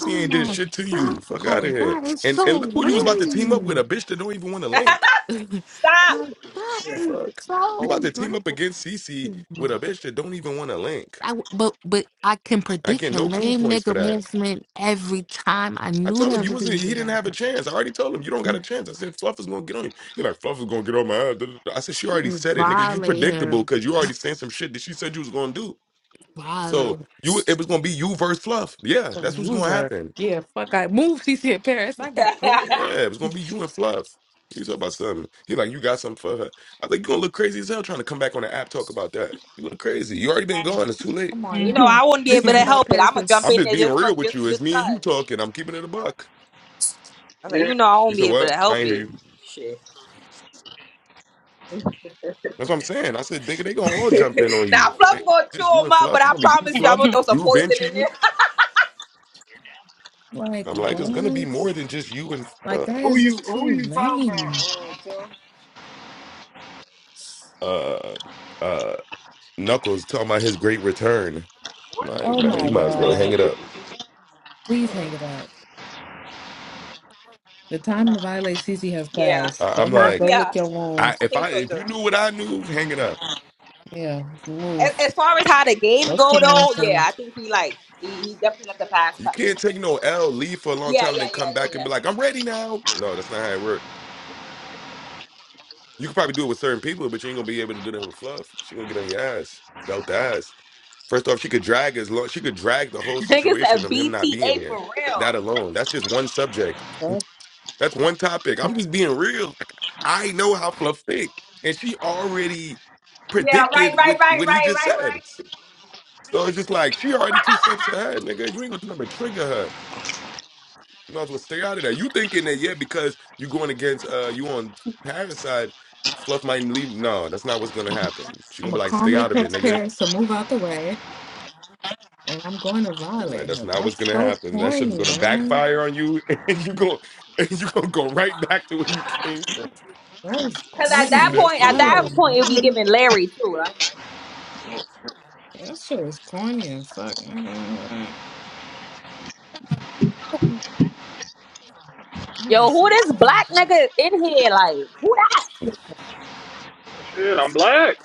[SPEAKER 7] Oh
[SPEAKER 1] ain't did
[SPEAKER 7] my
[SPEAKER 1] shit to
[SPEAKER 7] God.
[SPEAKER 1] you. Fuck out of here.
[SPEAKER 7] That is
[SPEAKER 1] And
[SPEAKER 7] so
[SPEAKER 1] and look who you was about to team up with
[SPEAKER 7] lame.
[SPEAKER 1] a bitch that don't even want to
[SPEAKER 5] that's.
[SPEAKER 1] link.
[SPEAKER 5] Stop.
[SPEAKER 7] no, that
[SPEAKER 3] shit.
[SPEAKER 7] is
[SPEAKER 1] Fuck. You
[SPEAKER 7] so
[SPEAKER 1] about to team up
[SPEAKER 7] lame.
[SPEAKER 1] against CC with a bitch that don't even want to link.
[SPEAKER 7] I w but but I can
[SPEAKER 1] I
[SPEAKER 7] predict
[SPEAKER 1] get
[SPEAKER 7] the
[SPEAKER 1] no cool
[SPEAKER 7] lame
[SPEAKER 1] points for
[SPEAKER 7] nigga
[SPEAKER 1] that.
[SPEAKER 7] movement every time. I
[SPEAKER 1] I
[SPEAKER 7] knew
[SPEAKER 1] told him
[SPEAKER 7] that
[SPEAKER 1] you
[SPEAKER 7] was going
[SPEAKER 1] wasn't. He
[SPEAKER 7] to
[SPEAKER 1] didn't have a
[SPEAKER 7] happen.
[SPEAKER 1] chance. I already told him you don't got a chance. I said Fluff is gonna get on you. He like Fluff is gonna get on my ass. I said she already
[SPEAKER 7] Mm,
[SPEAKER 1] said it, nigga. You
[SPEAKER 7] Violate her,
[SPEAKER 1] predictable because you already saying some shit that she said you was gonna do. So
[SPEAKER 7] violate
[SPEAKER 1] you, it was gonna be you versus Fluff. Yeah,
[SPEAKER 7] her,
[SPEAKER 1] that's what's gonna
[SPEAKER 7] loser.
[SPEAKER 1] happen.
[SPEAKER 7] Yeah, fuck. I move CC in Paris. I got hope.
[SPEAKER 1] Yeah, it was gonna be you and Fluff. You talk about something. He like, you got something for her. I think you gonna look crazy as hell trying to come back on the app talk about that. You look crazy. You already been gone. It's too late.
[SPEAKER 7] Come on
[SPEAKER 5] you know,
[SPEAKER 7] now,
[SPEAKER 5] I won't be
[SPEAKER 7] this
[SPEAKER 5] able
[SPEAKER 7] ain't
[SPEAKER 5] to
[SPEAKER 7] about
[SPEAKER 5] help it.
[SPEAKER 7] Paris.
[SPEAKER 5] I'm going to
[SPEAKER 7] It's
[SPEAKER 5] jump
[SPEAKER 1] I'm
[SPEAKER 5] in
[SPEAKER 1] just
[SPEAKER 5] there
[SPEAKER 1] being
[SPEAKER 5] just for
[SPEAKER 1] real with
[SPEAKER 5] just
[SPEAKER 1] you. It's
[SPEAKER 5] just
[SPEAKER 1] me and you
[SPEAKER 5] cause.
[SPEAKER 1] talking. I'm keeping it a buck.
[SPEAKER 5] I was like,
[SPEAKER 9] Yeah.
[SPEAKER 5] you know, I
[SPEAKER 1] You
[SPEAKER 5] won't
[SPEAKER 1] said
[SPEAKER 5] be able
[SPEAKER 1] what?
[SPEAKER 5] to
[SPEAKER 1] I
[SPEAKER 5] help
[SPEAKER 1] ain't hear
[SPEAKER 5] it.
[SPEAKER 1] you.
[SPEAKER 5] Shit.
[SPEAKER 1] That's what I'm saying. I said, nigga, they gonna all jump in on you.
[SPEAKER 5] now,
[SPEAKER 1] It
[SPEAKER 5] Fluff
[SPEAKER 1] ain't
[SPEAKER 5] gonna chew
[SPEAKER 1] Just
[SPEAKER 5] chew
[SPEAKER 1] you
[SPEAKER 5] them
[SPEAKER 1] and
[SPEAKER 5] up,
[SPEAKER 1] Fluff.
[SPEAKER 5] but
[SPEAKER 1] It's
[SPEAKER 5] I
[SPEAKER 1] gonna be you,
[SPEAKER 5] promise you, I'm
[SPEAKER 1] Fluff,
[SPEAKER 5] gonna throw some
[SPEAKER 1] you,
[SPEAKER 5] poison in
[SPEAKER 1] Vinci.
[SPEAKER 7] Like
[SPEAKER 1] I'm like, it's gonna be
[SPEAKER 7] what?
[SPEAKER 1] more than just you and
[SPEAKER 7] Like
[SPEAKER 1] uh,
[SPEAKER 7] that
[SPEAKER 9] Who
[SPEAKER 7] is
[SPEAKER 9] you
[SPEAKER 7] just
[SPEAKER 9] Who
[SPEAKER 7] too
[SPEAKER 9] you talking
[SPEAKER 7] lame.
[SPEAKER 9] about, uh, Chuck?
[SPEAKER 1] uh, uh, Knuckles talking about his great return.
[SPEAKER 9] Where
[SPEAKER 1] Like,
[SPEAKER 7] Oh
[SPEAKER 9] the hell
[SPEAKER 1] man, you
[SPEAKER 7] my
[SPEAKER 9] he
[SPEAKER 1] might as
[SPEAKER 9] been
[SPEAKER 1] well
[SPEAKER 9] at?
[SPEAKER 1] hang
[SPEAKER 7] god!
[SPEAKER 1] it up.
[SPEAKER 7] Please hang
[SPEAKER 5] Mhm.
[SPEAKER 7] it up. The time to violate Cece has
[SPEAKER 5] Yeah,
[SPEAKER 7] passed.
[SPEAKER 1] I,
[SPEAKER 7] Go
[SPEAKER 1] I'm
[SPEAKER 7] ahead, go
[SPEAKER 1] like,
[SPEAKER 7] lick
[SPEAKER 5] yeah,
[SPEAKER 7] your
[SPEAKER 1] I
[SPEAKER 7] wounds.
[SPEAKER 5] I
[SPEAKER 1] if
[SPEAKER 5] think
[SPEAKER 1] I
[SPEAKER 5] so
[SPEAKER 1] if
[SPEAKER 5] too.
[SPEAKER 1] you knew what I knew, hang it up.
[SPEAKER 7] Yeah,
[SPEAKER 5] As,
[SPEAKER 7] move.
[SPEAKER 5] as far as how the game
[SPEAKER 7] Go
[SPEAKER 5] go
[SPEAKER 7] sit down
[SPEAKER 5] though, yeah,
[SPEAKER 7] some.
[SPEAKER 5] I think he like he, he definitely left the pass.
[SPEAKER 1] You
[SPEAKER 5] pa-
[SPEAKER 1] can't take no L, leave for a long
[SPEAKER 5] Yeah,
[SPEAKER 1] time,
[SPEAKER 5] yeah,
[SPEAKER 1] then
[SPEAKER 5] yeah,
[SPEAKER 1] come
[SPEAKER 5] yeah,
[SPEAKER 1] back and
[SPEAKER 5] yeah.
[SPEAKER 1] be like, I'm ready now. No, that's not how it works. You can probably do it with certain people, but you ain't gonna be able to do that with Fluff. She gonna get on your ass, belt the ass. First off, she could drag as long she could drag the whole
[SPEAKER 5] Nigga
[SPEAKER 1] situation
[SPEAKER 5] said
[SPEAKER 1] of him not being
[SPEAKER 5] BTA for
[SPEAKER 1] here. That
[SPEAKER 5] real.
[SPEAKER 1] alone, that's just one subject. Mm, That's one topic. I'm just being real. Like, I know how Fluff think, and she already
[SPEAKER 5] Yeah, right,
[SPEAKER 1] predicted
[SPEAKER 5] right,
[SPEAKER 1] what
[SPEAKER 5] right,
[SPEAKER 1] what he
[SPEAKER 5] right,
[SPEAKER 1] just
[SPEAKER 5] right,
[SPEAKER 1] said.
[SPEAKER 5] right.
[SPEAKER 1] So it's just like she already two steps ahead, nigga. You ain't gonna do nothing but trigger her. You might as well stay out of that. You thinking that yeah, because you going against uh you on Paris side, Fluff might leave. No, that's not what's gonna happen. She
[SPEAKER 7] I'm
[SPEAKER 1] gonna be
[SPEAKER 7] gonna
[SPEAKER 1] like, stay
[SPEAKER 7] calmly
[SPEAKER 1] out of it,
[SPEAKER 7] text
[SPEAKER 1] nigga.
[SPEAKER 7] Paris to move out the way, and I'm going to
[SPEAKER 1] I'm like,
[SPEAKER 7] violate
[SPEAKER 1] that's
[SPEAKER 7] her.
[SPEAKER 1] not what's
[SPEAKER 7] That's
[SPEAKER 1] gonna
[SPEAKER 7] so
[SPEAKER 1] happen. That shit's
[SPEAKER 7] corny,
[SPEAKER 1] gonna
[SPEAKER 7] man.
[SPEAKER 1] backfire on you, and you go and you gonna go right back to where you came from.
[SPEAKER 7] That is
[SPEAKER 5] Cause at
[SPEAKER 7] corny
[SPEAKER 5] that
[SPEAKER 1] Leave
[SPEAKER 7] as
[SPEAKER 1] that
[SPEAKER 5] point,
[SPEAKER 1] shit
[SPEAKER 5] at that
[SPEAKER 7] hell,
[SPEAKER 1] alone.
[SPEAKER 5] point, it'll be
[SPEAKER 7] man.
[SPEAKER 5] giving Larry too.
[SPEAKER 7] That shit is corny as fuck. nigga. That
[SPEAKER 5] Yo,
[SPEAKER 7] is
[SPEAKER 5] who
[SPEAKER 7] so
[SPEAKER 5] this
[SPEAKER 7] corny.
[SPEAKER 5] black
[SPEAKER 7] That
[SPEAKER 5] nigga in here? Like, who that?
[SPEAKER 8] Well, Shit, I'm black.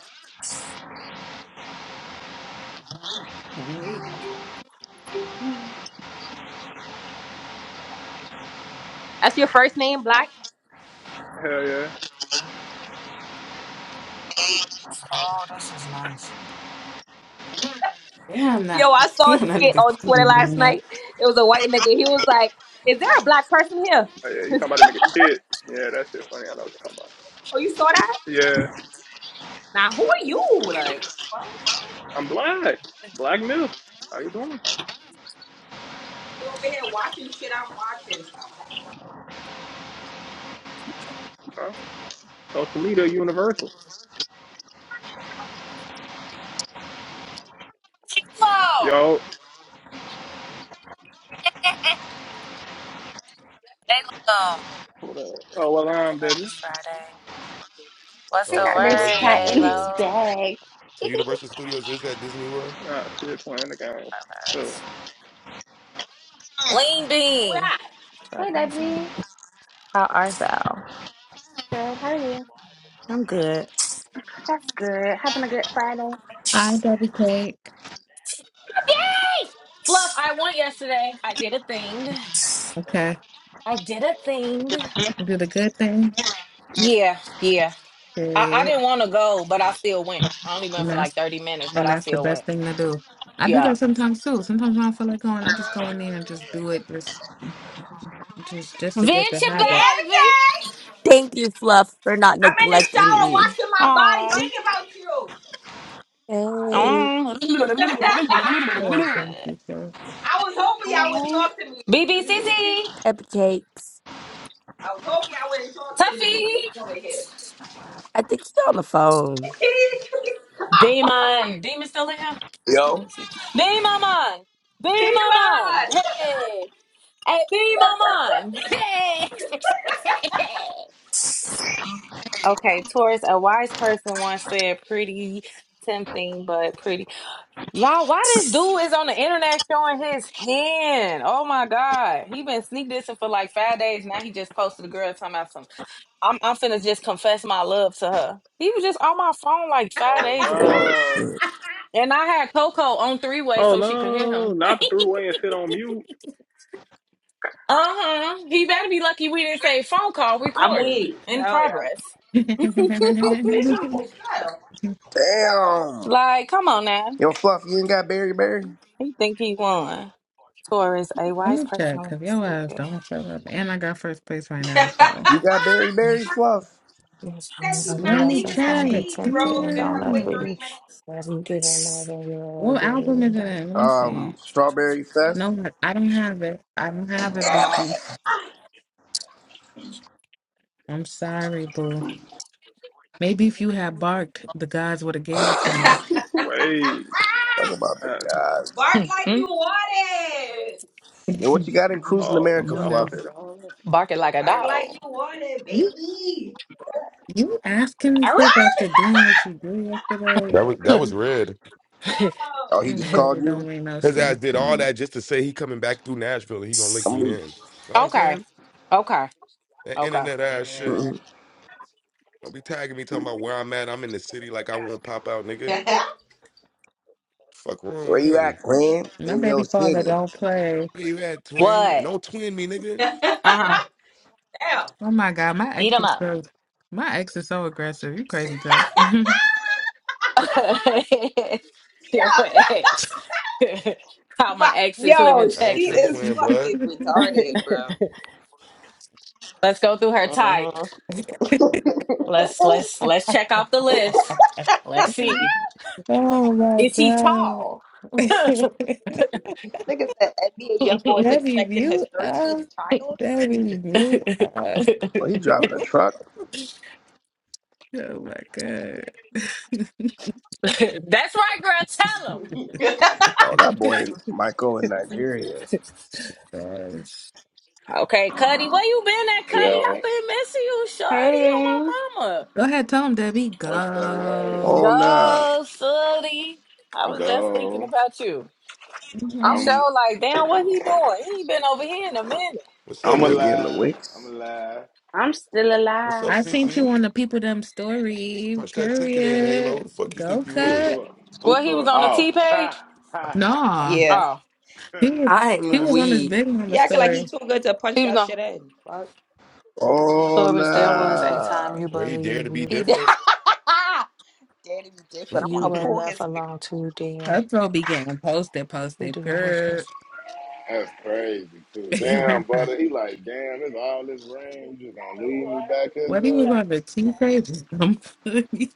[SPEAKER 5] That's your first name, black?
[SPEAKER 8] Hell yeah.
[SPEAKER 7] Damn that.
[SPEAKER 5] Yo, I saw a
[SPEAKER 7] Damn that
[SPEAKER 5] skit
[SPEAKER 7] nigga
[SPEAKER 5] on Twitter
[SPEAKER 7] corny,
[SPEAKER 5] last
[SPEAKER 7] man.
[SPEAKER 5] night. It was a white nigga. He was like, "Is there a black person here?"
[SPEAKER 8] Oh, yeah, you talking about a nigga tit. Yeah, that's shit funny. I know what you're talking about.
[SPEAKER 5] Oh, you saw that?
[SPEAKER 8] Yeah,
[SPEAKER 5] Now, who are you? Like, fuck?
[SPEAKER 8] I'm black. Black milk. How you doing?
[SPEAKER 5] you over here watching shit I'm watching? Stop that.
[SPEAKER 8] Huh? Social media universal. Yo.
[SPEAKER 11] Halo.
[SPEAKER 8] What up? Oh, well,
[SPEAKER 11] Girl,
[SPEAKER 8] I'm
[SPEAKER 11] get up,
[SPEAKER 8] Debbie.
[SPEAKER 11] it's Friday. What's
[SPEAKER 4] They
[SPEAKER 1] Oh,
[SPEAKER 11] the
[SPEAKER 4] got
[SPEAKER 1] so it
[SPEAKER 4] this
[SPEAKER 1] was
[SPEAKER 11] word,
[SPEAKER 4] cat
[SPEAKER 1] Disney
[SPEAKER 4] in this
[SPEAKER 1] World.
[SPEAKER 11] Halo?
[SPEAKER 4] bag.
[SPEAKER 1] So
[SPEAKER 4] hey,
[SPEAKER 1] Universal Studios is at Disney World.
[SPEAKER 8] Nah, shit, playing the game. Chill.
[SPEAKER 11] Starburst. Lean
[SPEAKER 5] Who
[SPEAKER 11] bean.
[SPEAKER 5] that?
[SPEAKER 4] Debbie.
[SPEAKER 11] Starburst. How are thou?
[SPEAKER 4] Good, how are you?
[SPEAKER 11] I'm good.
[SPEAKER 4] That's good. Having a good Friday.
[SPEAKER 7] I double cake.
[SPEAKER 11] Hey, Fluff, I went yesterday. I did a thing.
[SPEAKER 7] Okay,
[SPEAKER 11] I did a thing.
[SPEAKER 7] you did a good thing.
[SPEAKER 11] Yeah, yeah. I, I
[SPEAKER 7] Period.
[SPEAKER 11] didn't want to go, but I still went. I only went for like 30 minutes, but
[SPEAKER 7] And
[SPEAKER 11] I
[SPEAKER 7] that's the
[SPEAKER 11] still
[SPEAKER 7] best
[SPEAKER 11] went.
[SPEAKER 7] thing to do. I do
[SPEAKER 11] Yeah.
[SPEAKER 7] that sometimes too. Sometimes when I feel like going, I just go in there and just do it just just just to
[SPEAKER 11] Venture,
[SPEAKER 7] get the
[SPEAKER 5] Damn it,
[SPEAKER 7] habit.
[SPEAKER 11] baby.
[SPEAKER 5] gang!
[SPEAKER 12] Thank you, Fluff, for not
[SPEAKER 5] I'm in the
[SPEAKER 12] neglecting
[SPEAKER 5] shower
[SPEAKER 12] me.
[SPEAKER 5] washing my body,
[SPEAKER 11] Oh.
[SPEAKER 5] thinking about you.
[SPEAKER 12] Hey,
[SPEAKER 11] Oh.
[SPEAKER 5] I
[SPEAKER 7] You're welcome, teacher.
[SPEAKER 5] was hoping y'all wouldn't
[SPEAKER 4] Oh,
[SPEAKER 5] talk to me.
[SPEAKER 11] BBCC.
[SPEAKER 12] cupcakes.
[SPEAKER 5] I was hoping y'all wouldn't talk to me
[SPEAKER 11] Tuffy.
[SPEAKER 5] over here.
[SPEAKER 12] I think he's on the phone.
[SPEAKER 11] Demon. Demon still in here? Let
[SPEAKER 3] yo.
[SPEAKER 11] me see. Demon man.
[SPEAKER 5] She
[SPEAKER 11] Demon man.
[SPEAKER 5] lied.
[SPEAKER 11] Hey. Hey, Demon man. Hey. Okay, Taurus, a wise person once said pretty tempting, but pretty Y'all, why this dude is on the internet showing his hand? Oh my God. He been sneak dissing for like five days. Now he just posted a girl talking about something. I'm I'm finna just confess my love to her. He was just on my phone like five
[SPEAKER 8] Oh
[SPEAKER 11] days ago.
[SPEAKER 3] Oh,
[SPEAKER 8] no!
[SPEAKER 3] shit.
[SPEAKER 11] And I had Coco on three way
[SPEAKER 8] Oh
[SPEAKER 11] so she could hear
[SPEAKER 8] no!
[SPEAKER 11] him. uh
[SPEAKER 8] Not the
[SPEAKER 5] Oh,
[SPEAKER 8] throughway and sit on mute.
[SPEAKER 11] huh. He better be lucky we didn't say phone call
[SPEAKER 5] I'm
[SPEAKER 11] recording
[SPEAKER 5] weak.
[SPEAKER 11] in
[SPEAKER 5] Hell yeah.
[SPEAKER 11] progress.
[SPEAKER 5] Bitch, I almost fell.
[SPEAKER 3] Damn.
[SPEAKER 11] like, come on now.
[SPEAKER 3] Yo, Fluff, you ain't got Berry Berry?
[SPEAKER 11] He think he won. Taurus, a
[SPEAKER 7] Let
[SPEAKER 11] wise
[SPEAKER 7] me check,
[SPEAKER 11] person.
[SPEAKER 7] cause your ass don't show up, and I got first place right now. So
[SPEAKER 3] You got Berry Berry, Fluff?
[SPEAKER 5] That she's
[SPEAKER 7] let
[SPEAKER 5] not
[SPEAKER 7] me
[SPEAKER 5] leaving that
[SPEAKER 7] check.
[SPEAKER 5] page, bro. You're Gonna have to
[SPEAKER 7] Damn,
[SPEAKER 5] wait 30 minutes.
[SPEAKER 7] what album is it in? Let me
[SPEAKER 3] Um,
[SPEAKER 7] see.
[SPEAKER 3] Strawberry Fest?
[SPEAKER 7] No, I don't have it. I don't have it,
[SPEAKER 3] Damn
[SPEAKER 5] Oh.
[SPEAKER 7] Bookie.
[SPEAKER 3] it.
[SPEAKER 7] I'm sorry, boo. Maybe if you had barked, the gods would have gave it to me.
[SPEAKER 8] Wait,
[SPEAKER 3] Talk about the
[SPEAKER 8] that's
[SPEAKER 3] gods.
[SPEAKER 5] Bark like
[SPEAKER 8] crazy.
[SPEAKER 5] you want it.
[SPEAKER 3] Yo,
[SPEAKER 7] Come
[SPEAKER 3] what you got in Cruising
[SPEAKER 8] Oh
[SPEAKER 3] America,
[SPEAKER 8] shit!
[SPEAKER 7] on
[SPEAKER 8] I supposed to say
[SPEAKER 7] now.
[SPEAKER 3] Fluff?
[SPEAKER 8] that.
[SPEAKER 11] barking like a
[SPEAKER 5] Bark like
[SPEAKER 11] dog.
[SPEAKER 5] you want it, baby.
[SPEAKER 7] You asking me
[SPEAKER 11] Arr!
[SPEAKER 7] stuff after doing what you did
[SPEAKER 1] That
[SPEAKER 7] yesterday,
[SPEAKER 1] was that was
[SPEAKER 7] it,
[SPEAKER 1] red.
[SPEAKER 5] Oh.
[SPEAKER 3] Oh, he
[SPEAKER 7] it
[SPEAKER 3] just called
[SPEAKER 7] really don't
[SPEAKER 3] you?
[SPEAKER 7] make no
[SPEAKER 1] His ass
[SPEAKER 7] sense.
[SPEAKER 1] did
[SPEAKER 7] to
[SPEAKER 1] all
[SPEAKER 7] me.
[SPEAKER 1] that just to say he coming back through Nashville and he gonna link
[SPEAKER 3] I'm
[SPEAKER 1] me
[SPEAKER 3] weak.
[SPEAKER 1] in. So I'm
[SPEAKER 11] okay,
[SPEAKER 1] saying
[SPEAKER 11] okay,
[SPEAKER 1] that
[SPEAKER 11] okay.
[SPEAKER 1] internet ass shit.
[SPEAKER 5] Internet.
[SPEAKER 3] Mhm.
[SPEAKER 1] Don't be tagging me talking about where I'm at. I'm in the city like I won't pop out, nigga.
[SPEAKER 5] Damn.
[SPEAKER 1] Fuck wrong
[SPEAKER 3] Where
[SPEAKER 1] with
[SPEAKER 3] you at,
[SPEAKER 1] him?
[SPEAKER 3] Glenn?
[SPEAKER 7] My
[SPEAKER 3] In your
[SPEAKER 7] baby father
[SPEAKER 3] city.
[SPEAKER 7] don't play.
[SPEAKER 1] Where you at, twin? And
[SPEAKER 11] What?
[SPEAKER 1] don't twin me, nigga.
[SPEAKER 11] Uh huh.
[SPEAKER 5] Yeah.
[SPEAKER 7] Oh my god, my
[SPEAKER 11] Eat
[SPEAKER 7] ex
[SPEAKER 11] them
[SPEAKER 7] is
[SPEAKER 11] up.
[SPEAKER 7] so my ex is so aggressive. You crazy tough.
[SPEAKER 11] Deal with ex. How my
[SPEAKER 5] Fuck.
[SPEAKER 11] exes live
[SPEAKER 5] Yo,
[SPEAKER 11] in
[SPEAKER 1] I ain't
[SPEAKER 5] she
[SPEAKER 1] your
[SPEAKER 11] Texas.
[SPEAKER 5] is
[SPEAKER 1] twin,
[SPEAKER 5] fucking
[SPEAKER 1] blood.
[SPEAKER 5] retarded, bro.
[SPEAKER 11] Let's go through her type.
[SPEAKER 5] Uh-huh.
[SPEAKER 11] Let's let's let's check off the list. Let's see.
[SPEAKER 7] oh my
[SPEAKER 11] Is he
[SPEAKER 7] god,
[SPEAKER 11] tall? That's
[SPEAKER 5] Nigga said NBA young boy is
[SPEAKER 7] Debbie,
[SPEAKER 5] expecting his
[SPEAKER 7] you up,
[SPEAKER 5] thirteenth child.
[SPEAKER 7] Debbie, you up.
[SPEAKER 3] Well, he driving a truck.
[SPEAKER 7] Oh my god.
[SPEAKER 11] right, girl.
[SPEAKER 7] So
[SPEAKER 11] Tell
[SPEAKER 3] Oh, that boy Michael in Nigeria.
[SPEAKER 11] him.
[SPEAKER 7] gross.
[SPEAKER 11] Okay, Cuddy, where you been at, Cuddy?
[SPEAKER 13] Yo,
[SPEAKER 11] I've been missing you, shorty, on
[SPEAKER 4] hey,
[SPEAKER 11] my mama.
[SPEAKER 7] Go ahead, tell him, Debbie.
[SPEAKER 13] what's the word?
[SPEAKER 7] Go.
[SPEAKER 3] Oh nah.
[SPEAKER 11] Go, Sully. I was just thinking
[SPEAKER 13] Go.
[SPEAKER 11] about you. I'm
[SPEAKER 13] I'm
[SPEAKER 11] sure, like, damn, what he doing? He ain't been over here in a minute.
[SPEAKER 1] What's up,
[SPEAKER 13] I'm
[SPEAKER 3] Nigga
[SPEAKER 1] Debbie?
[SPEAKER 3] getting the
[SPEAKER 13] alive. I'm
[SPEAKER 3] wicks.
[SPEAKER 13] alive.
[SPEAKER 4] I'm still
[SPEAKER 1] What's
[SPEAKER 4] alive.
[SPEAKER 1] up,
[SPEAKER 7] I seen you
[SPEAKER 1] CC?
[SPEAKER 7] on the people them story.
[SPEAKER 1] Punch that ticket in, Halo.
[SPEAKER 7] Period.
[SPEAKER 1] Who the fuck you
[SPEAKER 7] Go
[SPEAKER 1] think you
[SPEAKER 13] Who
[SPEAKER 1] is?
[SPEAKER 7] cut.
[SPEAKER 13] thought? Who
[SPEAKER 11] Well, he was
[SPEAKER 13] thought?
[SPEAKER 11] on the T
[SPEAKER 13] Oh,
[SPEAKER 11] page.
[SPEAKER 13] ha ha
[SPEAKER 7] Nah,
[SPEAKER 13] ha.
[SPEAKER 5] Yeah,
[SPEAKER 11] Oh,
[SPEAKER 7] he was he
[SPEAKER 12] I'm
[SPEAKER 7] was on his
[SPEAKER 12] weak.
[SPEAKER 7] big mama
[SPEAKER 5] he acting like he
[SPEAKER 7] story.
[SPEAKER 5] too good to punch
[SPEAKER 11] he was
[SPEAKER 5] that
[SPEAKER 11] on.
[SPEAKER 5] shit in. Fuck,
[SPEAKER 3] Oh
[SPEAKER 11] Flourish, there was a time
[SPEAKER 3] nah.
[SPEAKER 11] you
[SPEAKER 1] Where he dare
[SPEAKER 11] believe
[SPEAKER 1] to be
[SPEAKER 11] you
[SPEAKER 5] he
[SPEAKER 11] had,
[SPEAKER 5] did.
[SPEAKER 1] different?
[SPEAKER 5] Daddy be different. I
[SPEAKER 11] you
[SPEAKER 1] he
[SPEAKER 5] want to
[SPEAKER 11] were
[SPEAKER 5] pull
[SPEAKER 11] left
[SPEAKER 5] his. hair.
[SPEAKER 11] alone too, dear.
[SPEAKER 7] That throw be getting posted,
[SPEAKER 11] You
[SPEAKER 7] posted.
[SPEAKER 11] do know what's
[SPEAKER 7] Period.
[SPEAKER 11] best.
[SPEAKER 13] That's crazy too.
[SPEAKER 1] said, "C-
[SPEAKER 13] Damn, brother. He like, damn. It's all this rain. You just gonna leave me back here,
[SPEAKER 7] what he was
[SPEAKER 13] Joe?
[SPEAKER 7] on the two page is dumb funny.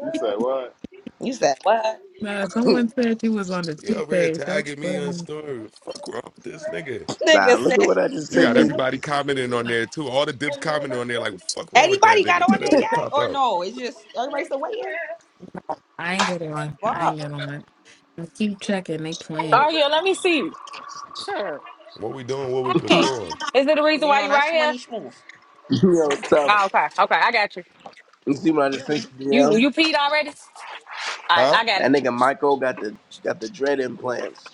[SPEAKER 13] You say what?
[SPEAKER 5] You said what?
[SPEAKER 7] Nah, someone said he was on the
[SPEAKER 1] he
[SPEAKER 7] two
[SPEAKER 1] over here
[SPEAKER 7] page. That's
[SPEAKER 1] tagging me on
[SPEAKER 7] funny.
[SPEAKER 1] story. Fuck wrong with this nigga?
[SPEAKER 3] Nah,
[SPEAKER 5] Nigga
[SPEAKER 3] look at
[SPEAKER 5] said
[SPEAKER 3] what I just
[SPEAKER 1] You
[SPEAKER 3] sent
[SPEAKER 1] got
[SPEAKER 7] Nah,
[SPEAKER 3] you.
[SPEAKER 1] everybody commenting on there too. All the dips commenting on there, like, what the fuck wrong with that
[SPEAKER 5] anybody got
[SPEAKER 1] nigga? Tell
[SPEAKER 5] on
[SPEAKER 1] that
[SPEAKER 5] there yet
[SPEAKER 1] nigga pop
[SPEAKER 5] or
[SPEAKER 1] out.
[SPEAKER 5] no? It's just everybody's still waiting.
[SPEAKER 7] I ain't get on. I ain't
[SPEAKER 5] Fuck,
[SPEAKER 7] get on. I keep checking. They playing.
[SPEAKER 11] Oh, yeah, let me see. Sure.
[SPEAKER 1] What we doing? What we
[SPEAKER 11] Hey,
[SPEAKER 1] pursuing?
[SPEAKER 11] is there the reason
[SPEAKER 5] you
[SPEAKER 11] why
[SPEAKER 5] know
[SPEAKER 11] you right
[SPEAKER 5] that's
[SPEAKER 11] here?
[SPEAKER 5] money smooth.
[SPEAKER 3] Yo, tough.
[SPEAKER 11] Oh, okay. Okay, I got you.
[SPEAKER 3] You see what I just sent you
[SPEAKER 11] You
[SPEAKER 3] DM?
[SPEAKER 11] you peed already? I
[SPEAKER 1] Huh?
[SPEAKER 11] I got it.
[SPEAKER 3] That nigga Michael got the got the dread implants.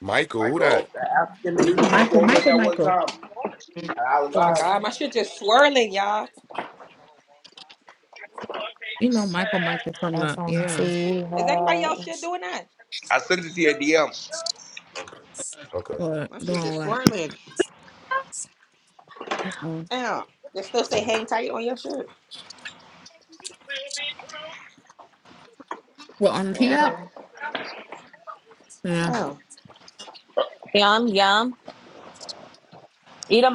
[SPEAKER 1] Michael? Who
[SPEAKER 3] Michael,
[SPEAKER 1] that?
[SPEAKER 3] that African
[SPEAKER 7] You
[SPEAKER 3] nigga you
[SPEAKER 7] know Michael,
[SPEAKER 3] performed with
[SPEAKER 7] Michael,
[SPEAKER 3] that one
[SPEAKER 7] Michael.
[SPEAKER 3] time. And I was
[SPEAKER 5] Oh my
[SPEAKER 3] live.
[SPEAKER 11] Because,
[SPEAKER 5] god, my shit just swirling, y'all.
[SPEAKER 7] You know Michael, Michael from
[SPEAKER 11] as-
[SPEAKER 7] the yeah.
[SPEAKER 5] Is anybody else shit doing that?
[SPEAKER 3] I sent it to your DM.
[SPEAKER 1] Okay.
[SPEAKER 7] What
[SPEAKER 5] My shit
[SPEAKER 7] doing
[SPEAKER 5] just
[SPEAKER 7] what?
[SPEAKER 5] swirling.
[SPEAKER 7] Mm-mm.
[SPEAKER 5] Damn, they still say hang tight on your shirt.
[SPEAKER 7] Well, on the
[SPEAKER 5] Yeah.
[SPEAKER 7] up. Yeah,
[SPEAKER 5] Damn.
[SPEAKER 11] Yeah, you know,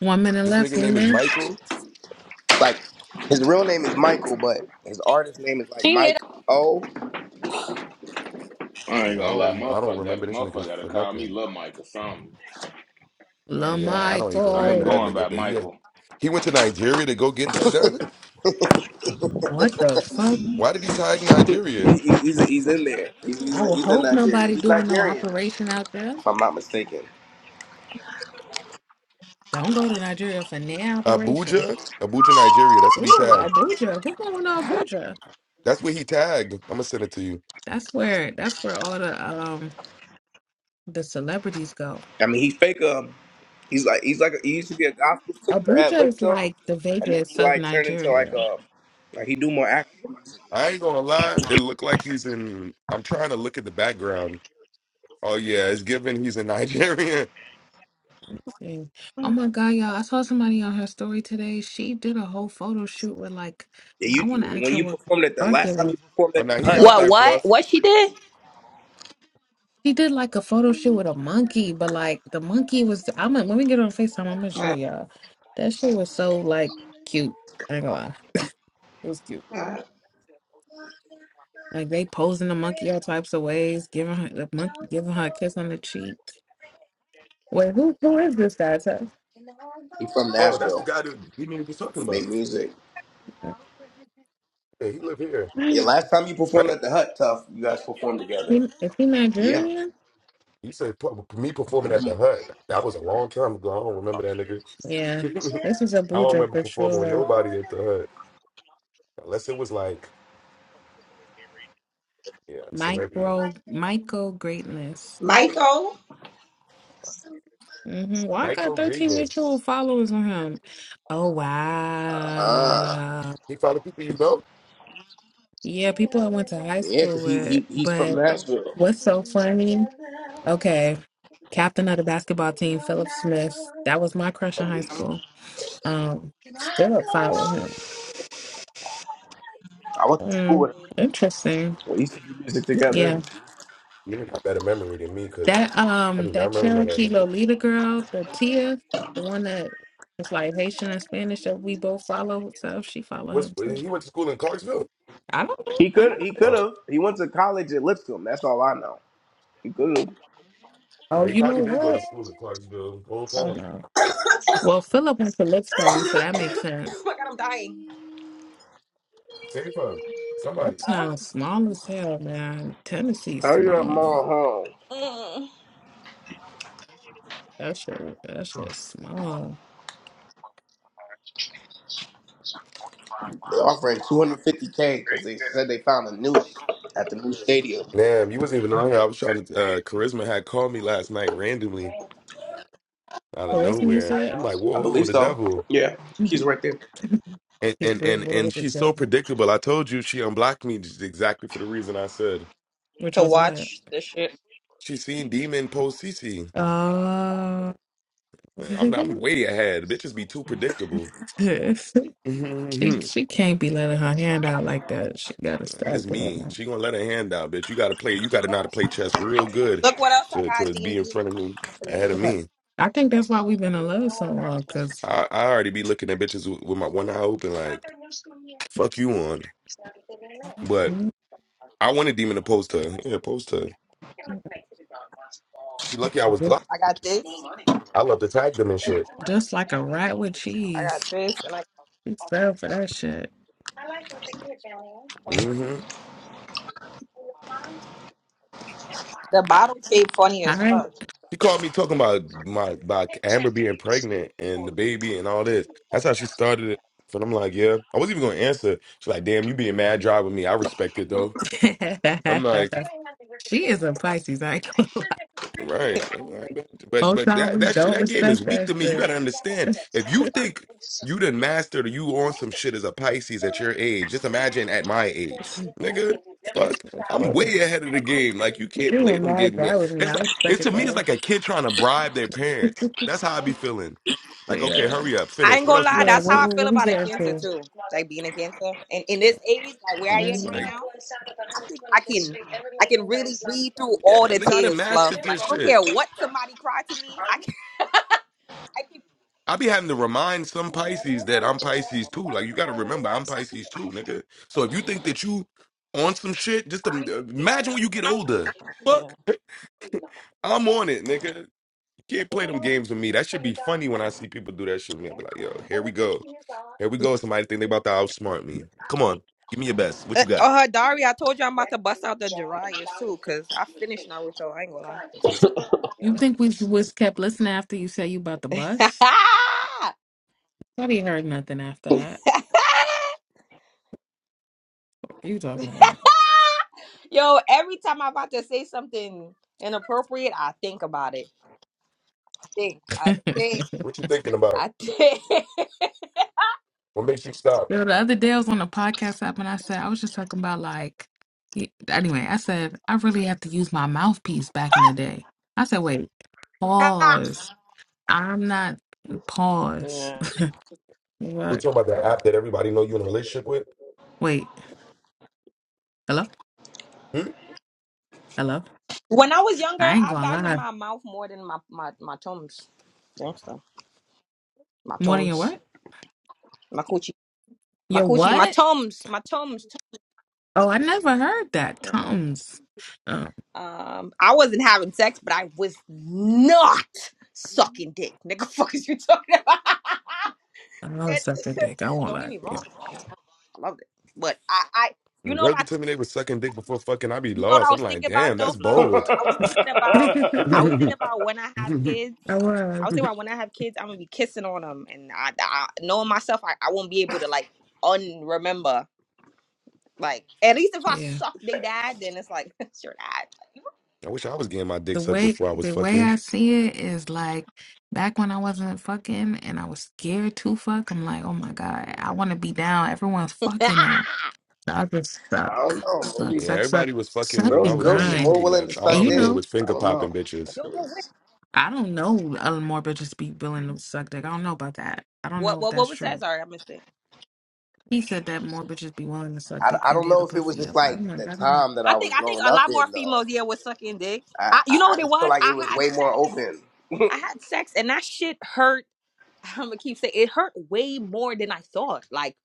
[SPEAKER 7] one minute
[SPEAKER 1] This
[SPEAKER 7] left.
[SPEAKER 1] nigga name is
[SPEAKER 7] Amen.
[SPEAKER 1] Michael.
[SPEAKER 3] It's like his real name is Michael, but his artist name is like
[SPEAKER 11] she
[SPEAKER 3] Mike O.
[SPEAKER 1] Oh
[SPEAKER 13] I ain't
[SPEAKER 1] yeah, I
[SPEAKER 13] gonna lie.
[SPEAKER 1] don't, I don't
[SPEAKER 13] Motherfucker
[SPEAKER 1] remember
[SPEAKER 13] got
[SPEAKER 1] this
[SPEAKER 13] motherfucker
[SPEAKER 1] nigga
[SPEAKER 13] gotta
[SPEAKER 1] for
[SPEAKER 13] call me
[SPEAKER 1] nothing.
[SPEAKER 13] Lil Mike or something. I
[SPEAKER 7] Lil
[SPEAKER 13] ain't
[SPEAKER 1] Yeah, I
[SPEAKER 13] going.
[SPEAKER 1] don't even
[SPEAKER 13] I ain't
[SPEAKER 1] remember
[SPEAKER 7] Michael,
[SPEAKER 1] that
[SPEAKER 13] going
[SPEAKER 1] nigga.
[SPEAKER 13] by
[SPEAKER 1] But he,
[SPEAKER 13] Michael.
[SPEAKER 1] he went to Nigeria to go get that done.
[SPEAKER 7] what the fuck?
[SPEAKER 1] Why did he tag Nigeria?
[SPEAKER 3] He, he- he's he's in there. He's, he's,
[SPEAKER 7] I will
[SPEAKER 3] he's in
[SPEAKER 7] hope
[SPEAKER 3] Nigeria.
[SPEAKER 7] nobody
[SPEAKER 3] He's
[SPEAKER 7] doing no
[SPEAKER 3] Nigerian,
[SPEAKER 7] operation out there.
[SPEAKER 3] if I'm not mistaken.
[SPEAKER 7] Don't go to Nigeria for no operation.
[SPEAKER 1] Abuja, Abuja, Nigeria. That's what he
[SPEAKER 7] Ooh,
[SPEAKER 1] tagged.
[SPEAKER 7] Abuja. Who's going to Abuja?
[SPEAKER 1] That's what he tagged. I'm gonna send it to you.
[SPEAKER 7] That's where that's where all the um the celebrities go.
[SPEAKER 3] I mean, he fake um, he's like he's like he used to be a gospel singer at
[SPEAKER 7] Abuja is
[SPEAKER 3] Lipscomb,
[SPEAKER 7] like the
[SPEAKER 3] and then
[SPEAKER 7] Vegas
[SPEAKER 3] he
[SPEAKER 7] of
[SPEAKER 3] like turned into like
[SPEAKER 7] Nigeria.
[SPEAKER 3] a like he do more African music.
[SPEAKER 1] I ain't gonna lie. It looked like he's in. I'm trying to look at the background Oh yeah, it's given he's a Nigerian.
[SPEAKER 7] Yeah. Oh
[SPEAKER 4] Mm.
[SPEAKER 7] my God, y'all. I saw somebody on her story today. She did a whole photo shoot with like
[SPEAKER 3] Yeah,
[SPEAKER 7] I
[SPEAKER 3] you
[SPEAKER 7] wanna
[SPEAKER 3] you-
[SPEAKER 7] ask
[SPEAKER 3] when
[SPEAKER 7] her
[SPEAKER 3] you
[SPEAKER 7] what
[SPEAKER 3] performed at the
[SPEAKER 7] monkey it
[SPEAKER 3] last time
[SPEAKER 7] was.
[SPEAKER 3] you performed
[SPEAKER 1] Oh
[SPEAKER 3] at the
[SPEAKER 1] now he
[SPEAKER 3] Hut
[SPEAKER 1] out
[SPEAKER 5] What?
[SPEAKER 1] there,
[SPEAKER 3] Tough,
[SPEAKER 5] What?
[SPEAKER 1] Fluff.
[SPEAKER 5] What she did?
[SPEAKER 7] She did like a photo shoot with a monkey, but like the monkey was I'm gonna when we get on FaceTime, I'm gonna show
[SPEAKER 5] Uh,
[SPEAKER 7] y'all. That shit was so like cute. I ain't gonna lie. It was cute.
[SPEAKER 5] uh,
[SPEAKER 7] Like they posing the monkey all types of ways, giving her the monkey, giving her a kiss on the cheek. Wait, who who is this guy? Tuff?
[SPEAKER 3] he from
[SPEAKER 1] Oh, that's the
[SPEAKER 3] Nashville.
[SPEAKER 1] guy that we were just talking
[SPEAKER 3] He
[SPEAKER 1] about.
[SPEAKER 3] made music.
[SPEAKER 1] Yeah, he live here,
[SPEAKER 3] Yeah, last time you performed
[SPEAKER 1] right?
[SPEAKER 3] at the Hut Tough, you guys performed together.
[SPEAKER 7] He, if he
[SPEAKER 3] Yeah.
[SPEAKER 7] Nigerian,
[SPEAKER 1] He said "Pu- me performing at
[SPEAKER 3] hmm
[SPEAKER 1] the hut. That was a long time ago. I don't remember that nigga.
[SPEAKER 7] yeah, this is
[SPEAKER 1] I don't
[SPEAKER 7] Abuja
[SPEAKER 1] remember
[SPEAKER 7] for
[SPEAKER 1] performing with
[SPEAKER 7] sure.
[SPEAKER 1] nobody at the hut unless it was like yeah, a celebrity.
[SPEAKER 7] Micro Michael greatness.
[SPEAKER 5] Michael.
[SPEAKER 7] hmm Why I got
[SPEAKER 1] Michael
[SPEAKER 7] thirteen
[SPEAKER 1] Grievance.
[SPEAKER 7] mutual followers on him? Oh
[SPEAKER 3] Uh-huh.
[SPEAKER 7] wow,
[SPEAKER 1] He found the people you know.
[SPEAKER 7] yeah, people I went to high
[SPEAKER 3] Yeah,
[SPEAKER 7] school
[SPEAKER 3] 'cause he, he
[SPEAKER 7] with.
[SPEAKER 3] he's from
[SPEAKER 7] But
[SPEAKER 3] Nashville.
[SPEAKER 7] what's so funny? Okay, captain of the basketball team, Philip Smith. That was my crush in
[SPEAKER 3] From
[SPEAKER 7] high
[SPEAKER 3] the-
[SPEAKER 7] school. um still following him.
[SPEAKER 3] I went to school
[SPEAKER 7] Mm,
[SPEAKER 3] with him.
[SPEAKER 7] interesting.
[SPEAKER 3] We used to do music together.
[SPEAKER 7] Yeah.
[SPEAKER 1] You got better memory than me because
[SPEAKER 7] That
[SPEAKER 1] I
[SPEAKER 7] um
[SPEAKER 1] do
[SPEAKER 7] that
[SPEAKER 1] not remember that
[SPEAKER 7] Cherokee
[SPEAKER 1] nigga.
[SPEAKER 7] Lolita girl, the Tia, the one that is like Haitian and Spanish that we both follow, so she follow
[SPEAKER 1] What's
[SPEAKER 7] him too.
[SPEAKER 1] he went to school in Clarksville?
[SPEAKER 7] I don't know.
[SPEAKER 3] He
[SPEAKER 7] I don't
[SPEAKER 3] could
[SPEAKER 7] know
[SPEAKER 3] he
[SPEAKER 7] this
[SPEAKER 3] could
[SPEAKER 7] name.
[SPEAKER 1] Oh,
[SPEAKER 3] have. He went to college at Lipscomb. That's all I know. He could have.
[SPEAKER 7] Oh,
[SPEAKER 1] yeah, he
[SPEAKER 7] you know
[SPEAKER 1] probably did go to
[SPEAKER 7] what?
[SPEAKER 1] school in Clarksville the whole
[SPEAKER 7] Oh
[SPEAKER 1] time.
[SPEAKER 7] no. Well Philip went to Lipstone, so that makes
[SPEAKER 5] oh
[SPEAKER 7] sense.
[SPEAKER 5] my god, I'm dying.
[SPEAKER 1] Same time. Somebody.
[SPEAKER 7] That
[SPEAKER 5] Uh,
[SPEAKER 7] town's small as hell, man. Tennessee's
[SPEAKER 3] Hurry up,
[SPEAKER 7] small.
[SPEAKER 3] mom, home.
[SPEAKER 5] Mm.
[SPEAKER 7] That shit that shit's small.
[SPEAKER 3] They offering 250k because they said they found a noose at the new stadium.
[SPEAKER 1] Damn, you wasn't even on here. I was trying to. Uh, Charisma had called me last night randomly out of
[SPEAKER 7] So where's
[SPEAKER 1] nowhere.
[SPEAKER 7] music?
[SPEAKER 1] I'm like,
[SPEAKER 3] I
[SPEAKER 1] whoa,
[SPEAKER 3] believe
[SPEAKER 1] the
[SPEAKER 3] so.
[SPEAKER 1] devil.
[SPEAKER 3] Yeah, he's right there.
[SPEAKER 1] And
[SPEAKER 7] just
[SPEAKER 1] and
[SPEAKER 7] real
[SPEAKER 1] and and
[SPEAKER 7] world
[SPEAKER 1] she's so
[SPEAKER 7] together.
[SPEAKER 1] predictable. I told you she unblocked me just exactly for the reason I said.
[SPEAKER 7] Which
[SPEAKER 5] To
[SPEAKER 7] was what?
[SPEAKER 5] watch this shit.
[SPEAKER 1] She seen Demon post CC.
[SPEAKER 7] Uh,
[SPEAKER 1] I'm I'm way ahead. Bitches be too predictable.
[SPEAKER 7] she
[SPEAKER 1] it's
[SPEAKER 7] she can't be letting her hand out like that. She gotta stop
[SPEAKER 1] me.
[SPEAKER 7] doing
[SPEAKER 1] She gonna let her hand down, bitch. You gotta play. You gotta know how to play chess real good
[SPEAKER 5] Look what else I
[SPEAKER 1] to
[SPEAKER 5] got,
[SPEAKER 1] to be
[SPEAKER 5] DMD.
[SPEAKER 1] in front of me
[SPEAKER 5] From the
[SPEAKER 1] ahead of
[SPEAKER 7] that.
[SPEAKER 5] anime.
[SPEAKER 1] me.
[SPEAKER 7] I think that's why we've been in love so long, cause
[SPEAKER 1] I I already be looking at bitches with with my one eye open like fuck you on. I wanted Demon to post her. Yeah, post her. She lucky I was
[SPEAKER 7] just,
[SPEAKER 1] blocked.
[SPEAKER 5] I got this.
[SPEAKER 1] I love to tag them and shit.
[SPEAKER 7] just like a rat with
[SPEAKER 5] I got
[SPEAKER 7] cheese,
[SPEAKER 5] this. And I
[SPEAKER 7] she fell for that shit.
[SPEAKER 1] hmm
[SPEAKER 5] the bottle shape funny
[SPEAKER 7] All
[SPEAKER 5] as
[SPEAKER 7] right,
[SPEAKER 5] fuck.
[SPEAKER 1] She called me talking about my about Amber being pregnant and the baby and all this. That's how she started it. And I'm like, yeah. I wasn't even gonna answer. She's like, damn, you being mad dry with me. I respect it though. I'm like,
[SPEAKER 7] she is a Pisces. I ain't gonna lie.
[SPEAKER 1] Right. Right. But
[SPEAKER 7] whole
[SPEAKER 1] but
[SPEAKER 7] time
[SPEAKER 1] that
[SPEAKER 7] we
[SPEAKER 1] that shit
[SPEAKER 7] don't
[SPEAKER 1] that game
[SPEAKER 7] respect
[SPEAKER 1] is weak
[SPEAKER 7] that
[SPEAKER 1] to me. You
[SPEAKER 7] shit.
[SPEAKER 1] gotta understand. If you
[SPEAKER 7] That's,
[SPEAKER 1] think you done mastered or you on some shit as a Pisces at your age, just imagine at my age. Nigga,
[SPEAKER 7] that's
[SPEAKER 1] fuck.
[SPEAKER 7] that's
[SPEAKER 1] I'm
[SPEAKER 7] funny.
[SPEAKER 1] way ahead of the game. Like you
[SPEAKER 7] If
[SPEAKER 1] can't
[SPEAKER 7] you were
[SPEAKER 1] play them games.
[SPEAKER 7] mad bad
[SPEAKER 1] man.
[SPEAKER 7] with me,
[SPEAKER 1] It's
[SPEAKER 7] I
[SPEAKER 1] like
[SPEAKER 7] respect
[SPEAKER 1] it's
[SPEAKER 7] it
[SPEAKER 1] to me it's
[SPEAKER 7] though.
[SPEAKER 1] like a kid trying to bribe their parents. That's how I be feeling. Like, okay,
[SPEAKER 7] Yeah.
[SPEAKER 1] hurry up,
[SPEAKER 5] I
[SPEAKER 1] finish.
[SPEAKER 5] ain't
[SPEAKER 1] What
[SPEAKER 5] gonna
[SPEAKER 1] else you
[SPEAKER 5] lie,
[SPEAKER 1] got
[SPEAKER 7] Yeah,
[SPEAKER 1] to
[SPEAKER 5] that's how
[SPEAKER 7] what
[SPEAKER 5] I
[SPEAKER 1] say?
[SPEAKER 7] we
[SPEAKER 5] feel
[SPEAKER 7] what we
[SPEAKER 5] about a
[SPEAKER 7] getting
[SPEAKER 5] cancer
[SPEAKER 7] to?
[SPEAKER 5] too. Like being a cancer. And in this age, like where I am right
[SPEAKER 7] Mhm.
[SPEAKER 1] Like,
[SPEAKER 5] now, I think I can I can really read through all
[SPEAKER 1] yeah,
[SPEAKER 5] the
[SPEAKER 1] nigga, I done
[SPEAKER 5] tears, Fluff.
[SPEAKER 1] mastered
[SPEAKER 5] Like
[SPEAKER 1] this
[SPEAKER 5] I don't
[SPEAKER 1] shit.
[SPEAKER 5] care what somebody cried to me. I can I can
[SPEAKER 1] I be having to remind some Pisces that I'm Pisces too. Like you got to remember, I'm Pisces too, nigga. So if you think that you on some shit, just im- imagine when you get older.
[SPEAKER 5] Yeah.
[SPEAKER 1] Fuck, I'm on it, nigga. You can't play them games with me. That should be funny when I see people do that shit with me. I be like, yo, here we go, here we go. Somebody think they about to outsmart me. Come on, give me your best. What
[SPEAKER 5] Uh,
[SPEAKER 1] you got?
[SPEAKER 5] uh Dari, I told you I'm about to bust out the Jiraiya's too, cause I finished Naruto. I ain't gonna
[SPEAKER 7] You think we was kept listening after you said you about the
[SPEAKER 5] lie.
[SPEAKER 7] bus? I didn't heard nothing after that. What you talking about?
[SPEAKER 5] Yo, every time I'm about to say something inappropriate, I think about it. Think, I think,
[SPEAKER 1] What you thinking about?
[SPEAKER 5] I think.
[SPEAKER 1] What makes you stop?
[SPEAKER 7] Yo, the other day I was on a podcast app and I said I was just talking about like y- anyway, I said I really have to use my mouthpiece back in the day. I said, wait, pause. I'm not pause.
[SPEAKER 5] Yeah.
[SPEAKER 1] We
[SPEAKER 7] What?
[SPEAKER 1] talking about that app that everybody know you in a relationship with?
[SPEAKER 7] Wait, hello?
[SPEAKER 1] Hmm?
[SPEAKER 7] Hello?
[SPEAKER 5] When I was younger,
[SPEAKER 7] I ain't
[SPEAKER 5] I
[SPEAKER 7] going
[SPEAKER 5] valued
[SPEAKER 7] live.
[SPEAKER 5] my mouth more than my my my tums. Gangsta. My
[SPEAKER 7] More than your
[SPEAKER 5] tums.
[SPEAKER 7] what?
[SPEAKER 5] My coochie. My
[SPEAKER 7] Your
[SPEAKER 5] coochie. My
[SPEAKER 7] what?
[SPEAKER 5] tums. My tums.
[SPEAKER 7] Oh, I never heard that.
[SPEAKER 5] Tum- Yeah.
[SPEAKER 7] Tums. Oh,
[SPEAKER 5] Um, I wasn't having sex, but I was not sucking dick. Nigga, fuck is you talking about?
[SPEAKER 7] I was
[SPEAKER 5] And-
[SPEAKER 7] sucking dick. I won't
[SPEAKER 5] don't get
[SPEAKER 7] lie
[SPEAKER 5] me
[SPEAKER 7] to
[SPEAKER 5] wrong, fuck. I loved it, but I, I, you
[SPEAKER 1] When
[SPEAKER 5] know
[SPEAKER 1] girls
[SPEAKER 5] what I
[SPEAKER 1] be telling me they was sucking dick before fucking, I be
[SPEAKER 5] You know what I
[SPEAKER 1] lost. I'm
[SPEAKER 5] was
[SPEAKER 1] like,
[SPEAKER 5] thinking about
[SPEAKER 1] damn,
[SPEAKER 5] though,
[SPEAKER 1] that's
[SPEAKER 5] Fluff?
[SPEAKER 1] bold.
[SPEAKER 5] I was thinking about I
[SPEAKER 7] you.
[SPEAKER 5] was
[SPEAKER 1] I
[SPEAKER 5] thinking about when I have
[SPEAKER 7] I
[SPEAKER 5] kids. I
[SPEAKER 7] was.
[SPEAKER 5] was thinking about when I have kids, I'm gonna be kissing on them, and I, I knowing myself, I, I won't be able to like unremember. Like at least if I
[SPEAKER 7] Yeah.
[SPEAKER 5] suck they dad, then it's like it's your
[SPEAKER 1] wish I was getting my dick
[SPEAKER 7] The
[SPEAKER 1] sucked
[SPEAKER 7] way
[SPEAKER 1] before I was
[SPEAKER 7] the way
[SPEAKER 1] fucking.
[SPEAKER 7] I see it is like back when I wasn't fucking and I was scared to fuck, I'm like, oh my God, I wanna be down. Everyone's
[SPEAKER 5] dad.
[SPEAKER 7] fucking though. So I just suck.
[SPEAKER 3] I don't know.
[SPEAKER 7] Suck,
[SPEAKER 3] Maybe
[SPEAKER 1] Yeah,
[SPEAKER 7] suck, suck.
[SPEAKER 1] everybody was fucking
[SPEAKER 7] Suck
[SPEAKER 1] when I
[SPEAKER 3] girls,
[SPEAKER 7] and
[SPEAKER 1] was
[SPEAKER 3] girls is
[SPEAKER 1] younger
[SPEAKER 7] grind.
[SPEAKER 3] more
[SPEAKER 1] too,
[SPEAKER 3] willing to
[SPEAKER 1] but all I
[SPEAKER 7] And
[SPEAKER 3] suck
[SPEAKER 7] you
[SPEAKER 1] was doing
[SPEAKER 3] dick.
[SPEAKER 7] know,
[SPEAKER 1] was
[SPEAKER 3] I
[SPEAKER 1] finger
[SPEAKER 3] don't
[SPEAKER 1] popping
[SPEAKER 3] know. That
[SPEAKER 1] bitches.
[SPEAKER 5] Yo,
[SPEAKER 3] shit
[SPEAKER 5] bro, what?
[SPEAKER 3] was.
[SPEAKER 7] I don't know other more bitches be willing to suck dick. I don't know about that. I don't know
[SPEAKER 5] What?
[SPEAKER 7] if
[SPEAKER 5] What? What
[SPEAKER 7] that's
[SPEAKER 5] was
[SPEAKER 7] true.
[SPEAKER 5] that? Sorry, I missed it.
[SPEAKER 7] He said that more bitches be willing to suck
[SPEAKER 3] I,
[SPEAKER 7] dick
[SPEAKER 3] I
[SPEAKER 7] than
[SPEAKER 3] don't
[SPEAKER 7] get
[SPEAKER 3] know
[SPEAKER 7] a
[SPEAKER 3] if it was
[SPEAKER 7] pussy
[SPEAKER 3] just
[SPEAKER 7] up.
[SPEAKER 3] like
[SPEAKER 7] I'm
[SPEAKER 3] the
[SPEAKER 7] like, I don't know.
[SPEAKER 3] time that I
[SPEAKER 5] I
[SPEAKER 3] was
[SPEAKER 5] think I think
[SPEAKER 3] growing
[SPEAKER 5] a
[SPEAKER 3] up
[SPEAKER 5] lot more
[SPEAKER 3] in though.
[SPEAKER 5] females yeah was sucking dick.
[SPEAKER 3] I,
[SPEAKER 5] I, you
[SPEAKER 3] I,
[SPEAKER 5] know
[SPEAKER 3] I
[SPEAKER 5] what it
[SPEAKER 3] just feel
[SPEAKER 5] was?
[SPEAKER 3] like it
[SPEAKER 5] I
[SPEAKER 3] was
[SPEAKER 5] had
[SPEAKER 3] way more
[SPEAKER 5] sex.
[SPEAKER 3] open.
[SPEAKER 5] I had sex and that shit hurt. I'm gonna keep saying it hurt way more than I thought. Like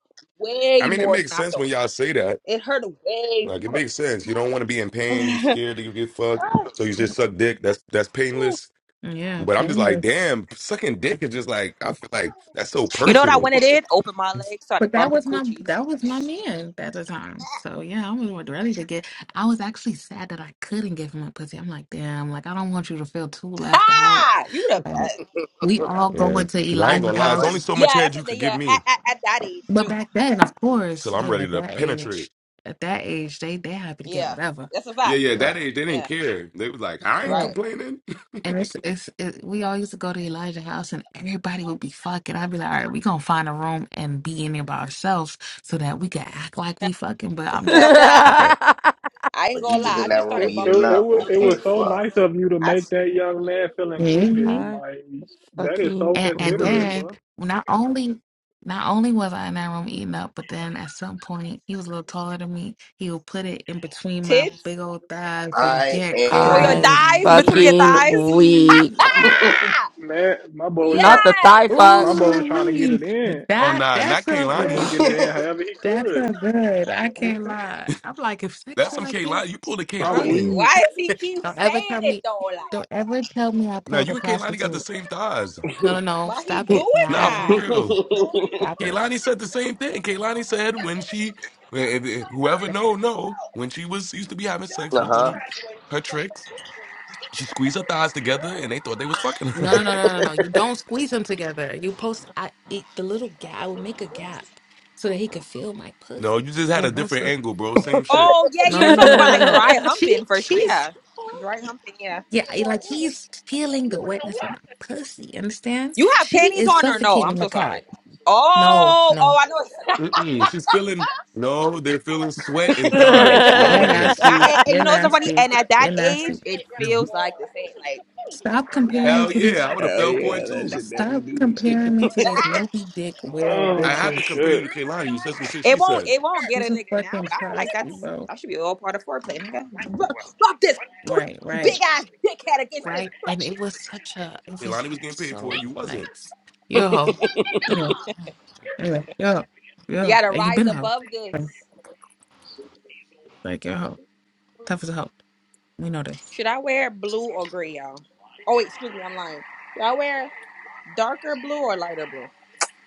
[SPEAKER 1] I
[SPEAKER 5] way
[SPEAKER 1] mean, it
[SPEAKER 5] more than
[SPEAKER 1] makes
[SPEAKER 5] I
[SPEAKER 1] sense when
[SPEAKER 5] thought.
[SPEAKER 1] y'all say that.
[SPEAKER 5] It hurt way
[SPEAKER 1] Like, it
[SPEAKER 5] more.
[SPEAKER 1] makes sense. You don't want to be in pain. You scared that you get fucked, so you just suck dick. That's that's painless.
[SPEAKER 7] Yeah,
[SPEAKER 1] But I'm just like,
[SPEAKER 7] painless.
[SPEAKER 1] damn, sucking dick is just like I feel like that's so
[SPEAKER 5] you know what I
[SPEAKER 1] personal.
[SPEAKER 5] went and did? Opened my legs, started
[SPEAKER 7] But that
[SPEAKER 5] bumping
[SPEAKER 7] was my
[SPEAKER 5] coochies.
[SPEAKER 7] that was my man at the time. So yeah, I was ready to get. I was actually sad that I couldn't give him a pussy. I'm like, damn, like I don't want you to feel too left out.
[SPEAKER 5] Ha! You the
[SPEAKER 7] Like,
[SPEAKER 5] best.
[SPEAKER 7] we all
[SPEAKER 1] Yeah,
[SPEAKER 7] going to
[SPEAKER 1] because
[SPEAKER 3] You
[SPEAKER 1] I ain't
[SPEAKER 3] know,
[SPEAKER 7] Elijah's
[SPEAKER 1] gonna lie,
[SPEAKER 3] real
[SPEAKER 1] it's only
[SPEAKER 7] house,
[SPEAKER 3] one.
[SPEAKER 1] so much
[SPEAKER 5] Yeah,
[SPEAKER 1] head
[SPEAKER 5] that's
[SPEAKER 1] you
[SPEAKER 5] a day.
[SPEAKER 1] could give
[SPEAKER 5] Yeah, at,
[SPEAKER 1] me
[SPEAKER 5] at, at that age
[SPEAKER 7] but
[SPEAKER 5] too.
[SPEAKER 7] back then, of course,
[SPEAKER 1] till I'm
[SPEAKER 7] yeah,
[SPEAKER 1] ready
[SPEAKER 7] at
[SPEAKER 1] to
[SPEAKER 7] that
[SPEAKER 1] penetrate.
[SPEAKER 7] age, at that age, they they happy to get
[SPEAKER 5] Yeah,
[SPEAKER 7] whatever.
[SPEAKER 5] that's a
[SPEAKER 1] Yeah,
[SPEAKER 5] fact.
[SPEAKER 1] yeah,
[SPEAKER 7] Like,
[SPEAKER 1] that ain't they didn't
[SPEAKER 5] Yeah,
[SPEAKER 1] care. They was like, I ain't
[SPEAKER 7] yeah.
[SPEAKER 5] right.
[SPEAKER 1] complaining.
[SPEAKER 7] And it's it's it, we all used to go to Elijah's house, and everybody would be fucking. I'd be like, all right, we gonna find a room and be in there by ourselves so that we can act like we fucking. But I'm just.
[SPEAKER 5] I
[SPEAKER 12] I'm
[SPEAKER 5] ain't
[SPEAKER 3] But you
[SPEAKER 5] gonna
[SPEAKER 3] just
[SPEAKER 5] lie. I
[SPEAKER 3] in that
[SPEAKER 5] just
[SPEAKER 3] room
[SPEAKER 8] It,
[SPEAKER 5] started
[SPEAKER 3] eating
[SPEAKER 5] bumping
[SPEAKER 8] it it
[SPEAKER 3] up.
[SPEAKER 8] was
[SPEAKER 5] coochies,
[SPEAKER 8] it
[SPEAKER 5] bro.
[SPEAKER 8] was
[SPEAKER 3] Okay,
[SPEAKER 8] so
[SPEAKER 3] fuck.
[SPEAKER 8] nice of you to
[SPEAKER 5] I,
[SPEAKER 8] make
[SPEAKER 5] s-
[SPEAKER 8] that young man feel included.
[SPEAKER 7] hmm
[SPEAKER 8] Like that is so
[SPEAKER 12] fucking
[SPEAKER 7] And, and
[SPEAKER 8] considerate,
[SPEAKER 12] weak.
[SPEAKER 7] then
[SPEAKER 8] bro.
[SPEAKER 7] not only not only was I in that room eating up, but then at some point he was a little taller than me. He would put it in between my
[SPEAKER 5] tits.
[SPEAKER 7] big old thighs and
[SPEAKER 3] I
[SPEAKER 7] get
[SPEAKER 5] Oh, your
[SPEAKER 3] am
[SPEAKER 12] I'm
[SPEAKER 7] crazy.
[SPEAKER 5] thighs between
[SPEAKER 7] Right?
[SPEAKER 5] your
[SPEAKER 3] weak.
[SPEAKER 12] fucking
[SPEAKER 5] thighs.
[SPEAKER 12] weak.
[SPEAKER 8] Like, man, my boy was
[SPEAKER 12] Not
[SPEAKER 8] trying.
[SPEAKER 12] the
[SPEAKER 5] Yes.
[SPEAKER 12] thigh fuck.
[SPEAKER 8] My boy was trying to get
[SPEAKER 7] Ooh,
[SPEAKER 8] it in.
[SPEAKER 1] oh
[SPEAKER 7] that
[SPEAKER 1] nah,
[SPEAKER 7] that
[SPEAKER 1] not
[SPEAKER 7] felt
[SPEAKER 8] That nigga was
[SPEAKER 1] Kaylani.
[SPEAKER 7] good.
[SPEAKER 8] getting it in however he
[SPEAKER 7] That
[SPEAKER 8] could.
[SPEAKER 7] felt good. I can't
[SPEAKER 8] Okay,
[SPEAKER 7] lie. I'm like, if sex
[SPEAKER 1] That's
[SPEAKER 7] feel
[SPEAKER 1] some
[SPEAKER 7] like this,
[SPEAKER 1] Kaylani. You pulled a
[SPEAKER 8] I'm
[SPEAKER 5] Wait,
[SPEAKER 1] Kaylani.
[SPEAKER 8] weak.
[SPEAKER 5] why does he keep
[SPEAKER 7] don't ever
[SPEAKER 5] saying
[SPEAKER 7] tell
[SPEAKER 5] it
[SPEAKER 7] me,
[SPEAKER 5] though? Like,
[SPEAKER 7] don't ever tell me I
[SPEAKER 1] Now
[SPEAKER 7] pulled a
[SPEAKER 1] you and Kaylani got the
[SPEAKER 7] prostitute.
[SPEAKER 1] same thighs.
[SPEAKER 7] No, no, no.
[SPEAKER 5] Why he
[SPEAKER 7] Stop
[SPEAKER 5] doing
[SPEAKER 7] it
[SPEAKER 1] Nah,
[SPEAKER 7] now.
[SPEAKER 1] for
[SPEAKER 5] that?
[SPEAKER 3] uh
[SPEAKER 1] real.
[SPEAKER 7] Stop it.
[SPEAKER 1] Kaylani said the same thing. Kaylani said when she if- if- whoever know, know when she was used to be having sex with
[SPEAKER 3] huh.
[SPEAKER 1] them her tricks, she squeezed her thighs together and they thought they was fucking
[SPEAKER 7] No,
[SPEAKER 1] her.
[SPEAKER 7] no, no, no, no. You don't squeeze them together. You post I it, the little gap. I would make a gap so that he could feel my pussy.
[SPEAKER 1] no, you just had a
[SPEAKER 7] And
[SPEAKER 1] different
[SPEAKER 7] also,
[SPEAKER 1] angle, bro. Same shit.
[SPEAKER 5] oh yeah,
[SPEAKER 7] no,
[SPEAKER 5] you're
[SPEAKER 7] no, no,
[SPEAKER 5] talking
[SPEAKER 7] no, no,
[SPEAKER 5] about
[SPEAKER 7] no,
[SPEAKER 5] like
[SPEAKER 7] no.
[SPEAKER 5] dry
[SPEAKER 7] She,
[SPEAKER 5] humping for sh-
[SPEAKER 7] she's
[SPEAKER 5] yeah, dry humping. Yeah,
[SPEAKER 7] yeah, I- like he's feeling the wetness of my pussy. Understand?
[SPEAKER 5] you have
[SPEAKER 7] She
[SPEAKER 5] panties
[SPEAKER 7] is
[SPEAKER 5] on or no? I'm
[SPEAKER 7] suffocating the
[SPEAKER 5] so sorry.
[SPEAKER 7] cock. No,
[SPEAKER 5] Oh, oh,
[SPEAKER 7] no.
[SPEAKER 5] I know.
[SPEAKER 1] Mm-mm. She's feeling no, they're feeling sweat and
[SPEAKER 8] Nigga.
[SPEAKER 1] thighs. No
[SPEAKER 7] You're
[SPEAKER 5] oh, yeah.
[SPEAKER 1] wetness.
[SPEAKER 5] I,
[SPEAKER 7] nasty.
[SPEAKER 5] and, and
[SPEAKER 7] You're
[SPEAKER 5] you know what's so funny?
[SPEAKER 7] nasty.
[SPEAKER 5] And at that
[SPEAKER 7] You're
[SPEAKER 5] age,
[SPEAKER 7] nasty.
[SPEAKER 5] it feels like the same. Like,
[SPEAKER 7] Stop comparing
[SPEAKER 5] yeah,
[SPEAKER 7] me
[SPEAKER 1] Hell
[SPEAKER 7] to these.
[SPEAKER 1] yeah, I would have
[SPEAKER 3] Hell
[SPEAKER 1] fell for it
[SPEAKER 3] yeah, that
[SPEAKER 1] too.
[SPEAKER 3] should definitely
[SPEAKER 7] Stop
[SPEAKER 3] do me.
[SPEAKER 7] comparing me to these Moby Dick whale
[SPEAKER 1] I
[SPEAKER 8] Oh
[SPEAKER 1] have to
[SPEAKER 7] bitches.
[SPEAKER 1] compare you
[SPEAKER 8] shit!
[SPEAKER 1] to Kaylani. You said some shit
[SPEAKER 5] it
[SPEAKER 1] she
[SPEAKER 5] won't,
[SPEAKER 1] said.
[SPEAKER 5] it won't get
[SPEAKER 7] She's
[SPEAKER 5] a
[SPEAKER 7] a
[SPEAKER 5] nigga now.
[SPEAKER 7] fucking
[SPEAKER 5] But I feel like
[SPEAKER 7] prostitute,
[SPEAKER 5] that's
[SPEAKER 7] bro.
[SPEAKER 5] that should be all part of foreplay. Nigga, rub, rub this put
[SPEAKER 7] Right, right.
[SPEAKER 5] big ass dickhead against this.
[SPEAKER 7] right? And it was such a, it was
[SPEAKER 1] Kaylani was
[SPEAKER 7] like
[SPEAKER 1] getting paid for it.
[SPEAKER 7] so
[SPEAKER 1] You wasn't.
[SPEAKER 7] nice. You're a hoe. Yeah. Anyway, you're a hoe. You're a
[SPEAKER 5] You
[SPEAKER 7] hoe.
[SPEAKER 5] gotta
[SPEAKER 7] And you've
[SPEAKER 5] rise
[SPEAKER 7] been a hoe.
[SPEAKER 5] above
[SPEAKER 7] Like,
[SPEAKER 5] this.
[SPEAKER 7] like, you're a hoe. Tough as a hoe. We know this.
[SPEAKER 5] Should I wear blue or gray, y'all? Oh wait, excuse me, I'm lying. Should I wear darker blue or lighter blue?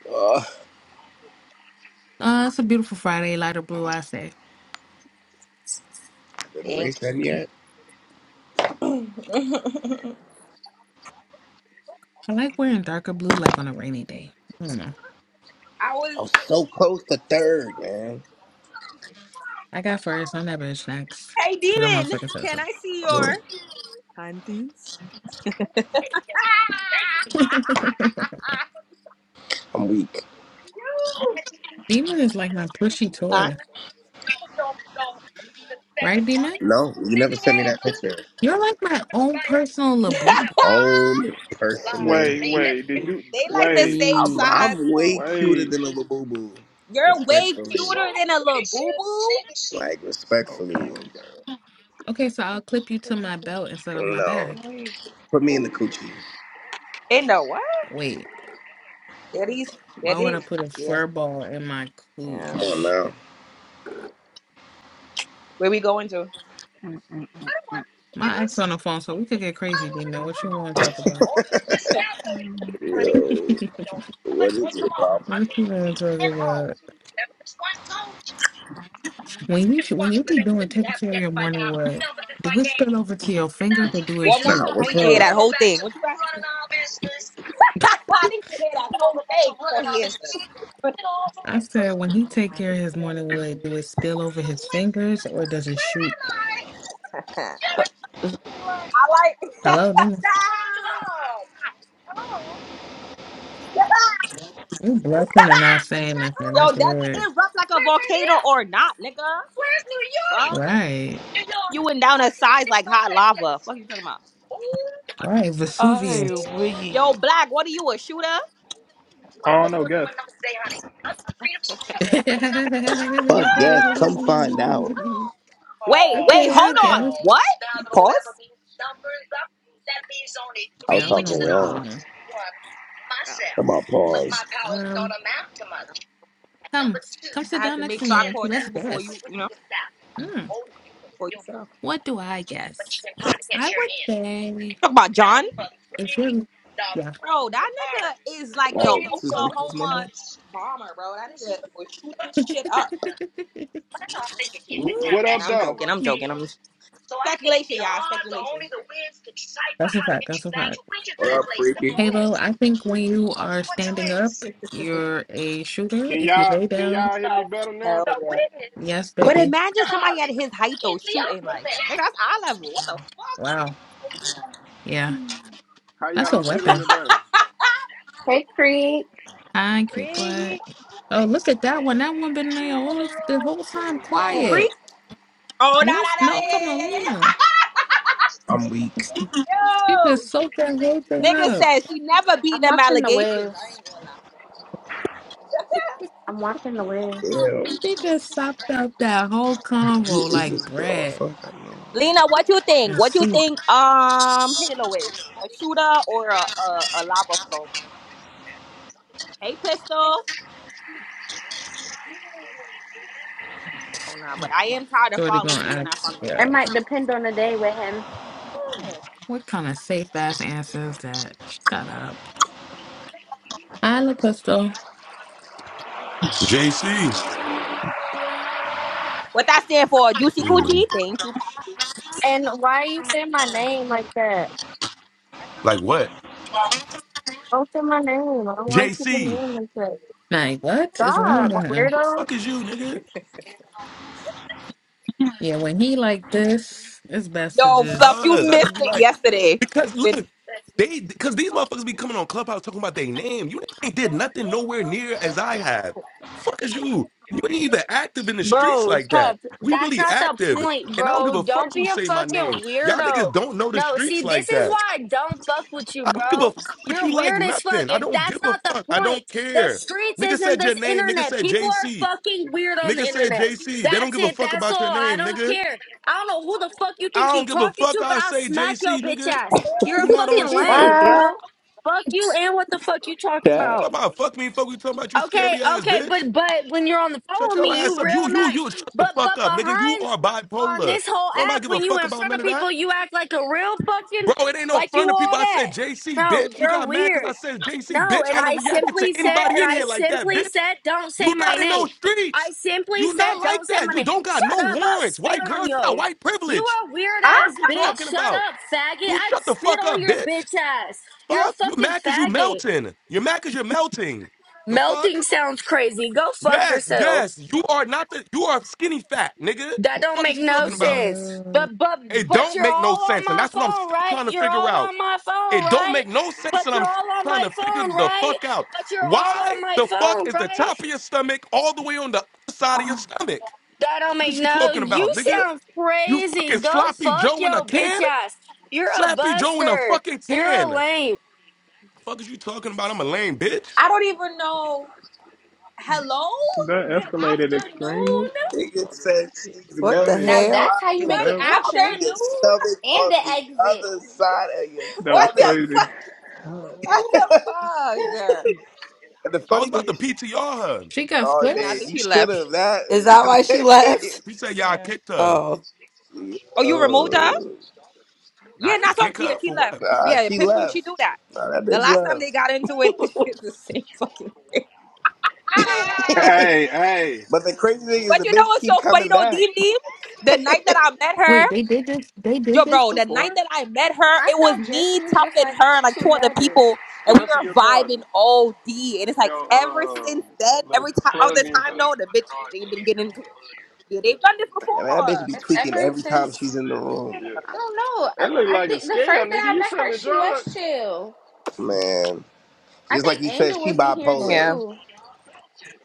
[SPEAKER 3] oh,
[SPEAKER 7] Uh, it's a beautiful Friday, lighter blue,
[SPEAKER 5] Wow.
[SPEAKER 7] I say.
[SPEAKER 3] did the
[SPEAKER 5] Thank
[SPEAKER 3] race end yet?
[SPEAKER 7] I like wearing darker blue, like on a rainy day. I don't know.
[SPEAKER 5] I was
[SPEAKER 3] I'm so close to third, man.
[SPEAKER 7] I got first. I'm that bitch next.
[SPEAKER 5] Hey
[SPEAKER 7] Because I'm
[SPEAKER 5] Demon,
[SPEAKER 7] motherfucking said
[SPEAKER 5] can
[SPEAKER 7] so.
[SPEAKER 5] I see
[SPEAKER 3] Mm,
[SPEAKER 5] your panties?
[SPEAKER 3] I'm weak.
[SPEAKER 5] You.
[SPEAKER 7] Demon is like my pushy
[SPEAKER 5] huh?
[SPEAKER 7] toy. Right, Demon?
[SPEAKER 3] No, you never sent me that picture.
[SPEAKER 7] You're like my own personal laboo.
[SPEAKER 3] Own personal.
[SPEAKER 8] Wait, wait. Did you
[SPEAKER 5] they like the
[SPEAKER 8] wait?
[SPEAKER 5] same
[SPEAKER 3] I'm
[SPEAKER 5] size.
[SPEAKER 12] Please.
[SPEAKER 3] I'm
[SPEAKER 5] So
[SPEAKER 3] way cuter
[SPEAKER 8] Wait.
[SPEAKER 3] than a labubu.
[SPEAKER 5] you're way
[SPEAKER 3] Respectfully,
[SPEAKER 5] cuter than a little boo boo.
[SPEAKER 3] like
[SPEAKER 8] Okay,
[SPEAKER 3] respectfully.
[SPEAKER 8] okay.
[SPEAKER 7] Okay, so I'll clip you to my belt instead of my
[SPEAKER 3] No,
[SPEAKER 7] bag.
[SPEAKER 5] Wait.
[SPEAKER 3] put me in the
[SPEAKER 8] Oh,
[SPEAKER 3] coochie.
[SPEAKER 5] In the what?
[SPEAKER 7] Wait.
[SPEAKER 5] That is that
[SPEAKER 7] Why would I
[SPEAKER 5] is
[SPEAKER 7] put a
[SPEAKER 5] yeah.
[SPEAKER 7] fur ball in my
[SPEAKER 5] Yeah.
[SPEAKER 3] Come on
[SPEAKER 7] cooch?
[SPEAKER 3] now.
[SPEAKER 5] Where we going to?
[SPEAKER 7] My ex on the phone, so we could get crazy, Demon. What you want to talk about?
[SPEAKER 3] Yo,
[SPEAKER 7] what
[SPEAKER 3] what is your problem?
[SPEAKER 7] you want to talk about? When you should, when you be doing taking care of your morning wood, do it spill over to your fingers or do it
[SPEAKER 5] One more
[SPEAKER 7] shoot?
[SPEAKER 3] Nah,
[SPEAKER 5] time, I
[SPEAKER 3] what's
[SPEAKER 5] need to
[SPEAKER 3] wrong
[SPEAKER 5] hear
[SPEAKER 3] with?
[SPEAKER 5] that
[SPEAKER 3] you?
[SPEAKER 5] whole thing. What you got? I need to hear that whole thing before he answers.
[SPEAKER 7] I said when he take care of his morning wood, do it spill over his fingers or does it shoot?
[SPEAKER 5] I
[SPEAKER 12] Uh,
[SPEAKER 5] like.
[SPEAKER 7] Hello, demon. You bluffing and not saying nothing.
[SPEAKER 5] Yo,
[SPEAKER 7] That's
[SPEAKER 5] does it
[SPEAKER 7] weird.
[SPEAKER 5] erupt like a volcano or not, nigga? Fuck.
[SPEAKER 7] Right.
[SPEAKER 5] You went down a size like hot lava. Fuck you talking about?
[SPEAKER 7] Right.
[SPEAKER 12] I
[SPEAKER 7] Vesuvius.
[SPEAKER 5] Yo,
[SPEAKER 12] weep.
[SPEAKER 5] Black, what are you, a shooter?
[SPEAKER 8] I don't know, guess.
[SPEAKER 3] Fuck yes, come find out.
[SPEAKER 5] Wait, wait,
[SPEAKER 7] Okay, I
[SPEAKER 5] hold
[SPEAKER 7] guess.
[SPEAKER 5] on. What? Pause.
[SPEAKER 3] I was
[SPEAKER 7] Yeah, I don't
[SPEAKER 3] talking
[SPEAKER 7] know
[SPEAKER 3] to
[SPEAKER 7] what to do.
[SPEAKER 3] y'all
[SPEAKER 7] now.
[SPEAKER 5] Oh,
[SPEAKER 3] about pause.
[SPEAKER 7] Um, come, come sit
[SPEAKER 5] I had
[SPEAKER 7] down
[SPEAKER 5] to
[SPEAKER 7] next
[SPEAKER 5] make
[SPEAKER 7] to
[SPEAKER 5] sure
[SPEAKER 7] me,
[SPEAKER 5] I
[SPEAKER 7] Vinci.
[SPEAKER 5] caught
[SPEAKER 7] Let's
[SPEAKER 5] you before
[SPEAKER 7] guess.
[SPEAKER 5] you, you know,
[SPEAKER 7] Hmm,
[SPEAKER 5] before you fell.
[SPEAKER 7] what do I guess? I would say
[SPEAKER 5] Talk about John.
[SPEAKER 7] if you're, yeah.
[SPEAKER 5] Bro, that nigga is like the
[SPEAKER 3] Oh, this is Nichols' number?
[SPEAKER 5] Oklahoma bomber, bro. That nigga was shooting shit up.
[SPEAKER 9] Wh-
[SPEAKER 7] Ooh.
[SPEAKER 9] What up,
[SPEAKER 5] Nah, I'm
[SPEAKER 9] though?
[SPEAKER 5] joking. I'm joking. I'm speculation, y'all. Speculation.
[SPEAKER 7] That's a fact. That's a fact.
[SPEAKER 3] What up, freaky?
[SPEAKER 7] Halo, I think when you are standing up, you're a shooter.
[SPEAKER 9] Can
[SPEAKER 7] If you
[SPEAKER 9] y'all
[SPEAKER 7] lay
[SPEAKER 9] can
[SPEAKER 7] down,
[SPEAKER 9] y'all hear me better now?
[SPEAKER 5] Hell yeah.
[SPEAKER 7] yes,
[SPEAKER 5] But
[SPEAKER 7] baby.
[SPEAKER 5] imagine somebody at his height though shooting like nigga. That's eye level. What the
[SPEAKER 7] Wow. Yeah,
[SPEAKER 9] How
[SPEAKER 7] that's
[SPEAKER 5] fuck?
[SPEAKER 7] a
[SPEAKER 9] y'all feeling
[SPEAKER 5] That's
[SPEAKER 7] weapon.
[SPEAKER 9] today?
[SPEAKER 4] Hey, Creek.
[SPEAKER 7] I agree. What?
[SPEAKER 5] Cree.
[SPEAKER 7] Oh, look at that one. That one been there all the the whole time
[SPEAKER 9] What
[SPEAKER 5] Who
[SPEAKER 7] quiet.
[SPEAKER 5] Cree?
[SPEAKER 9] up?
[SPEAKER 5] Oh no no no
[SPEAKER 7] Let's no, I'm talking
[SPEAKER 5] yeah yeah
[SPEAKER 7] about
[SPEAKER 5] yeah
[SPEAKER 7] Lena.
[SPEAKER 3] I'm weak.
[SPEAKER 5] yeah. yeah.
[SPEAKER 7] She just
[SPEAKER 5] Yo.
[SPEAKER 7] soaked that whole thing
[SPEAKER 5] Nigga
[SPEAKER 7] up.
[SPEAKER 5] said she never beat
[SPEAKER 4] I'm
[SPEAKER 5] them
[SPEAKER 4] watching the
[SPEAKER 5] allegations. I
[SPEAKER 4] waves.
[SPEAKER 5] ain't gonna lie.
[SPEAKER 4] I'm watching the waves.
[SPEAKER 3] Damn. Who
[SPEAKER 7] She just sopped up that whole convo
[SPEAKER 3] is
[SPEAKER 7] like
[SPEAKER 3] this girl?
[SPEAKER 7] bread
[SPEAKER 3] Fuck, I
[SPEAKER 5] Lena, what you think?
[SPEAKER 7] and
[SPEAKER 5] What you
[SPEAKER 7] soup.
[SPEAKER 5] think? Um, Halo is a shooter or a a, a lava flow? Hey, Pistol. Oh, no, but I am tired of
[SPEAKER 7] Shorty
[SPEAKER 5] following
[SPEAKER 7] gonna
[SPEAKER 5] you and I
[SPEAKER 7] ask,
[SPEAKER 5] follow you.
[SPEAKER 4] It
[SPEAKER 7] yo,
[SPEAKER 4] might depend on the day with him.
[SPEAKER 5] Hmm.
[SPEAKER 7] what kind of safe ass answer is that? Shut up. I look pistol.
[SPEAKER 1] JC.
[SPEAKER 5] What that stand for? Juicy
[SPEAKER 1] Anyway.
[SPEAKER 5] Coochie? Thank you, Poppy.
[SPEAKER 14] And why are you saying my name like that?
[SPEAKER 1] Like what?
[SPEAKER 14] Don't say my name. I don't like people
[SPEAKER 1] JC.
[SPEAKER 14] name like that.
[SPEAKER 7] Like, what is wrong
[SPEAKER 14] God,
[SPEAKER 7] with
[SPEAKER 1] Fuck.
[SPEAKER 7] him?
[SPEAKER 1] The
[SPEAKER 14] weirdo.
[SPEAKER 1] fuck is you, nigga?
[SPEAKER 7] Yeah, when he like this, it's best to
[SPEAKER 5] Yo, Fluff,
[SPEAKER 7] just,
[SPEAKER 5] you
[SPEAKER 1] Cuz I
[SPEAKER 5] missed
[SPEAKER 1] just be
[SPEAKER 5] it
[SPEAKER 1] like,
[SPEAKER 5] yesterday.
[SPEAKER 1] because
[SPEAKER 5] Good-
[SPEAKER 1] look, they because these motherfuckers be coming on Clubhouse talking about their name. You ain't did nothing nowhere near as I have. Fuck is you. You ain't even active in the streets
[SPEAKER 14] Bro,
[SPEAKER 1] like that.
[SPEAKER 14] tough.
[SPEAKER 1] We
[SPEAKER 14] That's
[SPEAKER 1] really
[SPEAKER 14] not the
[SPEAKER 1] active.
[SPEAKER 14] point,
[SPEAKER 1] And I don't give
[SPEAKER 14] bro.
[SPEAKER 1] a fuck
[SPEAKER 14] Don't
[SPEAKER 1] who
[SPEAKER 14] be a
[SPEAKER 1] say my
[SPEAKER 14] fucking
[SPEAKER 1] name. Y'all niggas
[SPEAKER 14] weirdo.
[SPEAKER 1] don't know the
[SPEAKER 14] No, see,
[SPEAKER 1] streets
[SPEAKER 14] this
[SPEAKER 1] like
[SPEAKER 14] is
[SPEAKER 1] that.
[SPEAKER 14] why I don't fuck with you,
[SPEAKER 1] I don't give a
[SPEAKER 14] bro.
[SPEAKER 1] fuck what
[SPEAKER 14] You're
[SPEAKER 1] you like,
[SPEAKER 14] weird as fuck.
[SPEAKER 1] nothing. I
[SPEAKER 14] If
[SPEAKER 1] don't give
[SPEAKER 14] that's
[SPEAKER 1] a
[SPEAKER 14] not the
[SPEAKER 1] fuck. I
[SPEAKER 14] point,
[SPEAKER 1] don't
[SPEAKER 14] the
[SPEAKER 1] care.
[SPEAKER 14] streets
[SPEAKER 1] Nigga
[SPEAKER 14] isn't
[SPEAKER 1] said your
[SPEAKER 14] this
[SPEAKER 1] name. Nigga
[SPEAKER 14] internet.
[SPEAKER 1] said
[SPEAKER 14] People are
[SPEAKER 1] JC.
[SPEAKER 14] fucking weird on the
[SPEAKER 1] Nigga said
[SPEAKER 14] internet.
[SPEAKER 1] JC. They don't
[SPEAKER 14] That's
[SPEAKER 1] give a
[SPEAKER 14] it.
[SPEAKER 1] fuck
[SPEAKER 14] That's
[SPEAKER 1] about your
[SPEAKER 14] all. I
[SPEAKER 1] name,
[SPEAKER 14] don't
[SPEAKER 1] nigga.
[SPEAKER 14] care. I don't know who the fuck you think
[SPEAKER 1] I
[SPEAKER 14] you
[SPEAKER 1] don't give a
[SPEAKER 14] talking
[SPEAKER 1] fuck.
[SPEAKER 14] to, but
[SPEAKER 1] I
[SPEAKER 14] I'll
[SPEAKER 1] say
[SPEAKER 14] smack your
[SPEAKER 1] JC,
[SPEAKER 14] bitch
[SPEAKER 1] nigga.
[SPEAKER 14] ass. You're
[SPEAKER 1] You
[SPEAKER 14] a
[SPEAKER 1] not on
[SPEAKER 14] fucking
[SPEAKER 3] don't
[SPEAKER 1] shit.
[SPEAKER 14] lame,
[SPEAKER 3] know.
[SPEAKER 14] bro. Fuck you and what the fuck you talking
[SPEAKER 3] Yeah.
[SPEAKER 14] about?
[SPEAKER 1] Talk about fuck me, fuck we talking about you
[SPEAKER 14] Okay,
[SPEAKER 1] scary ass
[SPEAKER 14] okay,
[SPEAKER 1] bitch.
[SPEAKER 14] but but when you're on the phone
[SPEAKER 1] Shut
[SPEAKER 14] with
[SPEAKER 1] your
[SPEAKER 14] me, you
[SPEAKER 1] ass up. You,
[SPEAKER 14] real
[SPEAKER 1] you,
[SPEAKER 14] nice.
[SPEAKER 1] you shut the
[SPEAKER 14] But
[SPEAKER 1] fuck
[SPEAKER 14] but
[SPEAKER 1] up, nigga. You
[SPEAKER 14] behind
[SPEAKER 1] are
[SPEAKER 14] on
[SPEAKER 1] bipolar.
[SPEAKER 14] this whole
[SPEAKER 1] Don't nobody
[SPEAKER 14] app,
[SPEAKER 1] give a
[SPEAKER 14] when you
[SPEAKER 1] fuck
[SPEAKER 14] in
[SPEAKER 1] about
[SPEAKER 14] front
[SPEAKER 1] none
[SPEAKER 14] of
[SPEAKER 1] of that.
[SPEAKER 14] people, you act like a real fucking
[SPEAKER 1] Bro, it ain't no
[SPEAKER 14] like
[SPEAKER 1] fun
[SPEAKER 14] you
[SPEAKER 1] to
[SPEAKER 14] all
[SPEAKER 1] people. I
[SPEAKER 14] that.
[SPEAKER 1] said JC,
[SPEAKER 14] No,
[SPEAKER 1] bitch. You
[SPEAKER 14] you're
[SPEAKER 1] got mad because I
[SPEAKER 14] weird.
[SPEAKER 1] said JC,
[SPEAKER 14] No,
[SPEAKER 1] bitch.
[SPEAKER 14] and
[SPEAKER 1] I would have
[SPEAKER 14] I
[SPEAKER 1] reacted to
[SPEAKER 14] simply said,
[SPEAKER 1] anybody
[SPEAKER 14] and
[SPEAKER 1] in
[SPEAKER 14] I
[SPEAKER 1] here like that,
[SPEAKER 14] simply
[SPEAKER 1] bitch.
[SPEAKER 14] said, don't say
[SPEAKER 1] You
[SPEAKER 14] my
[SPEAKER 1] not in
[SPEAKER 14] name.
[SPEAKER 1] those
[SPEAKER 14] I
[SPEAKER 1] streets.
[SPEAKER 14] simply
[SPEAKER 1] You
[SPEAKER 14] said,
[SPEAKER 1] not
[SPEAKER 14] don't
[SPEAKER 1] like
[SPEAKER 14] say my
[SPEAKER 1] that. You
[SPEAKER 14] name.
[SPEAKER 1] don't got
[SPEAKER 14] Shut
[SPEAKER 1] no
[SPEAKER 14] up! I'll
[SPEAKER 1] warrants.
[SPEAKER 14] spit
[SPEAKER 1] White girl,
[SPEAKER 14] on
[SPEAKER 1] you got
[SPEAKER 14] you.
[SPEAKER 1] white
[SPEAKER 14] You
[SPEAKER 1] privilege.
[SPEAKER 14] a weird
[SPEAKER 1] Fuck is
[SPEAKER 14] ass
[SPEAKER 1] you
[SPEAKER 14] bitch.
[SPEAKER 1] talking
[SPEAKER 14] Shut
[SPEAKER 1] about?
[SPEAKER 14] up, faggot.
[SPEAKER 1] You
[SPEAKER 14] I'd
[SPEAKER 1] shut the
[SPEAKER 14] spit
[SPEAKER 1] fuck
[SPEAKER 14] on
[SPEAKER 1] up,
[SPEAKER 14] your
[SPEAKER 1] bitch.
[SPEAKER 14] bitch ass. You're a
[SPEAKER 1] Fuck. You
[SPEAKER 14] fucking
[SPEAKER 1] mad cause you
[SPEAKER 14] faggot.
[SPEAKER 1] melting. You're mad cause you're melting. The
[SPEAKER 14] Melting
[SPEAKER 1] fuck?
[SPEAKER 14] sounds crazy. Go fuck
[SPEAKER 1] Yes, yes.
[SPEAKER 14] yourselves.
[SPEAKER 1] You are not the you are skinny fat, nigga.
[SPEAKER 14] That don't
[SPEAKER 1] Fuck is
[SPEAKER 14] make
[SPEAKER 1] you
[SPEAKER 14] no
[SPEAKER 1] talking
[SPEAKER 7] you
[SPEAKER 1] about?
[SPEAKER 14] sense.
[SPEAKER 7] know.
[SPEAKER 14] But but
[SPEAKER 1] It
[SPEAKER 14] but
[SPEAKER 1] don't
[SPEAKER 14] you're
[SPEAKER 1] make no
[SPEAKER 14] all on
[SPEAKER 1] sense, and
[SPEAKER 14] my
[SPEAKER 1] that's what I'm
[SPEAKER 14] phone,
[SPEAKER 1] still
[SPEAKER 14] right?
[SPEAKER 1] trying to
[SPEAKER 14] You're
[SPEAKER 1] figure
[SPEAKER 14] all
[SPEAKER 1] out.
[SPEAKER 14] on my phone,
[SPEAKER 1] It don't
[SPEAKER 14] right?
[SPEAKER 1] make no sense,
[SPEAKER 14] But
[SPEAKER 1] and
[SPEAKER 14] you're
[SPEAKER 1] I'm still
[SPEAKER 14] all on
[SPEAKER 1] trying
[SPEAKER 14] my
[SPEAKER 1] to figure
[SPEAKER 14] phone,
[SPEAKER 1] the
[SPEAKER 14] right?
[SPEAKER 1] fuck out.
[SPEAKER 14] But you're all on
[SPEAKER 1] Why
[SPEAKER 14] my
[SPEAKER 1] the fuck
[SPEAKER 14] phone,
[SPEAKER 1] is the
[SPEAKER 14] right?
[SPEAKER 1] top of your stomach all the way on the other side of your stomach?
[SPEAKER 14] That don't
[SPEAKER 1] fuck
[SPEAKER 14] make
[SPEAKER 1] is you
[SPEAKER 14] no.
[SPEAKER 1] talking
[SPEAKER 14] You
[SPEAKER 1] about, nigga?
[SPEAKER 14] sound
[SPEAKER 1] You fucking
[SPEAKER 14] crazy. Go
[SPEAKER 1] sloppy
[SPEAKER 14] fuck
[SPEAKER 1] Joe in a
[SPEAKER 14] your bitch
[SPEAKER 1] can?
[SPEAKER 14] ass. You're a
[SPEAKER 1] Slappy Joe in a
[SPEAKER 14] buster.
[SPEAKER 1] fucking
[SPEAKER 14] You're a
[SPEAKER 1] can.
[SPEAKER 14] lame.
[SPEAKER 1] Fuck is you talking about? I'm a lame bitch.
[SPEAKER 5] I don't even know. Hello?
[SPEAKER 8] That
[SPEAKER 5] Good
[SPEAKER 8] escalated
[SPEAKER 5] afternoon?
[SPEAKER 8] extremely.
[SPEAKER 3] Nigga said she's
[SPEAKER 12] What the
[SPEAKER 3] melting.
[SPEAKER 8] Wait.
[SPEAKER 12] hell?
[SPEAKER 3] Why is
[SPEAKER 5] Good
[SPEAKER 3] the
[SPEAKER 8] That
[SPEAKER 3] top of your
[SPEAKER 5] afternoon?
[SPEAKER 3] stomach on the other side of your
[SPEAKER 8] that was
[SPEAKER 5] What the
[SPEAKER 3] stomach?
[SPEAKER 8] crazy.
[SPEAKER 5] fuck? What the fuck?
[SPEAKER 3] And the
[SPEAKER 1] I was
[SPEAKER 3] funny thing
[SPEAKER 1] about to
[SPEAKER 3] is, she,
[SPEAKER 1] PTR her.
[SPEAKER 7] She got
[SPEAKER 3] oh
[SPEAKER 5] Nah, I
[SPEAKER 3] man,
[SPEAKER 5] think
[SPEAKER 7] flips?
[SPEAKER 3] you
[SPEAKER 5] she
[SPEAKER 3] should
[SPEAKER 5] left.
[SPEAKER 3] have. That
[SPEAKER 12] Is that why she left?
[SPEAKER 3] is.
[SPEAKER 1] He said y'all
[SPEAKER 5] Yeah.
[SPEAKER 1] kicked her.
[SPEAKER 12] Oh.
[SPEAKER 5] Oh, you removed her?
[SPEAKER 3] Yo.
[SPEAKER 5] Yeah,
[SPEAKER 1] I
[SPEAKER 5] not
[SPEAKER 1] ain't
[SPEAKER 5] so
[SPEAKER 1] kick
[SPEAKER 5] she
[SPEAKER 1] her
[SPEAKER 5] she
[SPEAKER 1] for
[SPEAKER 5] left.
[SPEAKER 1] what?
[SPEAKER 3] Nah,
[SPEAKER 5] Yeah,
[SPEAKER 3] she
[SPEAKER 5] Pistol, she
[SPEAKER 3] left.
[SPEAKER 5] do that.
[SPEAKER 3] Nah, that
[SPEAKER 5] The
[SPEAKER 3] bitch
[SPEAKER 5] last time they
[SPEAKER 3] left.
[SPEAKER 5] got into it, it's the same fucking thing.
[SPEAKER 9] Hey, hey.
[SPEAKER 3] But the crazy thing is,
[SPEAKER 5] But
[SPEAKER 3] the
[SPEAKER 5] you know
[SPEAKER 3] bitch
[SPEAKER 5] what's
[SPEAKER 3] keep
[SPEAKER 5] so funny
[SPEAKER 3] coming
[SPEAKER 5] though,
[SPEAKER 3] back.
[SPEAKER 5] Deem Deem? The
[SPEAKER 3] I
[SPEAKER 5] night that I met her,
[SPEAKER 7] Wait, they did this they did
[SPEAKER 5] yo,
[SPEAKER 7] this
[SPEAKER 5] bro, the night
[SPEAKER 7] before?
[SPEAKER 5] that I met her, it was me, Tough, and her, and like two other people, and
[SPEAKER 9] Can
[SPEAKER 5] we
[SPEAKER 9] I see
[SPEAKER 5] were
[SPEAKER 9] your
[SPEAKER 5] vibing
[SPEAKER 9] charger?
[SPEAKER 5] all D. And it's like
[SPEAKER 9] Your
[SPEAKER 5] ever
[SPEAKER 9] uh
[SPEAKER 5] since then,
[SPEAKER 9] little
[SPEAKER 5] every time other
[SPEAKER 9] plug in.
[SPEAKER 5] time
[SPEAKER 9] show you
[SPEAKER 5] though, the
[SPEAKER 9] my
[SPEAKER 5] bitch
[SPEAKER 9] charger.
[SPEAKER 5] they've
[SPEAKER 9] It
[SPEAKER 5] been
[SPEAKER 9] ain't
[SPEAKER 5] getting
[SPEAKER 9] really
[SPEAKER 5] into it.
[SPEAKER 9] a
[SPEAKER 5] Yeah, they've done this
[SPEAKER 3] mean, that bitch
[SPEAKER 5] before.
[SPEAKER 3] be
[SPEAKER 4] It's
[SPEAKER 3] tweaking
[SPEAKER 4] ever
[SPEAKER 3] every time
[SPEAKER 4] since
[SPEAKER 3] she's in the room.
[SPEAKER 9] plug in. Yeah.
[SPEAKER 4] I don't know.
[SPEAKER 9] That look
[SPEAKER 4] I, I
[SPEAKER 9] like a
[SPEAKER 4] think the
[SPEAKER 9] scam,
[SPEAKER 4] first day
[SPEAKER 9] nigga.
[SPEAKER 4] I
[SPEAKER 9] You
[SPEAKER 4] met her,
[SPEAKER 9] selling
[SPEAKER 4] she was
[SPEAKER 9] drugs.
[SPEAKER 4] chill.
[SPEAKER 3] Man,
[SPEAKER 4] I
[SPEAKER 3] just like
[SPEAKER 4] think
[SPEAKER 3] he said,
[SPEAKER 4] Angel
[SPEAKER 3] she
[SPEAKER 4] was in here
[SPEAKER 3] bipolar.
[SPEAKER 5] Yeah,
[SPEAKER 4] too.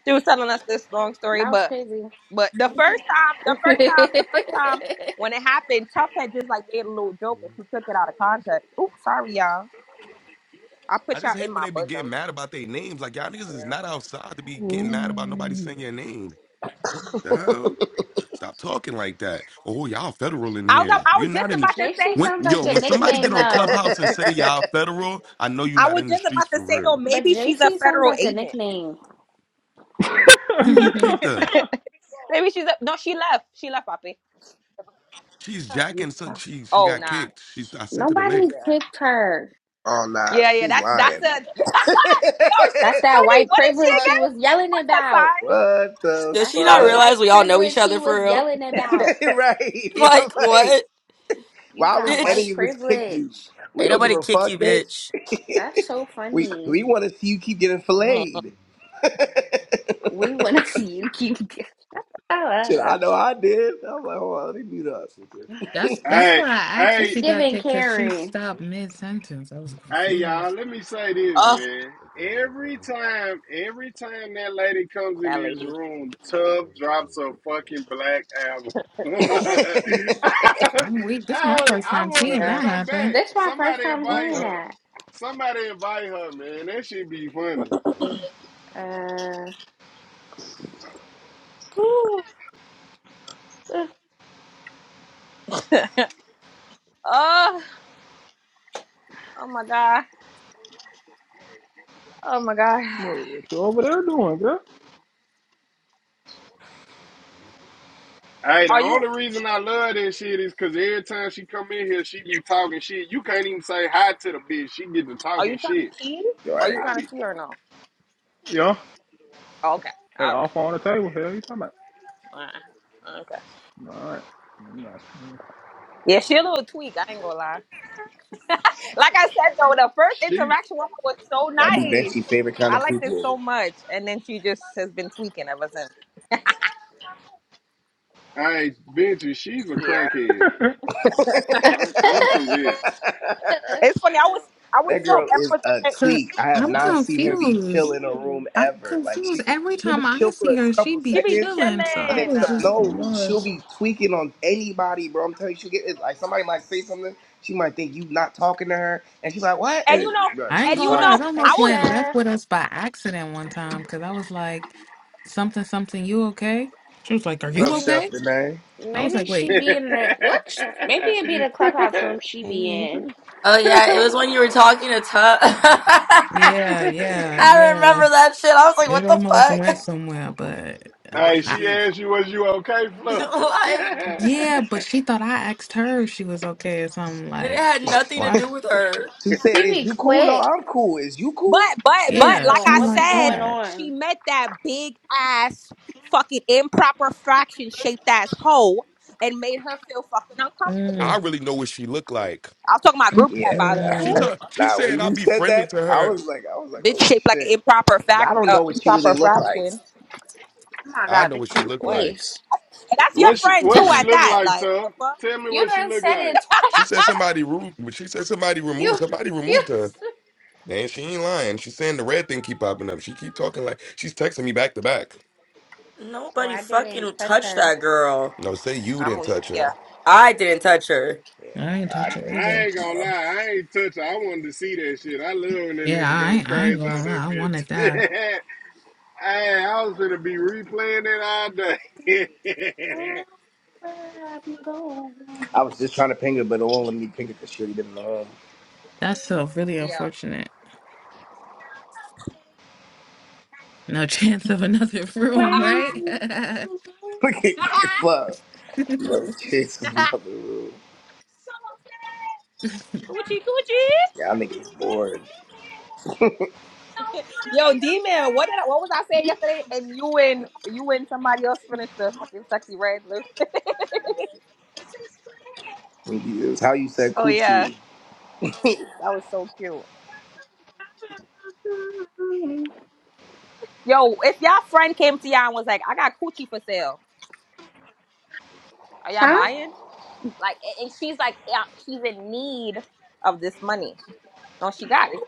[SPEAKER 5] she was telling us this long story,
[SPEAKER 4] That was
[SPEAKER 5] but
[SPEAKER 4] crazy.
[SPEAKER 5] but the first time, the first time, the first time when it happened, Tough had just like made a little joke and she took it out of context. Oops, sorry y'all. I
[SPEAKER 1] I
[SPEAKER 5] put
[SPEAKER 1] just
[SPEAKER 5] y'all
[SPEAKER 1] hate
[SPEAKER 5] in
[SPEAKER 1] when
[SPEAKER 5] my
[SPEAKER 1] they be getting
[SPEAKER 5] bosom.
[SPEAKER 1] mad about their names. Like y'all niggas is not outside to be
[SPEAKER 8] Ooh.
[SPEAKER 1] getting mad about nobody saying your name. The
[SPEAKER 3] oh
[SPEAKER 1] hell? Stop talking like that. Oh, y'all federal in
[SPEAKER 5] I was
[SPEAKER 1] here.
[SPEAKER 5] I
[SPEAKER 1] You're
[SPEAKER 5] was just
[SPEAKER 1] not in the
[SPEAKER 5] about to
[SPEAKER 4] JC
[SPEAKER 5] say
[SPEAKER 1] when
[SPEAKER 4] sounds
[SPEAKER 1] yo,
[SPEAKER 4] like a
[SPEAKER 1] when somebody
[SPEAKER 4] nickname
[SPEAKER 1] get on
[SPEAKER 4] though.
[SPEAKER 1] Clubhouse and say y'all federal, I know you're
[SPEAKER 5] I
[SPEAKER 1] not
[SPEAKER 5] was
[SPEAKER 1] in the
[SPEAKER 5] just
[SPEAKER 1] streets
[SPEAKER 5] about to
[SPEAKER 1] for
[SPEAKER 5] say
[SPEAKER 1] real.
[SPEAKER 5] though
[SPEAKER 4] But
[SPEAKER 5] maybe she's a
[SPEAKER 4] JC sounds
[SPEAKER 5] federal
[SPEAKER 4] like a
[SPEAKER 5] agent.
[SPEAKER 4] nickname.
[SPEAKER 1] Who who kicked her?
[SPEAKER 5] maybe she's a no she left she left Poppy.
[SPEAKER 1] She's jacking so
[SPEAKER 4] Utah.
[SPEAKER 1] she she
[SPEAKER 5] Oh
[SPEAKER 1] got
[SPEAKER 5] nah.
[SPEAKER 1] kicked. She's I sent her the
[SPEAKER 4] Nobody
[SPEAKER 1] link.
[SPEAKER 5] Yeah.
[SPEAKER 4] clicked her.
[SPEAKER 3] nah,
[SPEAKER 5] Yeah yeah
[SPEAKER 3] she's
[SPEAKER 5] that's that's
[SPEAKER 3] lying.
[SPEAKER 5] a yo
[SPEAKER 3] fuck.
[SPEAKER 4] That's
[SPEAKER 5] she's
[SPEAKER 4] that
[SPEAKER 5] funny.
[SPEAKER 4] white
[SPEAKER 5] What is she
[SPEAKER 4] privilege he was yelling about.
[SPEAKER 3] What the
[SPEAKER 12] Does
[SPEAKER 4] That's
[SPEAKER 12] she not
[SPEAKER 4] that
[SPEAKER 3] fuck?
[SPEAKER 12] realize
[SPEAKER 4] white
[SPEAKER 12] we all know each
[SPEAKER 4] privilege he
[SPEAKER 12] other
[SPEAKER 4] was
[SPEAKER 12] for real?
[SPEAKER 4] yelling
[SPEAKER 5] again? What's
[SPEAKER 4] about.
[SPEAKER 5] her sign?
[SPEAKER 3] right? I'm
[SPEAKER 12] Like,
[SPEAKER 3] like,
[SPEAKER 12] what?
[SPEAKER 4] You
[SPEAKER 3] why would
[SPEAKER 4] got
[SPEAKER 12] Bitch.
[SPEAKER 3] any
[SPEAKER 4] white
[SPEAKER 3] of us pick you?
[SPEAKER 4] privilege.
[SPEAKER 3] We
[SPEAKER 12] Ain't
[SPEAKER 3] don't give
[SPEAKER 12] nobody
[SPEAKER 3] a
[SPEAKER 12] kick you,
[SPEAKER 3] fuck, bitch.
[SPEAKER 12] bitch.
[SPEAKER 4] That's so
[SPEAKER 3] we
[SPEAKER 4] funny.
[SPEAKER 3] we want to see you keep getting
[SPEAKER 5] Mhm.
[SPEAKER 3] filleted.
[SPEAKER 4] We want to see you keep. Oh,
[SPEAKER 3] Shit,
[SPEAKER 4] uh,
[SPEAKER 3] I know I did. I'm like, hold on, let me mute up.
[SPEAKER 7] that's that's
[SPEAKER 9] Hey,
[SPEAKER 7] why I asked if
[SPEAKER 9] hey,
[SPEAKER 4] it's
[SPEAKER 7] she got
[SPEAKER 4] giving
[SPEAKER 7] kicked because she
[SPEAKER 4] Karen.
[SPEAKER 7] stopped mid sentence. I was
[SPEAKER 9] Hey y'all,
[SPEAKER 7] confused.
[SPEAKER 9] let me say this,
[SPEAKER 5] Oh
[SPEAKER 9] man. Every time, every time that lady comes in
[SPEAKER 5] that
[SPEAKER 9] his
[SPEAKER 5] lady.
[SPEAKER 9] room, Tub drops a fucking black album. I,
[SPEAKER 7] I'm weak. This is my
[SPEAKER 9] I,
[SPEAKER 7] first
[SPEAKER 9] I
[SPEAKER 7] time
[SPEAKER 9] wanted
[SPEAKER 7] seeing
[SPEAKER 9] to
[SPEAKER 5] Yeah.
[SPEAKER 7] that
[SPEAKER 9] come back.
[SPEAKER 7] happen.
[SPEAKER 4] This is my first
[SPEAKER 9] Somebody
[SPEAKER 4] time
[SPEAKER 9] invite
[SPEAKER 4] hearing
[SPEAKER 5] Mm-mm.
[SPEAKER 9] her.
[SPEAKER 4] that.
[SPEAKER 9] Somebody invite her, man. That shit be funny.
[SPEAKER 5] Oh oh my god. Oh my god.
[SPEAKER 8] what, what you over there doing, girl?
[SPEAKER 9] Hey, the
[SPEAKER 5] Are you
[SPEAKER 9] only reason I love this shit is because every time she come in here, she be talking shit. You can't even say hi to the bitch. She get to
[SPEAKER 5] are you
[SPEAKER 9] talking
[SPEAKER 5] trying
[SPEAKER 9] shit.
[SPEAKER 5] to see? Are
[SPEAKER 3] right.
[SPEAKER 5] you
[SPEAKER 9] I
[SPEAKER 5] trying to
[SPEAKER 9] be,
[SPEAKER 5] see or no?
[SPEAKER 8] Yeah.
[SPEAKER 5] Oh, okay.
[SPEAKER 8] Had
[SPEAKER 5] All right.
[SPEAKER 8] off on the table. Hell you talking about?
[SPEAKER 5] All right. Okay.
[SPEAKER 8] Alright. Nah.
[SPEAKER 5] Yeah, she a little tweak. I ain't gonna lie. like I said though, the first
[SPEAKER 9] she,
[SPEAKER 5] interaction with her was so
[SPEAKER 3] That be
[SPEAKER 5] nice.
[SPEAKER 3] Vinci's favorite kind
[SPEAKER 5] I
[SPEAKER 3] of
[SPEAKER 5] liked it
[SPEAKER 3] people.
[SPEAKER 5] so much, and then she just has been tweaking ever since.
[SPEAKER 9] hey, Vinci, she's a
[SPEAKER 5] Yeah,
[SPEAKER 9] crackhead.
[SPEAKER 3] that
[SPEAKER 9] I'm I'm convinced.
[SPEAKER 5] it's funny. I was I was so
[SPEAKER 3] girl is a
[SPEAKER 5] empathetic.
[SPEAKER 7] So
[SPEAKER 3] tweak. I have
[SPEAKER 7] I'm
[SPEAKER 3] not seen her be chill
[SPEAKER 7] confused.
[SPEAKER 3] in a room
[SPEAKER 7] I'm
[SPEAKER 3] ever. Like she,
[SPEAKER 7] confused. Every
[SPEAKER 3] she'll
[SPEAKER 7] time
[SPEAKER 3] be
[SPEAKER 7] I
[SPEAKER 3] chill for
[SPEAKER 7] see
[SPEAKER 3] a
[SPEAKER 7] her, she
[SPEAKER 3] couple
[SPEAKER 7] be
[SPEAKER 5] She be
[SPEAKER 3] seconds,
[SPEAKER 7] chilling. So I
[SPEAKER 3] and then
[SPEAKER 5] chilling,
[SPEAKER 7] was
[SPEAKER 3] some-
[SPEAKER 7] just
[SPEAKER 3] no, she'll
[SPEAKER 7] lost.
[SPEAKER 3] be tweaking on anybody, bro. I'm telling you, she'll get it. Like somebody might say something, she might think you not talking to her, and she's like, "What?"
[SPEAKER 5] and
[SPEAKER 3] And
[SPEAKER 5] you
[SPEAKER 3] then,
[SPEAKER 5] know,
[SPEAKER 3] bro,
[SPEAKER 7] I
[SPEAKER 3] she's
[SPEAKER 7] ain't
[SPEAKER 5] and
[SPEAKER 7] gonna
[SPEAKER 5] you
[SPEAKER 3] retarded.
[SPEAKER 7] lie, it
[SPEAKER 5] know,
[SPEAKER 4] Hey,
[SPEAKER 5] I
[SPEAKER 7] almost
[SPEAKER 5] was,
[SPEAKER 7] went left
[SPEAKER 4] chef.
[SPEAKER 7] with us by accident one time because I was like, something, something, you okay? She was like, Are
[SPEAKER 3] What's
[SPEAKER 7] you
[SPEAKER 4] Maybe,
[SPEAKER 3] up, Chef?
[SPEAKER 7] okay?
[SPEAKER 3] The man.
[SPEAKER 7] I was
[SPEAKER 4] maybe
[SPEAKER 7] like,
[SPEAKER 4] she
[SPEAKER 7] Wait,
[SPEAKER 9] hey,
[SPEAKER 4] be in the what? Maybe it be the clubhouse room she be
[SPEAKER 15] Hey,
[SPEAKER 4] in.
[SPEAKER 12] Oh, yeah. It was when you were talking to Tub. I
[SPEAKER 7] yeah, yeah, yeah.
[SPEAKER 12] remember that shit. I was like,
[SPEAKER 7] It
[SPEAKER 12] what
[SPEAKER 7] almost went
[SPEAKER 12] the
[SPEAKER 7] somewhere, but
[SPEAKER 1] Go brush your
[SPEAKER 7] I,
[SPEAKER 9] she
[SPEAKER 1] teeth.
[SPEAKER 9] asked you, was you okay,
[SPEAKER 12] fuck?
[SPEAKER 9] Fluff?
[SPEAKER 12] like,
[SPEAKER 7] yeah, but she thought I asked her if she was okay or something
[SPEAKER 12] and it
[SPEAKER 7] like,
[SPEAKER 12] had nothing
[SPEAKER 7] well,
[SPEAKER 12] to
[SPEAKER 7] I-
[SPEAKER 12] do with her.
[SPEAKER 3] She said,
[SPEAKER 4] She
[SPEAKER 3] "Is
[SPEAKER 4] be
[SPEAKER 3] you cool? No,
[SPEAKER 4] quick.
[SPEAKER 3] I'm cool. Is you cool?"
[SPEAKER 5] but
[SPEAKER 4] She
[SPEAKER 5] but
[SPEAKER 4] don't
[SPEAKER 5] but
[SPEAKER 4] be
[SPEAKER 7] yeah,
[SPEAKER 5] like
[SPEAKER 4] knowing
[SPEAKER 5] I
[SPEAKER 7] something
[SPEAKER 4] what
[SPEAKER 7] like
[SPEAKER 4] be
[SPEAKER 5] said,
[SPEAKER 4] going
[SPEAKER 7] that.
[SPEAKER 5] she
[SPEAKER 4] on.
[SPEAKER 5] met that big ass fucking improper fraction shaped ass hoe and made her feel fucking
[SPEAKER 1] I
[SPEAKER 5] uncomfortable.
[SPEAKER 7] Mm,
[SPEAKER 1] really know what she looked like.
[SPEAKER 5] I was talking about
[SPEAKER 7] mm,
[SPEAKER 5] group chat
[SPEAKER 3] Yeah,
[SPEAKER 5] by the way.
[SPEAKER 3] nah,
[SPEAKER 1] She
[SPEAKER 7] mm.
[SPEAKER 1] told she
[SPEAKER 3] nah. When
[SPEAKER 1] said I'll
[SPEAKER 3] you
[SPEAKER 1] be
[SPEAKER 3] said
[SPEAKER 1] friendly
[SPEAKER 3] that,
[SPEAKER 1] to
[SPEAKER 3] I
[SPEAKER 1] her.
[SPEAKER 3] was like, I was like,
[SPEAKER 5] Bitch
[SPEAKER 3] "Oh
[SPEAKER 5] shaped like an
[SPEAKER 3] shit."
[SPEAKER 5] improper
[SPEAKER 3] But I
[SPEAKER 5] fact,
[SPEAKER 3] don't
[SPEAKER 5] uh,
[SPEAKER 3] know what she really
[SPEAKER 5] improper
[SPEAKER 3] looked like.
[SPEAKER 5] fraction.
[SPEAKER 4] Oh my
[SPEAKER 1] I
[SPEAKER 4] god,
[SPEAKER 1] know what
[SPEAKER 4] bitch,
[SPEAKER 1] she
[SPEAKER 4] you
[SPEAKER 1] looked
[SPEAKER 5] What?
[SPEAKER 1] like.
[SPEAKER 4] please.
[SPEAKER 5] And that's your
[SPEAKER 9] what she
[SPEAKER 5] friend
[SPEAKER 1] The
[SPEAKER 9] what
[SPEAKER 5] too
[SPEAKER 1] fuck?
[SPEAKER 9] she
[SPEAKER 5] at
[SPEAKER 9] look
[SPEAKER 5] that.
[SPEAKER 9] like,
[SPEAKER 5] Like, what
[SPEAKER 9] Tuff?
[SPEAKER 5] the fuck?
[SPEAKER 9] Tell me
[SPEAKER 4] you
[SPEAKER 9] what she
[SPEAKER 4] done
[SPEAKER 9] look
[SPEAKER 4] said
[SPEAKER 9] like.
[SPEAKER 4] it. tw-
[SPEAKER 1] She said somebody removed she said somebody
[SPEAKER 4] You,
[SPEAKER 1] removed somebody
[SPEAKER 4] you.
[SPEAKER 1] removed her. Man, she ain't lying. She's saying the red thing keep popping up. She keep talking like she's texting me back to back.
[SPEAKER 4] Oh,
[SPEAKER 12] Nobody
[SPEAKER 4] I didn't
[SPEAKER 12] fucking
[SPEAKER 4] touch
[SPEAKER 12] touched
[SPEAKER 4] her.
[SPEAKER 12] that girl.
[SPEAKER 1] No, say you
[SPEAKER 5] I'm
[SPEAKER 1] didn't
[SPEAKER 5] weak.
[SPEAKER 1] touch
[SPEAKER 5] Yeah.
[SPEAKER 1] her.
[SPEAKER 12] I didn't touch her.
[SPEAKER 3] Yeah,
[SPEAKER 7] I ain't
[SPEAKER 3] I
[SPEAKER 7] touch
[SPEAKER 9] I,
[SPEAKER 7] it
[SPEAKER 3] do.
[SPEAKER 9] I
[SPEAKER 7] either.
[SPEAKER 9] ain't gonna lie,
[SPEAKER 3] Um,
[SPEAKER 9] I ain't touch her. I wanted to see that shit. I love when that
[SPEAKER 7] Yeah,
[SPEAKER 9] nigga
[SPEAKER 7] I
[SPEAKER 9] go
[SPEAKER 7] ain't, I ain't
[SPEAKER 9] crazy on
[SPEAKER 7] gonna
[SPEAKER 9] that
[SPEAKER 7] lie, I wanted
[SPEAKER 9] bitch.
[SPEAKER 7] that.
[SPEAKER 9] hey, I was gonna be replaying it all day.
[SPEAKER 3] I was just trying to ping her, but it won't let me ping her because she already been in the room.
[SPEAKER 7] That's so really
[SPEAKER 5] Yeah.
[SPEAKER 7] unfortunate. No chance of another room, right?
[SPEAKER 3] Look at you, fuck. No chicks in another room.
[SPEAKER 5] Coochie coochie.
[SPEAKER 3] Yeah, Y'all niggas bored.
[SPEAKER 5] Yo, D man, what did I, what was I saying yesterday? And you and you and somebody else finished the fucking sexy red lip.
[SPEAKER 3] It was how you said
[SPEAKER 5] oh yeah.
[SPEAKER 3] coochie.
[SPEAKER 5] That was so cute. Yo, if y'all friend came to y'all and was like, I got coochie for sale. Are y'all
[SPEAKER 4] Huh?
[SPEAKER 5] buying? Like and and she's like, yeah, she's in need of this money. No, she got it.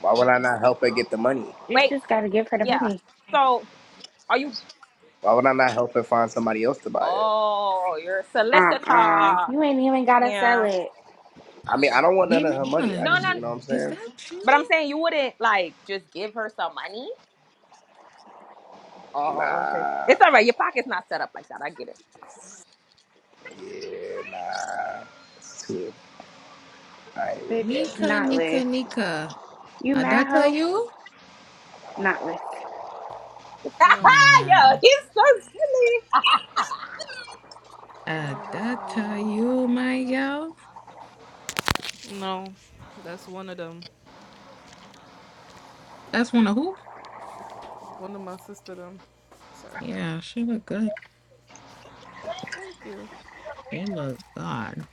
[SPEAKER 3] Why would I not help her get the money?
[SPEAKER 4] You
[SPEAKER 5] Wait,
[SPEAKER 4] just gotta give her the
[SPEAKER 5] yeah.
[SPEAKER 4] money.
[SPEAKER 5] So are you
[SPEAKER 3] Why would I not help her find somebody else to buy it?
[SPEAKER 5] Oh, you're a
[SPEAKER 4] Uh-uh.
[SPEAKER 5] solicitor.
[SPEAKER 4] You ain't even gotta sell
[SPEAKER 5] Yeah.
[SPEAKER 4] it.
[SPEAKER 3] I mean, I don't want none of her money. I
[SPEAKER 5] No,
[SPEAKER 3] just,
[SPEAKER 5] no.
[SPEAKER 7] Biman,
[SPEAKER 3] you know what I'm
[SPEAKER 7] is
[SPEAKER 3] saying?
[SPEAKER 7] that
[SPEAKER 5] But I'm
[SPEAKER 7] you,
[SPEAKER 5] saying you wouldn't like just give her some money. Oh, okay.
[SPEAKER 3] Nah.
[SPEAKER 5] It's all right. Your pocket's not set up like that. I get it.
[SPEAKER 3] Yeah, nah. It's too, I ain't with
[SPEAKER 4] Bitch,
[SPEAKER 3] that.
[SPEAKER 7] Nika,
[SPEAKER 4] not
[SPEAKER 7] Nika,
[SPEAKER 4] list.
[SPEAKER 7] Nika.
[SPEAKER 4] You mad
[SPEAKER 7] Adata
[SPEAKER 4] hoe?
[SPEAKER 7] you?
[SPEAKER 4] Not list.
[SPEAKER 16] No,
[SPEAKER 7] Nah.
[SPEAKER 5] Yo, he's so silly.
[SPEAKER 16] no, that's not
[SPEAKER 7] Adata
[SPEAKER 16] me.
[SPEAKER 7] you, my yo.
[SPEAKER 16] No, that's one of them.
[SPEAKER 7] That's one of who?
[SPEAKER 16] One of my sister them. Sorry.
[SPEAKER 7] Yeah, she look good.
[SPEAKER 16] Thank you.
[SPEAKER 7] She look good.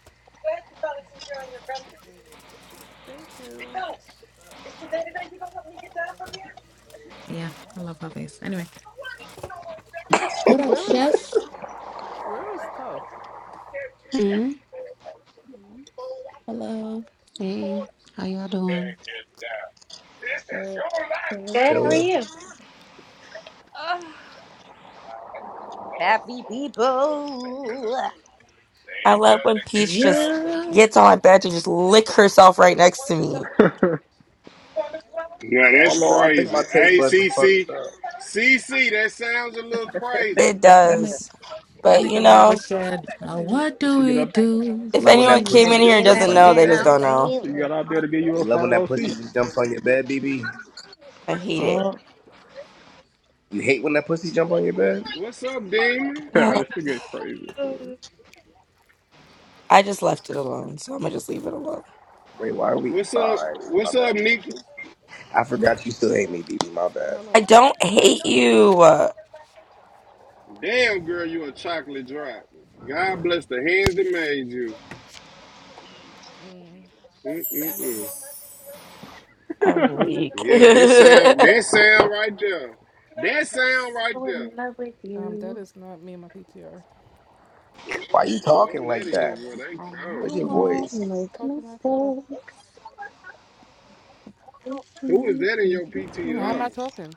[SPEAKER 16] Thank you.
[SPEAKER 7] Yeah, I love her face. Anyway. What up,
[SPEAKER 16] Where is
[SPEAKER 7] chef?
[SPEAKER 16] where is tough?
[SPEAKER 15] hmm.
[SPEAKER 7] Hello.
[SPEAKER 15] hey, how y'all doing?
[SPEAKER 7] Uh, hello.
[SPEAKER 4] Good, how are
[SPEAKER 3] Chiller.
[SPEAKER 4] you?
[SPEAKER 5] Ugh. Happy people.
[SPEAKER 12] I love when Peach just
[SPEAKER 7] Yeah.
[SPEAKER 12] gets on my bed to just lick herself right next to me.
[SPEAKER 9] now
[SPEAKER 3] I
[SPEAKER 9] that's
[SPEAKER 3] don't know. I think my
[SPEAKER 9] crazy.
[SPEAKER 3] taste
[SPEAKER 9] Hey,
[SPEAKER 3] buds are
[SPEAKER 9] C C
[SPEAKER 3] fucked up.
[SPEAKER 9] C C, that sounds a little crazy.
[SPEAKER 12] It
[SPEAKER 7] That nigga,
[SPEAKER 12] does.
[SPEAKER 7] that
[SPEAKER 12] But you
[SPEAKER 7] nigga Robert
[SPEAKER 12] know,
[SPEAKER 7] said,
[SPEAKER 8] she
[SPEAKER 7] now what do
[SPEAKER 8] get
[SPEAKER 7] we
[SPEAKER 8] up
[SPEAKER 7] do?
[SPEAKER 3] You
[SPEAKER 12] if
[SPEAKER 3] love when
[SPEAKER 12] anyone
[SPEAKER 3] that
[SPEAKER 12] came
[SPEAKER 7] Hey.
[SPEAKER 5] At
[SPEAKER 3] pussy
[SPEAKER 12] in here
[SPEAKER 5] the
[SPEAKER 3] just
[SPEAKER 12] and
[SPEAKER 5] end
[SPEAKER 3] jumps
[SPEAKER 12] doesn't
[SPEAKER 5] of
[SPEAKER 3] on your
[SPEAKER 12] know,
[SPEAKER 5] the
[SPEAKER 12] they just
[SPEAKER 3] bed.
[SPEAKER 12] don't know.
[SPEAKER 8] she
[SPEAKER 5] night.
[SPEAKER 8] got out there
[SPEAKER 5] am
[SPEAKER 8] to give you
[SPEAKER 3] You
[SPEAKER 8] a
[SPEAKER 3] love when
[SPEAKER 8] front
[SPEAKER 3] that
[SPEAKER 8] row
[SPEAKER 3] pussy
[SPEAKER 8] seat.
[SPEAKER 3] just jumps on your bed, BB.
[SPEAKER 12] I hate it.
[SPEAKER 5] Mm.
[SPEAKER 3] You hate when that pussy jump on your
[SPEAKER 9] What
[SPEAKER 3] bed.
[SPEAKER 9] what's up, Damon?
[SPEAKER 8] Yeah,
[SPEAKER 12] Ugh,
[SPEAKER 8] this nigga is crazy. So.
[SPEAKER 12] I just
[SPEAKER 3] That's
[SPEAKER 12] left it
[SPEAKER 3] crazy.
[SPEAKER 12] alone, so I'm gonna just leave it alone.
[SPEAKER 3] Wait, why are we?
[SPEAKER 9] What's
[SPEAKER 3] All
[SPEAKER 9] up?
[SPEAKER 3] right, my
[SPEAKER 9] What's up,
[SPEAKER 3] bad.
[SPEAKER 9] Nika?
[SPEAKER 3] I forgot you still hate me, BB. My bad.
[SPEAKER 12] I
[SPEAKER 16] Hello.
[SPEAKER 12] don't hate you. Uh,
[SPEAKER 9] Damn, girl, you a chocolate drop. God bless the hands that made you.
[SPEAKER 16] Mm, thank
[SPEAKER 9] Mm-mm-mm.
[SPEAKER 16] you.
[SPEAKER 12] I'm weak.
[SPEAKER 9] Yeah, that sound, that sound right there. That sound right there.
[SPEAKER 16] Um, that is not me and my PTR.
[SPEAKER 3] Why you talking
[SPEAKER 9] Whoever that
[SPEAKER 3] like
[SPEAKER 9] is,
[SPEAKER 3] that?
[SPEAKER 9] boy, they
[SPEAKER 4] I
[SPEAKER 9] come.
[SPEAKER 3] Where's your
[SPEAKER 4] know I
[SPEAKER 3] voice?
[SPEAKER 4] make
[SPEAKER 16] Talking like what?
[SPEAKER 4] mistakes.
[SPEAKER 9] Who is that in your
[SPEAKER 16] How am I
[SPEAKER 9] PTR?
[SPEAKER 16] talking?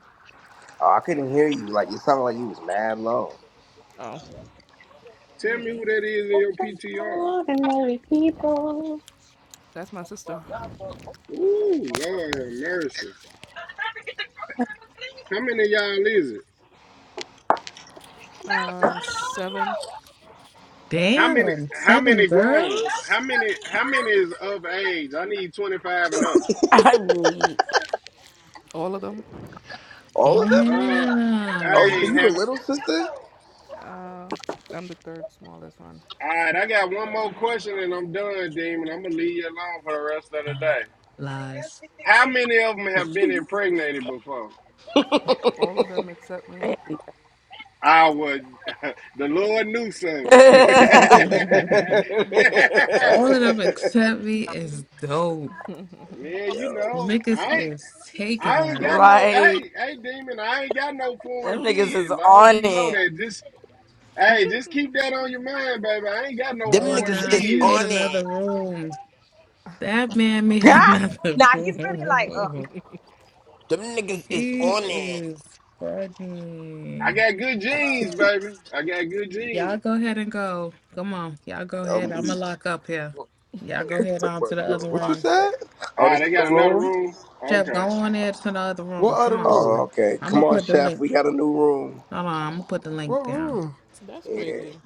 [SPEAKER 3] Oh, I couldn't hear you. Like you sounded like you was mad low.
[SPEAKER 16] Oh,
[SPEAKER 9] Tell me who
[SPEAKER 16] mm,
[SPEAKER 9] that is in your PTR.
[SPEAKER 16] that's my sister.
[SPEAKER 9] Ooh, Lord have mercy. How many of y'all is it?
[SPEAKER 16] Uh, seven.
[SPEAKER 9] How many?
[SPEAKER 7] Damn,
[SPEAKER 9] How
[SPEAKER 7] seven
[SPEAKER 9] many grown?
[SPEAKER 7] girls?
[SPEAKER 9] How many? How many is of age? I need twenty five and up.
[SPEAKER 12] I'm weak.
[SPEAKER 16] All of them.
[SPEAKER 3] All of them?
[SPEAKER 9] Uh, I
[SPEAKER 3] Oh, so you the
[SPEAKER 7] Damn.
[SPEAKER 16] Yeah.
[SPEAKER 9] have.
[SPEAKER 3] little sister?
[SPEAKER 16] Uh, I'm the third smallest one.
[SPEAKER 9] All right, I got one more question and I'm done, Demon. I'm gonna leave you alone for the rest of the day.
[SPEAKER 7] Lies.
[SPEAKER 9] How many of them have been impregnated before?
[SPEAKER 16] All of them except me.
[SPEAKER 9] I would. The Lord knew something.
[SPEAKER 7] All of them except me is dope.
[SPEAKER 9] Man, you
[SPEAKER 3] Yo,
[SPEAKER 9] know,
[SPEAKER 7] Niggas
[SPEAKER 9] I ain't,
[SPEAKER 7] is taking
[SPEAKER 9] I ain't
[SPEAKER 7] that.
[SPEAKER 9] got no.
[SPEAKER 12] like
[SPEAKER 9] Hey, hey, Demon, I ain't got no foreign
[SPEAKER 12] them niggas is
[SPEAKER 9] kids. I hope
[SPEAKER 12] on
[SPEAKER 9] you know
[SPEAKER 12] it.
[SPEAKER 9] that. Just hey, just keep that on your mind, baby. I ain't got no
[SPEAKER 6] Them
[SPEAKER 7] Oh
[SPEAKER 9] foreign
[SPEAKER 6] niggas
[SPEAKER 7] nah,
[SPEAKER 6] is
[SPEAKER 7] he made
[SPEAKER 6] on
[SPEAKER 9] kids.
[SPEAKER 7] another
[SPEAKER 6] it.
[SPEAKER 7] room. That man made
[SPEAKER 5] Ah!
[SPEAKER 7] another
[SPEAKER 5] Nah, he's really like, ugh.
[SPEAKER 7] room.
[SPEAKER 6] Them niggas is
[SPEAKER 7] He
[SPEAKER 6] on it.
[SPEAKER 7] is
[SPEAKER 9] I
[SPEAKER 7] fucking.
[SPEAKER 9] got good genes, baby. I got good
[SPEAKER 7] Y'all
[SPEAKER 9] genes.
[SPEAKER 7] go ahead and go. Come on. Y'all go
[SPEAKER 3] I'm
[SPEAKER 7] ahead. I'ma
[SPEAKER 3] weak.
[SPEAKER 7] lock up here. Y'all go ahead on
[SPEAKER 3] Bro,
[SPEAKER 7] to the
[SPEAKER 3] you a
[SPEAKER 7] other
[SPEAKER 6] What you
[SPEAKER 3] lock
[SPEAKER 7] room.
[SPEAKER 6] said?
[SPEAKER 3] up. Oh,
[SPEAKER 9] Ah,
[SPEAKER 3] this is
[SPEAKER 9] they
[SPEAKER 3] the
[SPEAKER 9] got another
[SPEAKER 3] room?
[SPEAKER 9] room?
[SPEAKER 7] Jeff, go
[SPEAKER 9] Okay.
[SPEAKER 7] on there to the other
[SPEAKER 6] What
[SPEAKER 7] room.
[SPEAKER 6] other
[SPEAKER 7] Come on.
[SPEAKER 3] Oh,
[SPEAKER 6] room?
[SPEAKER 3] okay.
[SPEAKER 7] I'm
[SPEAKER 3] Come
[SPEAKER 7] gonna
[SPEAKER 3] on,
[SPEAKER 7] put the
[SPEAKER 3] chef.
[SPEAKER 7] link.
[SPEAKER 3] We got a new room.
[SPEAKER 7] Hold on, I'm gonna put the
[SPEAKER 6] What
[SPEAKER 7] link down.
[SPEAKER 6] room?
[SPEAKER 16] That's
[SPEAKER 3] Yeah.
[SPEAKER 16] crazy.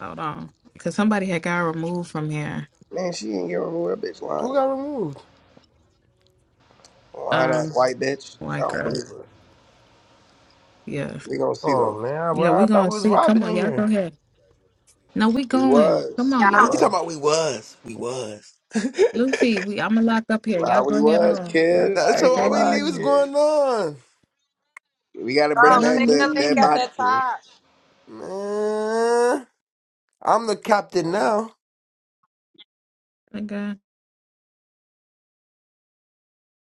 [SPEAKER 7] Hold on, because somebody had got removed from here.
[SPEAKER 3] Man, she ain't your a real bitch
[SPEAKER 6] Who
[SPEAKER 3] lying.
[SPEAKER 6] got removed?
[SPEAKER 3] Lying ass
[SPEAKER 7] Um,
[SPEAKER 3] white bitch. I
[SPEAKER 7] white
[SPEAKER 3] don't
[SPEAKER 7] girl.
[SPEAKER 3] believe her.
[SPEAKER 7] Yeah,
[SPEAKER 3] We gonna see though.
[SPEAKER 6] Oh man,
[SPEAKER 7] yeah.
[SPEAKER 6] well I
[SPEAKER 7] We
[SPEAKER 6] thought
[SPEAKER 7] gonna
[SPEAKER 6] we was
[SPEAKER 7] see.
[SPEAKER 6] robbing
[SPEAKER 7] Come on,
[SPEAKER 6] in
[SPEAKER 7] y'all. Go
[SPEAKER 6] here.
[SPEAKER 7] ahead. No, we
[SPEAKER 3] We
[SPEAKER 7] going. Come
[SPEAKER 3] was. We
[SPEAKER 7] on,
[SPEAKER 5] Yeah.
[SPEAKER 7] y'all.
[SPEAKER 6] You
[SPEAKER 3] was.
[SPEAKER 6] talking about we was. We was.
[SPEAKER 7] Lucy, we. I'm gonna lock up here.
[SPEAKER 3] Nah,
[SPEAKER 7] Y'all go
[SPEAKER 3] we
[SPEAKER 7] ahead
[SPEAKER 3] was,
[SPEAKER 7] on. Y'all,
[SPEAKER 3] kid.
[SPEAKER 6] That's
[SPEAKER 3] I
[SPEAKER 7] y'all
[SPEAKER 6] so
[SPEAKER 3] ain't
[SPEAKER 7] go
[SPEAKER 3] gonna
[SPEAKER 6] all
[SPEAKER 7] ahead
[SPEAKER 6] we
[SPEAKER 3] lie,
[SPEAKER 6] leave is
[SPEAKER 7] on.
[SPEAKER 3] kid.
[SPEAKER 6] going on.
[SPEAKER 3] We gotta bring
[SPEAKER 5] Um,
[SPEAKER 7] Y'all
[SPEAKER 3] back
[SPEAKER 5] click
[SPEAKER 3] the
[SPEAKER 5] the link
[SPEAKER 3] dead
[SPEAKER 5] at
[SPEAKER 7] leave.
[SPEAKER 3] body,
[SPEAKER 5] the
[SPEAKER 3] kid.
[SPEAKER 5] top.
[SPEAKER 6] Man. I'm the captain now.
[SPEAKER 7] Okay.